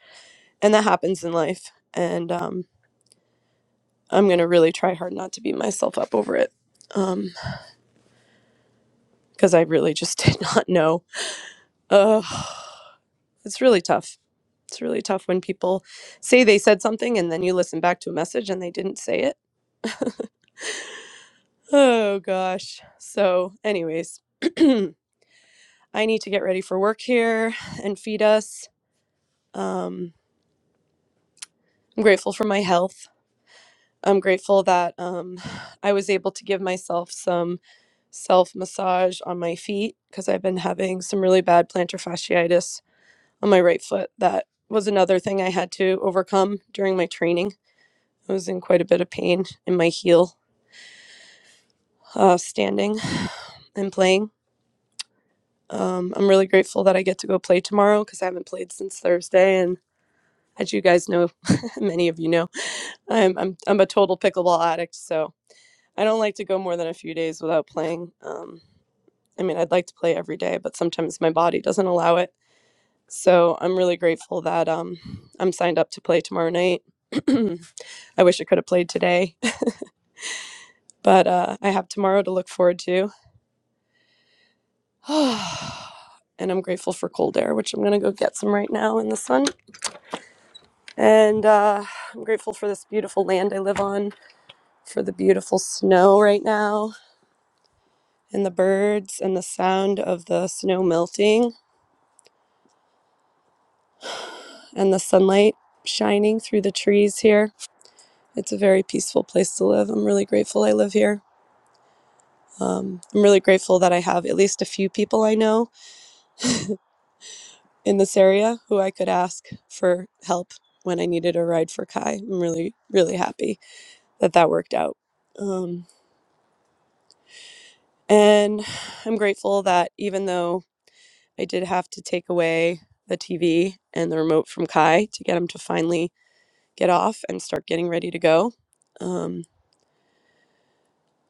and that happens in life. And um, I'm going to really try hard not to beat myself up over it. Um, because I really just did not know Ugh, it's really tough. It's really tough when people say they said something and then you listen back to a message and they didn't say it. Oh gosh. So, anyways, I need to get ready for work here and feed us. Um, I'm grateful for my health. I'm grateful that um, I was able to give myself some self massage on my feet because I've been having some really bad plantar fasciitis on my right foot. That was another thing I had to overcome during my training I was in quite a bit of pain in my heel uh, standing and playing. Um, I'm really grateful that I get to go play tomorrow because I haven't played since Thursday. And as you guys know, many of you know, I'm, I'm, I'm a total pickleball addict. So I don't like to go more than a few days without playing. Um, I mean, I'd like to play every day, but sometimes my body doesn't allow it. So I'm really grateful that um, I'm signed up to play tomorrow night. I wish I could have played today, but uh, I have tomorrow to look forward to. and I'm grateful for cold air, which I'm going to go get some right now in the sun. And uh, I'm grateful for this beautiful land I live on, for the beautiful snow right now, and the birds, and the sound of the snow melting, and the sunlight shining through the trees here. It's a very peaceful place to live. I'm really grateful I live here. Um, I'm really grateful that I have at least a few people I know in this area who I could ask for help when I needed a ride for Kai. I'm really, really happy that that worked out. Um, and I'm grateful that even though I did have to take away the TV and the remote from Kai to get him to finally get off and start getting ready to go, um,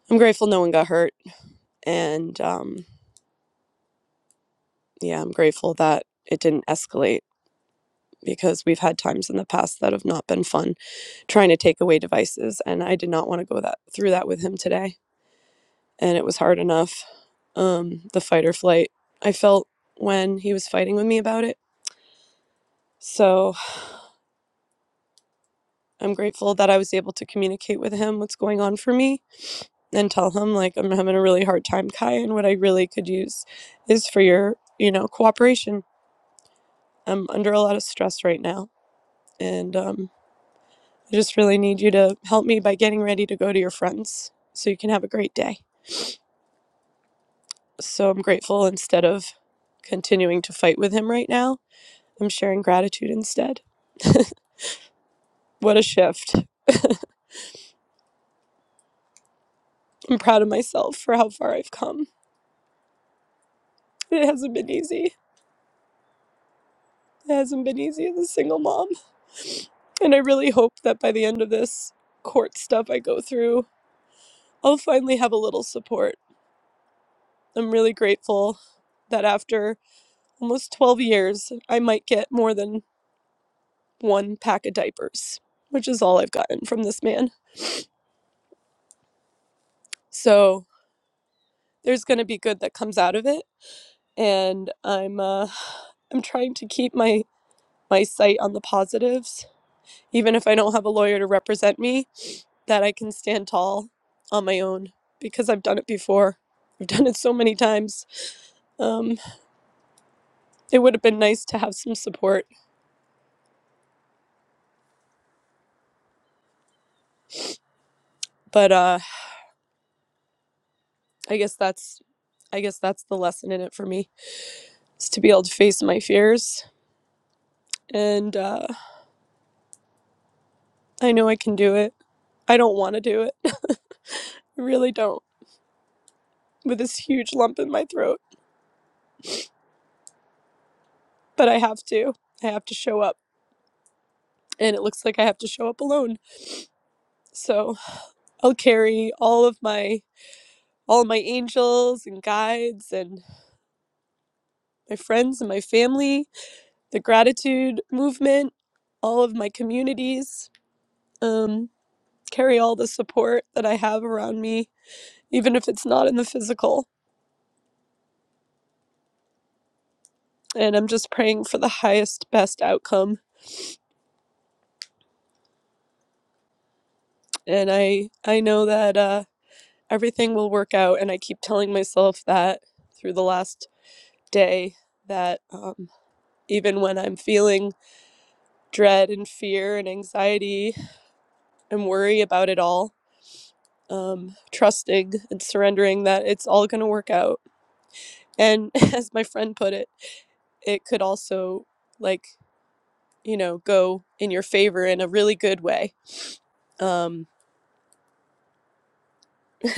I'm grateful no one got hurt. And um, yeah, I'm grateful that it didn't escalate because we've had times in the past that have not been fun trying to take away devices. And I did not want to go that through that with him today. and it was hard enough. Um, the fight or flight I felt when he was fighting with me about it. So I'm grateful that I was able to communicate with him what's going on for me and tell him, like, I'm having a really hard time, Kai, and what I really could use is for your, you know, cooperation. I'm under a lot of stress right now, and um, I just really need you to help me by getting ready to go to your friends so you can have a great day. So I'm grateful instead of continuing to fight with him right now, I'm sharing gratitude instead. What a shift. I'm proud of myself for how far I've come. It hasn't been easy. It hasn't been easy as a single mom. And I really hope that by the end of this court stuff I go through, I'll finally have a little support. I'm really grateful that after almost 12 years, I might get more than one pack of diapers, which is all I've gotten from this man. So there's going to be good that comes out of it. And I'm, uh, I'm trying to keep my, my sight on the positives even if I don't have a lawyer to represent me, that I can stand tall on my own because I've done it before. I've done it so many times. Um, it would have been nice to have some support, but uh, I guess that's I guess that's the lesson in it for me is to be able to face my fears, and uh, I know I can do it. I don't want to do it. I really don't. With this huge lump in my throat, but I have to. I have to show up, and it looks like I have to show up alone. So I'll carry all of my all my angels and guides and my friends and my family, the gratitude movement, all of my communities, um, carry all the support that I have around me, even if it's not in the physical. And I'm just praying for the highest, best outcome. And I, I know that uh, everything will work out. And I keep telling myself that through the last day that um, even when I'm feeling dread and fear and anxiety and worry about it all, um, trusting and surrendering that it's all going to work out. And as my friend put it, it could also, like, you know, go in your favor in a really good way. Um,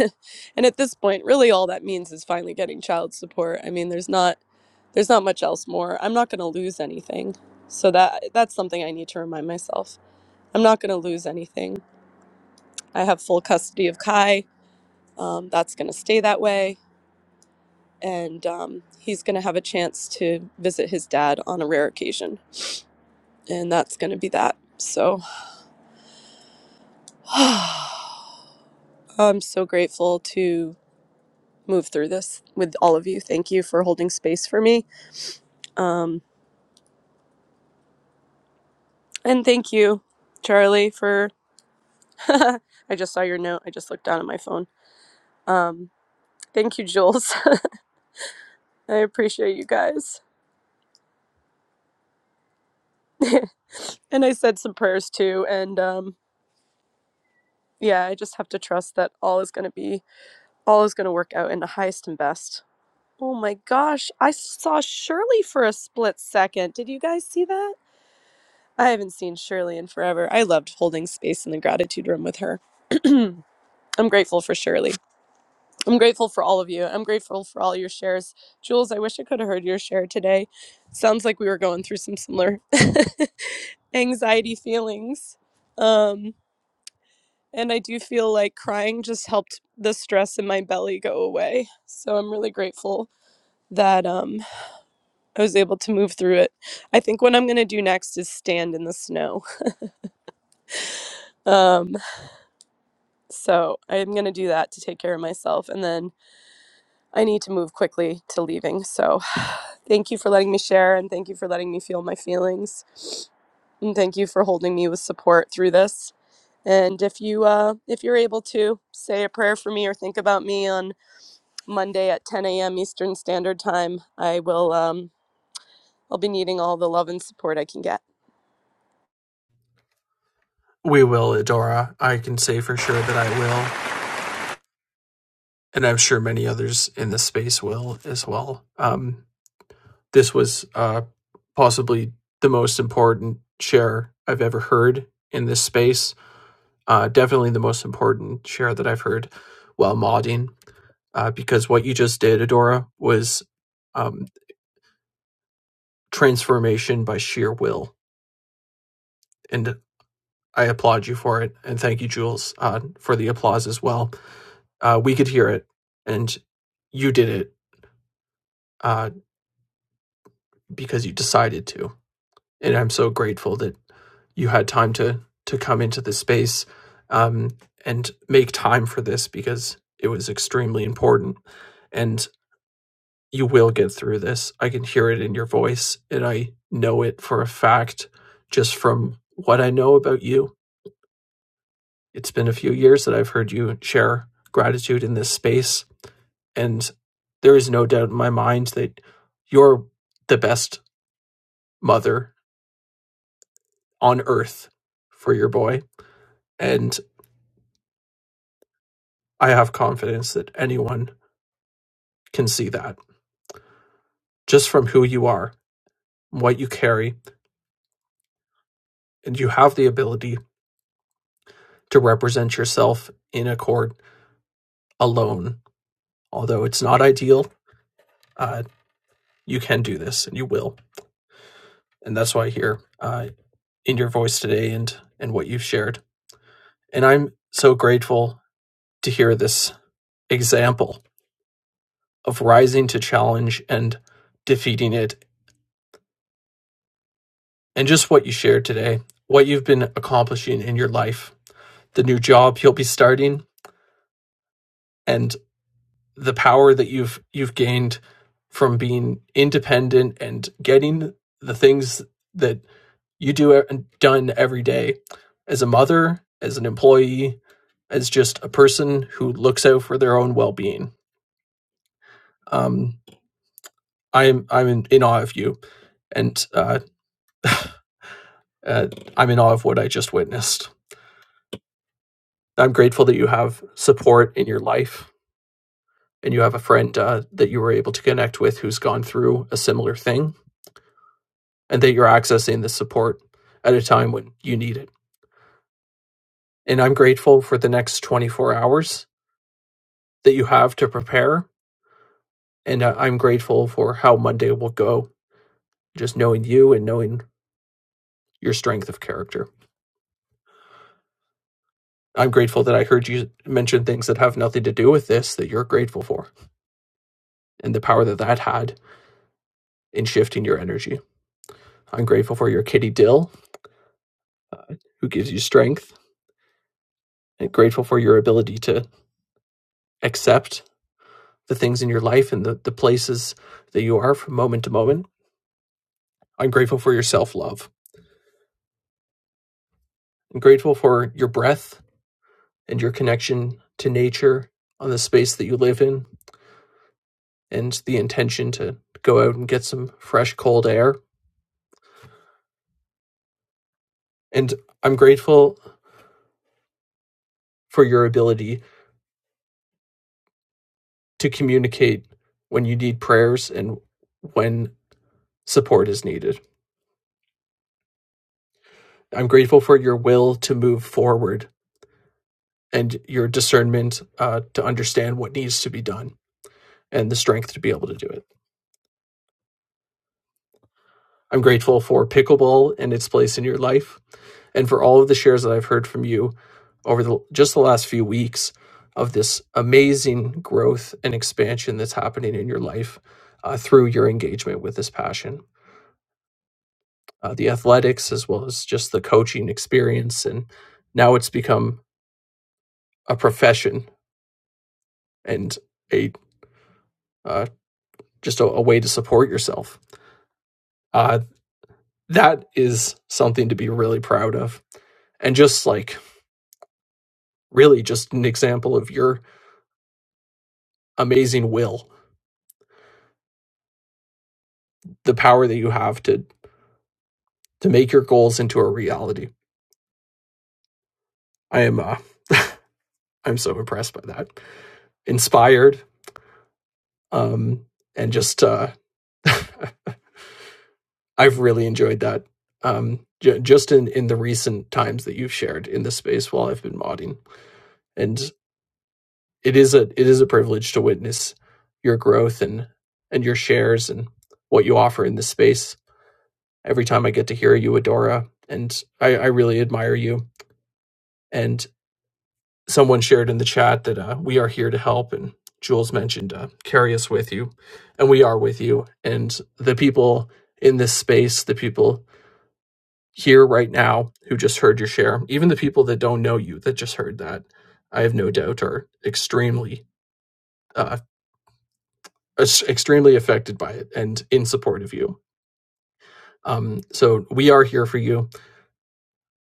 and at this point, really all that means is finally getting child support. I mean, there's not there's not much else more. I'm not going to lose anything. So that that's something I need to remind myself. I'm not going to lose anything. I have full custody of Kai. Um, that's going to stay that way and um, he's going to have a chance to visit his dad on a rare occasion. And that's going to be that. So I'm so grateful to move through this with all of you. Thank you for holding space for me. Um, and thank you, Charlie, for. I just saw your note. I just looked down at my phone. Um, thank you, Jules. I appreciate you guys. and I said some prayers too. And um, yeah, I just have to trust that all is going to be, all is going to work out in the highest and best Oh my gosh, I saw Shirley for a split second. Did you guys see that? I haven't seen Shirley in forever. I loved holding space in the gratitude room with her. I'm grateful for Shirley. I'm grateful for all of you. I'm grateful for all your shares. Jules, I wish I could have heard your share today. Sounds like we were going through some similar anxiety feelings. Um, and I do feel like crying just helped the stress in my belly go away. So I'm really grateful that um I was able to move through it. I think what I'm going to do next is stand in the snow. Um, so I'm going to do that to take care of myself. And then I need to move quickly to leaving. So thank you for letting me share and thank you for letting me feel my feelings. And thank you for holding me with support through this. And if you uh, if you're able to say a prayer for me or think about me on Monday at 10 a.m. Eastern Standard Time, I will um, I'll be needing all the love and support I can get. We will, Adora. I can say for sure that I will, and I'm sure many others in the space will as well. Um, this was uh, possibly the most important share I've ever heard in this space. Uh, definitely the most important share that I've heard while modding, uh, because what you just did, Adora, was um, transformation by sheer will, and I applaud you for it. And thank you, Jules, uh, for the applause as well Uh, we could hear it, and you did it uh, because you decided to. And I'm so grateful that you had time to to come into this space um, and make time for this because it was extremely important. And you will get through this. I can hear it in your voice, and I know it for a fact just from what I know about you. It's been a few years that I've heard you share gratitude in this space, And there is no doubt in my mind that you're the best mother on earth for your boy. And I have confidence that anyone can see that just from who you are, what you carry, and you have the ability to represent yourself in a court alone. Although it's not ideal, uh, you can do this and you will. And that's why I hear uh, in your voice today and, and what you've shared. And I'm so grateful to hear this example of rising to challenge and defeating it, and just what you shared today, what you've been accomplishing in your life, the new job you'll be starting, and the power that you've you've gained from being independent and getting the things that you do done every day as a mother, as an employee, as just a person who looks out for their own well-being. Um, I'm I'm in, in awe of you, and uh, uh, I'm in awe of what I just witnessed. I'm grateful that you have support in your life and you have a friend uh, that you were able to connect with who's gone through a similar thing and that you're accessing the support at a time when you need it. And I'm grateful for the next 24 hours that you have to prepare. And uh, I'm grateful for how Monday will go, just knowing you and knowing your strength of character. I'm grateful that I heard you mention things that have nothing to do with this that you're grateful for and the power that that had in shifting your energy. I'm grateful for your kitty Dill who gives you strength and grateful for your ability to accept the things in your life and the, the places that you are from moment to moment. I'm grateful for your self love. I'm grateful for your breath and your connection to nature on the space that you live in and the intention to go out and get some fresh, cold air. And I'm grateful for your ability to communicate when you need prayers and when support is needed. I'm grateful for your will to move forward and your discernment uh, to understand what needs to be done and the strength to be able to do it. I'm grateful for pickleball and its place in your life, and for all of the shares that I've heard from you over the, just the last few weeks of this amazing growth and expansion that's happening in your life uh, through your engagement with this passion, uh, the athletics as well as just the coaching experience, and now it's become a profession and a uh, just a, a way to support yourself. Uh, that is something to be really proud of. And just like really just an example of your amazing will, the power that you have to to make your goals into a reality. I am uh, I'm so impressed by that. Inspired um and just uh I've really enjoyed that um j- just in in the recent times that you've shared in the space while I've been modding. And it is a it is a privilege to witness your growth and and your shares and what you offer in this space every time I get to hear you, Adora, and I, I really admire you. And someone shared in the chat that uh, we are here to help, and Jules mentioned uh, carry us with you, and we are with you. And the people in this space, the people here right now who just heard your share, even the people that don't know you that just heard that, I have no doubt are extremely, uh, extremely affected by it and in support of you. Um, so we are here for you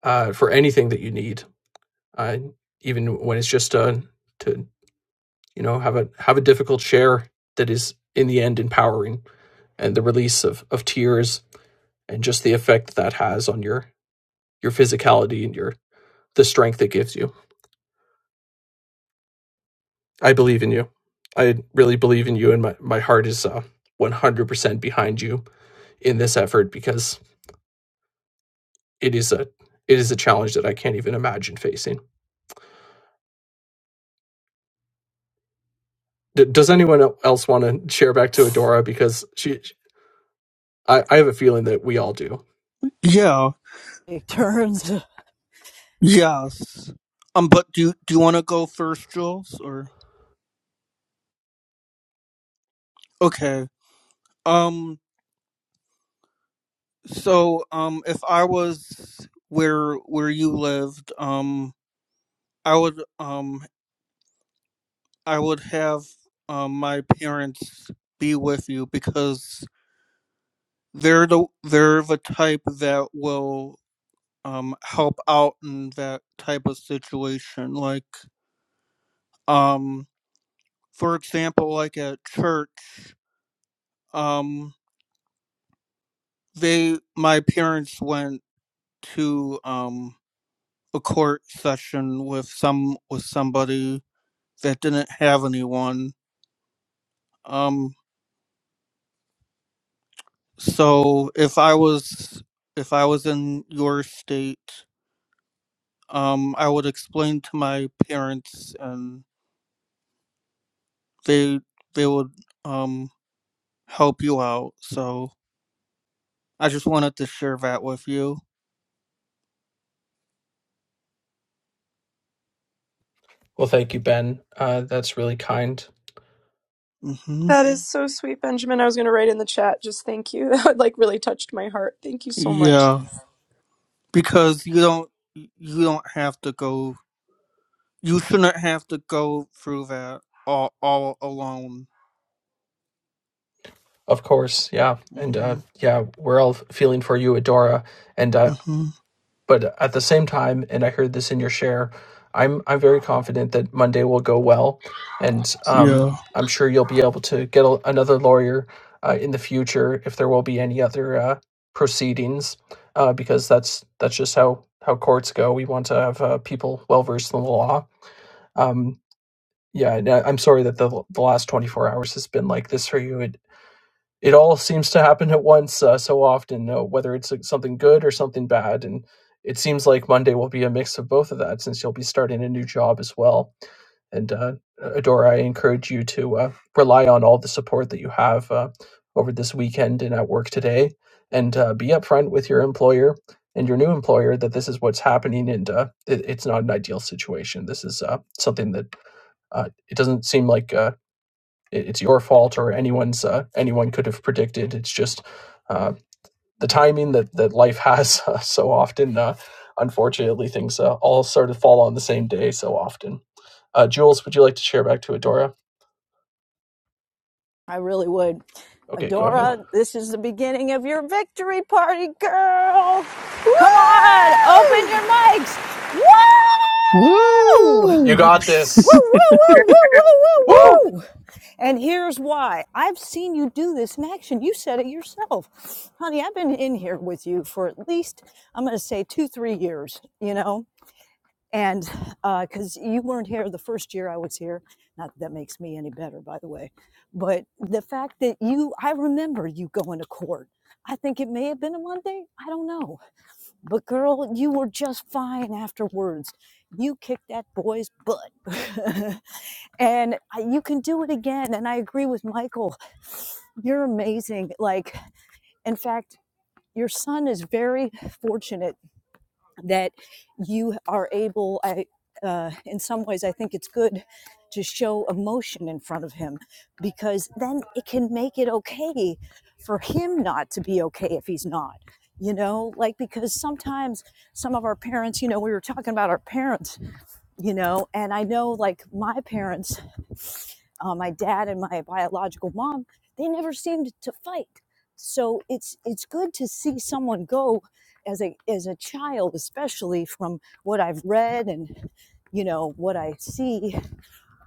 uh, for anything that you need uh, even when it's just uh, to you know have a have a difficult share that is in the end empowering, and the release of of tears and just the effect that has on your your physicality and your the strength it gives you. I believe in you. I really believe in you, and my my heart is uh, 100% behind you in this effort because it is a it is a challenge that I can't even imagine facing. D- does anyone else want to share back to Adora because she I, I have a feeling that we all do. Yeah. He turns. Yes. Um, but do do you want to go first, Jules? Or okay. Um. So, um, if I was where where you lived, um, I would um I would have um my parents be with you because they're the they're the type that will um help out in that type of situation. Like, um, for example, like at church, um, they my parents went to um a court session with some with somebody that didn't have anyone um so if i was if i was in your state um i would explain to my parents and they they would um help you out so i just wanted to share that with you Well, thank you, Ben. Uh, that's really kind. mhm That is so sweet, Benjamin. I was going to write in the chat, just thank you. That like really touched my heart. Thank you so much. yeah because you don't you don't have to go You shouldn't have to go through that all, all alone. Of course, yeah, and uh, hmm yeah, we're all feeling for you, Adora, and uh, hmm But at the same time, and I heard this in your share, I'm I'm very confident that Monday will go well, and um, Yeah. I'm sure you'll be able to get a, another lawyer uh, in the future if there will be any other uh, proceedings, uh, because that's that's just how how courts go. We want to have uh, people well versed in the law. Um, yeah, and I- I'm sorry that the, the last 24 hours has been like this for you. It it all seems to happen at once uh, so often, uh, whether it's like, something good or something bad. And it seems like Monday will be a mix of both of that since you'll be starting a new job as well. And uh, Adora, I encourage you to uh, rely on all the support that you have uh, over this weekend and at work today, and uh, be upfront with your employer and your new employer that this is what's happening, and uh, it, it's not an ideal situation. This is uh, something that uh, it doesn't seem like. Uh, it, it's your fault or anyone's uh, anyone could have predicted. It's just uh, the timing that that life has uh, so often. Uh, unfortunately, things uh, all sort of fall on the same day so often. Uh, Jules, would you like to share back to Adora? I really would. Okay, go ahead. Adora, this is the beginning of your victory party, girl. Come on, open your Woo! mics. Woo! Woo, You Woo! got woo, this. woo, woo, woo, Woo! woo, woo. And here's why. I've seen you do this in action. You said it yourself. Honey, I've been in here with you for at least, I'm going to say two, three years, you know? and because uh, you weren't here the first year I was here, not that that makes me any better, by the way, but the fact that you, I remember you going to court. I think it may have been a Monday. I don't know. But girl, you were just fine afterwards. You kicked that boy's butt. and I, you can do it again. And I agree with Michael. You're amazing. Like, in fact, your son is very fortunate that you are able I, uh, in some ways i think it's good to show emotion in front of him because then it can make it okay for him not to be okay if he's not you know like because sometimes some of our parents you know we were talking about our parents you know and i know like my parents uh, my dad and my biological mom they never seemed to fight so it's it's good to see someone go as a as a child especially from what i've read and you know what i see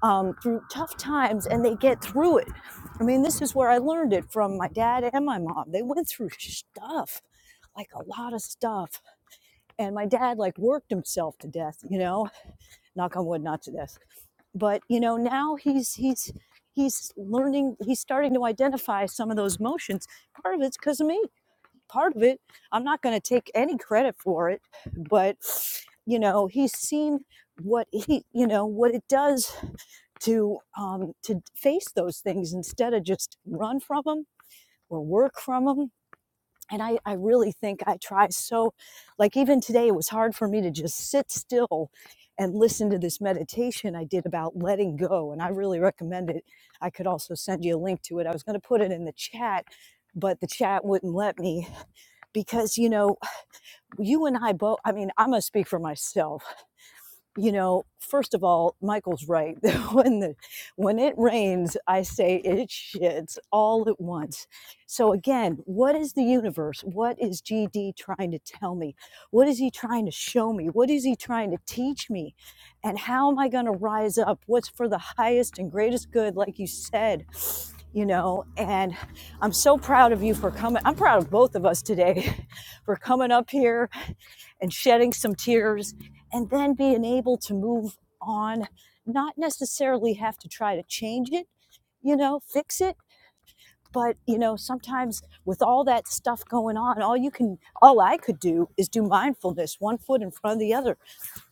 um, through tough times and they get through it i mean this is where i learned it from my dad and my mom they went through stuff like a lot of stuff and my dad like worked himself to death you know knock on wood not to death but you know now he's he's he's learning he's starting to identify some of those motions part of it's because of me part of it i'm not going to take any credit for it but you know he's seen what he you know what it does to um to face those things instead of just run from them or work from them and I, I really think I try so like even today it was hard for me to just sit still and listen to this meditation I did about letting go and I really recommend it. I could also send you a link to it. I was going to put it in the chat but the chat wouldn't let me because you know you and I both I mean I'm going to speak for myself you know, first of all, Michael's right. when the when it rains, I say it shits all at once. So again, what is the universe? What is GD trying to tell me? What is he trying to show me? What is he trying to teach me? And how am I going to rise up? What's for the highest and greatest good like you said? You know, and I'm so proud of you for coming. I'm proud of both of us today for coming up here and shedding some tears and then being able to move on, not necessarily have to try to change it, you know, fix it. But, you know, sometimes with all that stuff going on, all you can, all I could do is do mindfulness, one foot in front of the other.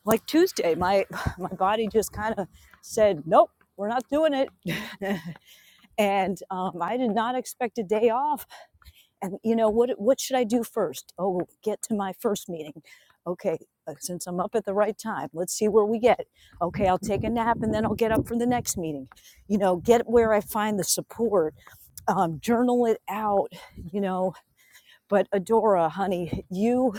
Like Tuesday, my, my body just kind of said, nope, we're not doing it. and um, I did not expect a day off and you know what what should i do first oh get to my first meeting okay uh, since i'm up at the right time let's see where we get okay i'll take a nap and then i'll get up for the next meeting you know get where i find the support um, journal it out you know but adora honey you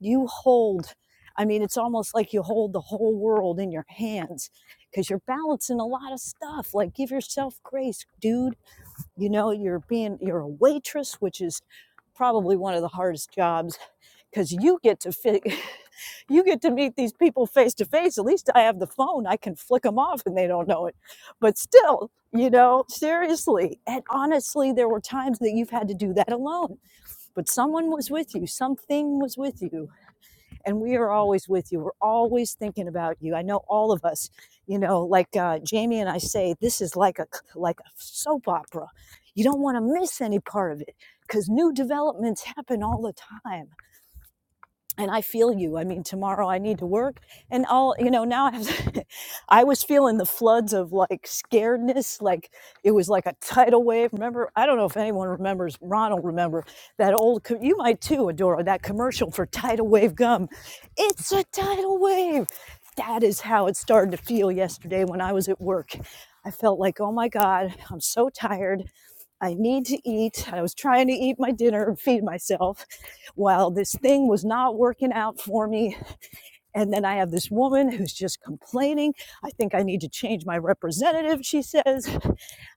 you hold i mean it's almost like you hold the whole world in your hands because you're balancing a lot of stuff like give yourself grace dude you know you're being you're a waitress which is probably one of the hardest jobs because you get to fit you get to meet these people face to face at least i have the phone i can flick them off and they don't know it but still you know seriously and honestly there were times that you've had to do that alone but someone was with you something was with you and we are always with you. We're always thinking about you. I know all of us, you know, like uh, Jamie and I say, this is like a like a soap opera. You don't want to miss any part of it because new developments happen all the time and I feel you. I mean, tomorrow I need to work, and all you know. Now I have, to, I was feeling the floods of like scaredness, like it was like a tidal wave. Remember, I don't know if anyone remembers. Ron will remember that old. co- You might too, Adora. That commercial for tidal wave gum. It's a tidal wave. That is how it started to feel yesterday when I was at work. I felt like, oh my god, I'm so tired. I need to eat. I was trying to eat my dinner and feed myself while this thing was not working out for me. And then I have this woman who's just complaining. I think I need to change my representative, she says.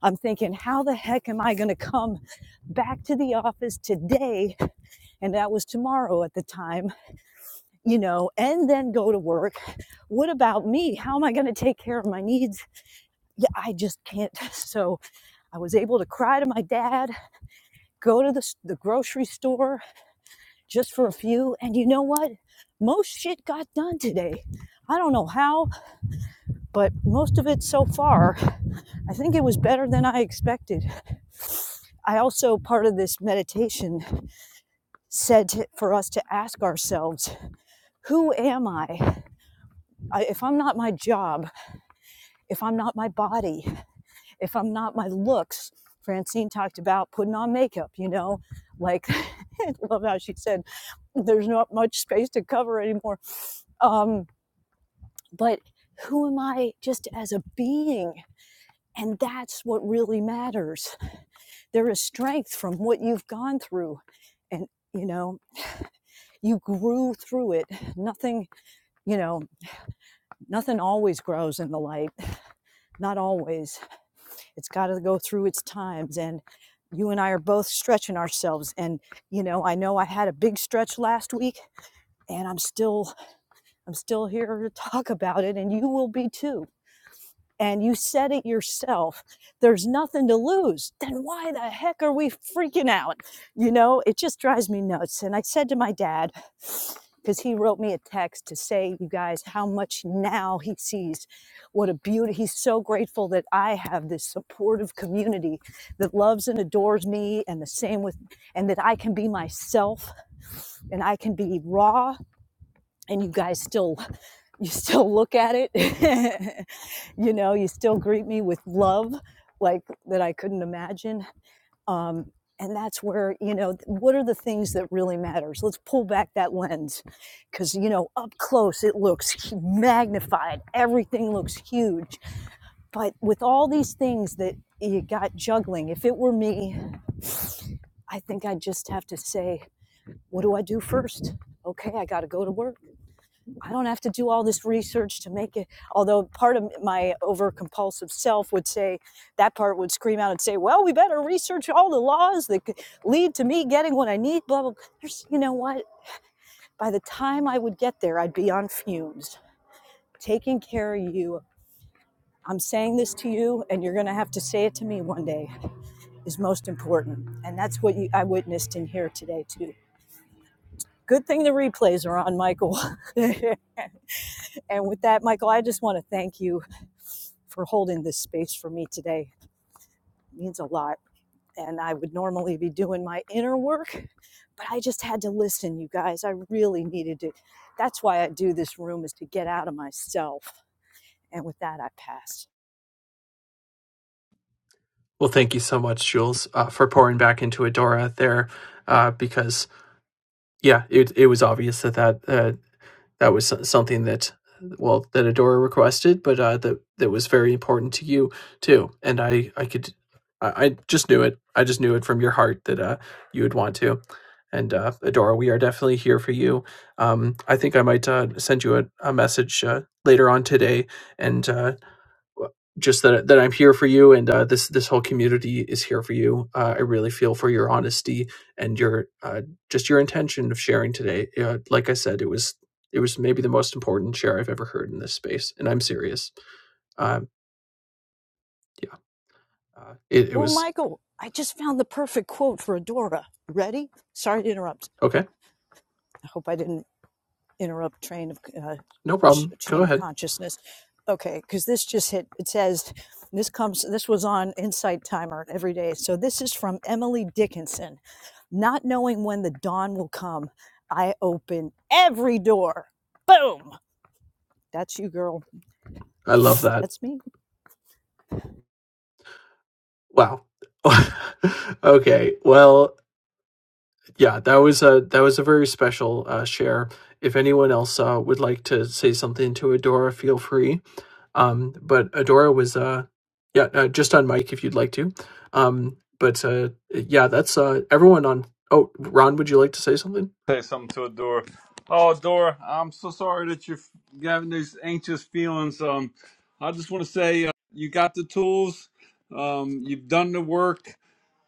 I'm thinking, how the heck am I going to come back to the office today? And that was tomorrow at the time, you know, and then go to work. What about me? How am I going to take care of my needs? Yeah, I just can't. So I was able to cry to my dad, go to the, the grocery store, just for a few. And you know what? Most shit got done today. I don't know how, but most of it so far, I think it was better than I expected. I also, part of this meditation, said to, for us to ask ourselves, who am I? I? If I'm not my job, if I'm not my body, if I'm not my looks, Francine talked about putting on makeup, you know, like, I love how she said, there's not much space to cover anymore. Um, but who am I just as a being? And that's what really matters. There is strength from what you've gone through. And, you know, you grew through it. Nothing, you know, nothing always grows in the light. Not always. It's got to go through its times. And you and I are both stretching ourselves. And, you know, I know I had a big stretch last week and I'm still I'm still here to talk about it and you will be too and you said it yourself, there's nothing to lose, then why the heck are we freaking out? You know, it just drives me nuts. And I said to my dad, because he wrote me a text to say, you guys, how much now he sees. What a beauty. He's so grateful that I have this supportive community that loves and adores me, and the same with, and that I can be myself and I can be raw and you guys still you still look at it you know you still greet me with love like that i couldn't imagine um, and that's where you know what are the things that really matters let's pull back that lens because you know up close it looks magnified everything looks huge but with all these things that you got juggling if it were me i think i'd just have to say what do i do first okay i gotta go to work I don't have to do all this research to make it. Although part of my overcompulsive self would say, that part would scream out and say, well, we better research all the laws that could lead to me getting what I need, blah, blah. blah. There's, you know what? By the time I would get there, I'd be on fumes. Taking care of you, I'm saying this to you, and you're going to have to say it to me one day, is most important. And that's what you, I witnessed in here today, too. Good thing the replays are on, Michael. And with that, Michael, I just want to thank you for holding this space for me today. It means a lot. And I would normally be doing my inner work, but I just had to listen, you guys. I really needed to. That's why I do this room is to get out of myself. And with that, I passed. Well, thank you so much, Jules, uh, for pouring back into Adora there, uh, because yeah, it it was obvious that that uh, that was so- something that well that Adora requested, but uh, that that was very important to you too. And I I could I, I just knew it. I just knew it from your heart that uh, you would want to. And uh, Adora, we are definitely here for you. Um, I think I might uh, send you a, a message uh, later on today and uh, just that that I'm here for you, and uh, this this whole community is here for you. Uh, I really feel for your honesty and your uh, just your intention of sharing today. Uh, like I said, it was it was maybe the most important share I've ever heard in this space, and I'm serious. Um, yeah, uh, it, it Oh, was Michael, I just found the perfect quote for Adora. Ready? Sorry to interrupt. okay. I hope I didn't interrupt train of uh, No ch- problem. Go chain of ahead. consciousness. Okay, because this just hit. It says this comes. This was on Insight Timer every day. So this is from Emily Dickinson. Not knowing when the dawn will come, I open every door. Boom. That's you, girl. I love that. That's me. Wow. okay. Well, yeah, that was a that was a very special uh, share. If anyone else uh, would like to say something to Adora, feel free Um, but Adora was, uh, yeah, uh, just on mic if you'd like to. Um, but uh, yeah, that's uh, everyone on. Oh, Ron, would you like to say something? say something to Adora. Oh, Adora, I'm so sorry that you're f- having these anxious feelings. Um, I just want to say uh, you got the tools. Um, you've done the work.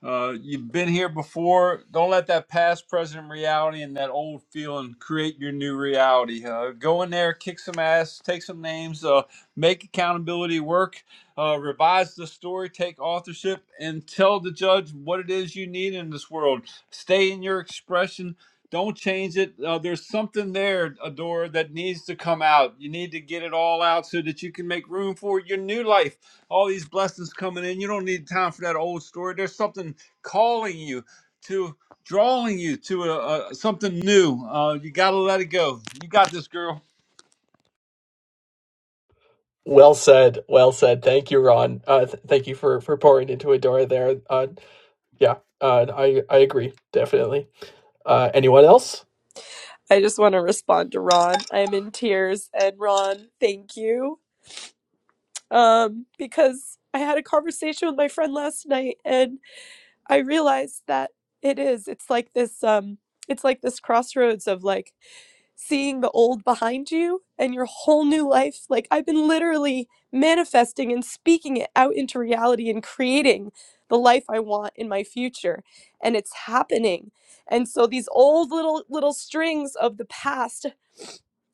Uh, you've been here before. Don't let that past, present reality, and that old feeling create your new reality. Uh, go in there, kick some ass, take some names, uh, make accountability work, uh, revise the story, take authorship, and tell the judge what it is you need in this world. Stay in your expression. Don't change it. Uh, there's something there, Adora, that needs to come out. You need to get it all out so that you can make room for your new life all these blessings coming in. You don't need time for that old story. There's something calling you to drawing you to a, a, something new. Uh, you got to let it go. You got this, girl. Well said. Well said. Thank you, Ron. Uh, th- thank you for for pouring into Adora there. Uh, yeah, uh, I I agree definitely. Uh, anyone else? I just want to respond to Ron. I'm in tears, and Ron, thank you. Um, because I had a conversation with my friend last night, and I realized that it is. It's like this. Um, it's like this crossroads of like seeing the old behind you and your whole new life. Like I've been literally manifesting and speaking it out into reality and creating the life I want in my future. And it's happening. And so these old little little strings of the past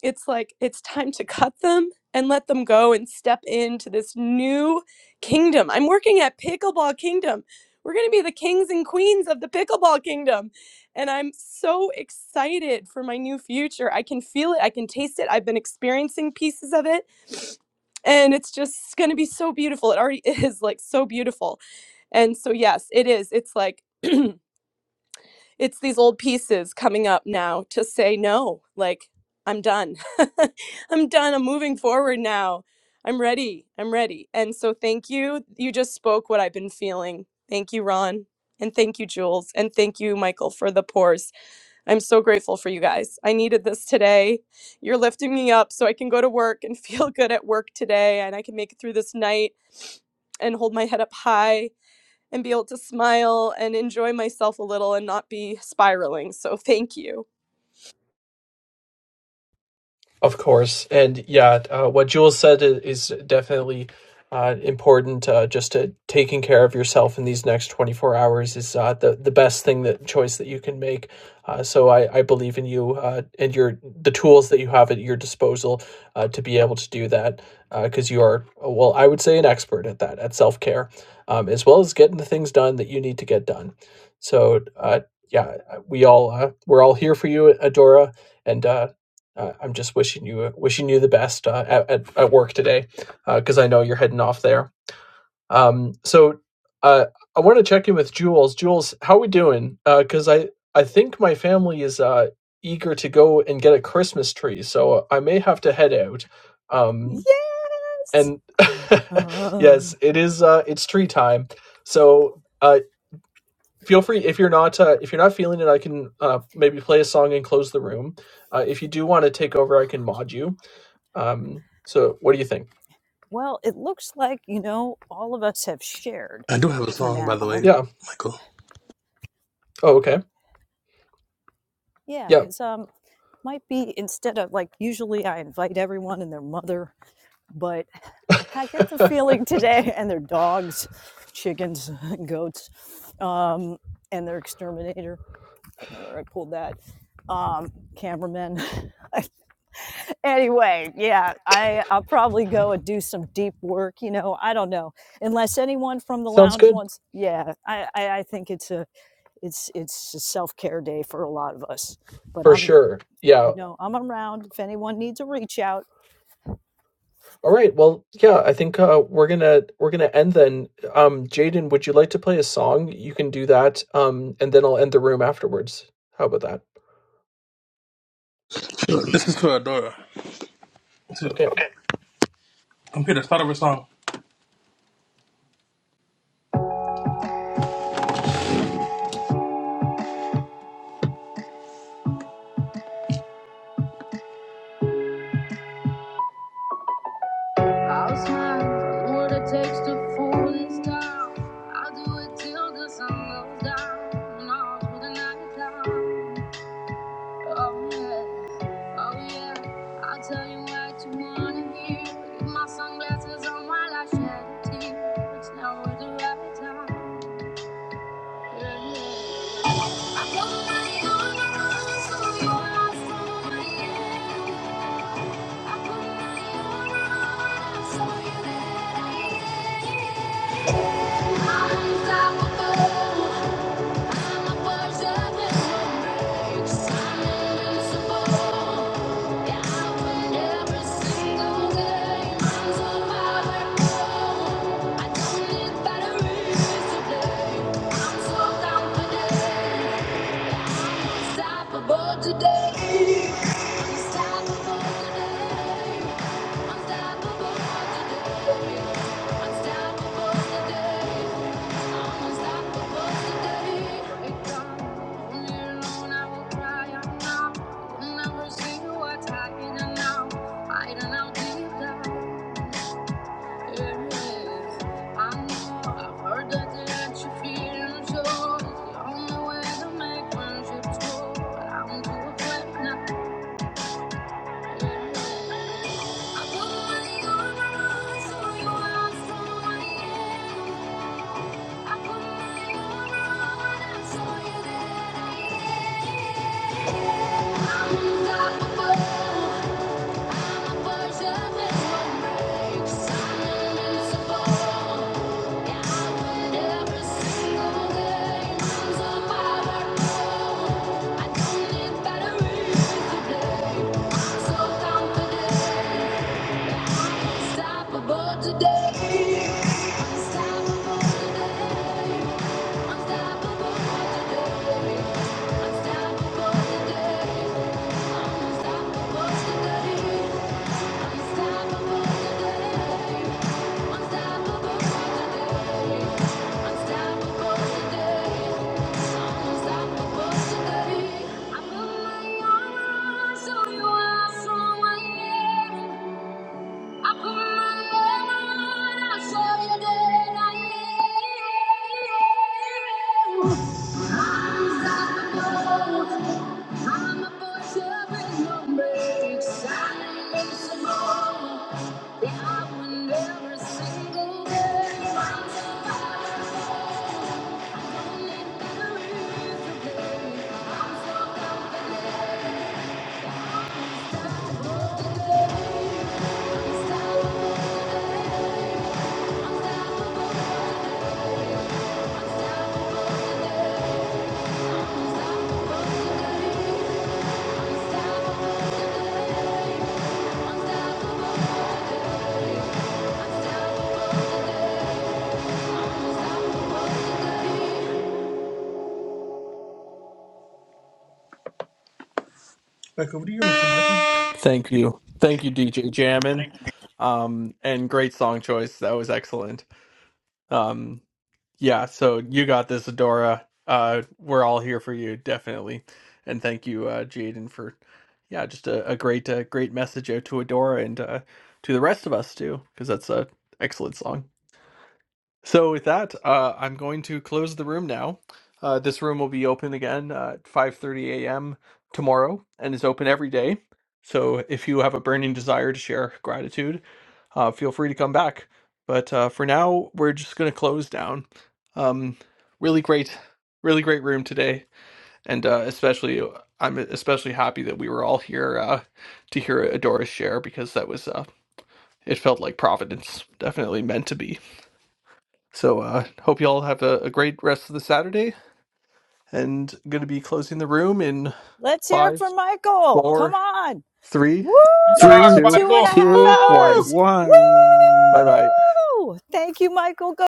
it's like it's time to cut them and let them go and step into this new kingdom. I'm working at Pickleball Kingdom. We're going to be the kings and queens of the pickleball kingdom. And I'm so excited for my new future. I can feel it, I can taste it. I've been experiencing pieces of it. And it's just going to be so beautiful. It already is like so beautiful. And so yes, it is. It's like it's these old pieces coming up now to say no like i'm done i'm done i'm moving forward now i'm ready i'm ready and so thank you you just spoke what i've been feeling thank you ron and thank you jules and thank you michael for the pores i'm so grateful for you guys i needed this today you're lifting me up so i can go to work and feel good at work today and i can make it through this night and hold my head up high and be able to smile and enjoy myself a little and not be spiraling. So thank you. Of course. And yeah, uh, what Jules said is definitely uh, important. Uh, just to taking care of yourself in these next 24 hours is uh, the, the best thing that choice that you can make. Uh, so I, I believe in you uh, and your the tools that you have at your disposal uh, to be able to do that because uh, you are, uh, well, I would say an expert at that, at self care, um, as well as getting the things done that you need to get done. So uh, yeah, we all uh, we're all here for you, Adora and uh, uh, I'm just wishing you uh, wishing you the best uh, at, at work today, because uh, I know you're heading off there. Um, so uh, I want to check in with Jules. Jules, how are we doing? Because uh, I I think my family is uh, eager to go and get a Christmas tree, so I may have to head out. Um, Yes. and Ah. yes, it is uh, it's tree time. So uh, feel free if you're not uh, if you're not feeling it, I can uh, maybe play a song and close the room. Uh, if you do want to take over, I can mod you um, so what do you think? Well, it looks like, you know, all of us have shared I do have a for song, by the way, now. Yeah. Michael. Oh, okay. Yeah, Yeah. because um might be instead of like usually I invite everyone and their mother, but I get the feeling today and their dogs, chickens, goats, um, and their exterminator. I don't know where I pulled that. Um, cameraman. anyway, yeah, I, I'll probably go and do some deep work, you know. I don't know unless anyone from the Sounds lounge good wants yeah i i, I think it's a It's it's a self care day for a lot of us. But for I'm sure. Yeah. you know I'm around if anyone needs a reach out. All right. Well, yeah, I think uh, we're gonna we're gonna end then. Um, Jaden, would you like to play a song? You can do that. Um, and then I'll end the room afterwards. How about that? This is for Adora. Too. Okay. Okay. Computer, start over song. I'll smile from what it takes to fool this town. I'll do it till the sun goes down. All through the night time. Oh yeah, oh yeah. I'll tell you what you wanna hear. Leave my sunglasses on while I shed a tear. It's now the right time. Yeah, yeah. I Unstoppable. Today Heard that it you feel so the only way to make friendships grow But I'm too afraid not I put my armor on so I am. you I am. I'm unstoppable. Forgiveness I'm invincible. Yeah, I win every single game. I'm so I don't need batteries today. play. I'm so confident. Unstoppable today. Unstoppable today. Unstoppable today. Unstoppable today. I'm unstoppable today. Unstoppable today. Unstoppable today. Unstoppable today. I'm unstoppable today. I put my armor on, show you how strong I am. Every single day, I'm so Unstoppable today. Back over to you, Mr. Michael. Thank you. Thank you, DJ Jammin. Um, and great song choice. That was excellent. Um, Yeah, so you got this, Adora. Uh, we're all here for you, definitely. And thank you, uh, Jaden, for yeah, just a, a great, uh, great message out to Adora and uh, to the rest of us too, because that's a excellent song. So with that, uh, I'm going to close the room now. Uh, this room will be open again uh, at 5:30 a.m. tomorrow, and is open every day. So if you have a burning desire to share gratitude, uh, feel free to come back. But uh, for now, we're just going to close down. Um, really great, really great room today, and uh, especially uh, I'm especially happy that we were all here uh, to hear Adora's share because that was uh, it felt like Providence, definitely meant to be. So uh, hope you all have a, a great rest of the Saturday. And going to be closing the room in Let's hear it five, from Michael. Come four, on. three, Woo! Rock, Three, two, Two and a Michael. half two, Woo! one. hours. Bye one. bye. Woo! Thank you, Michael. Go!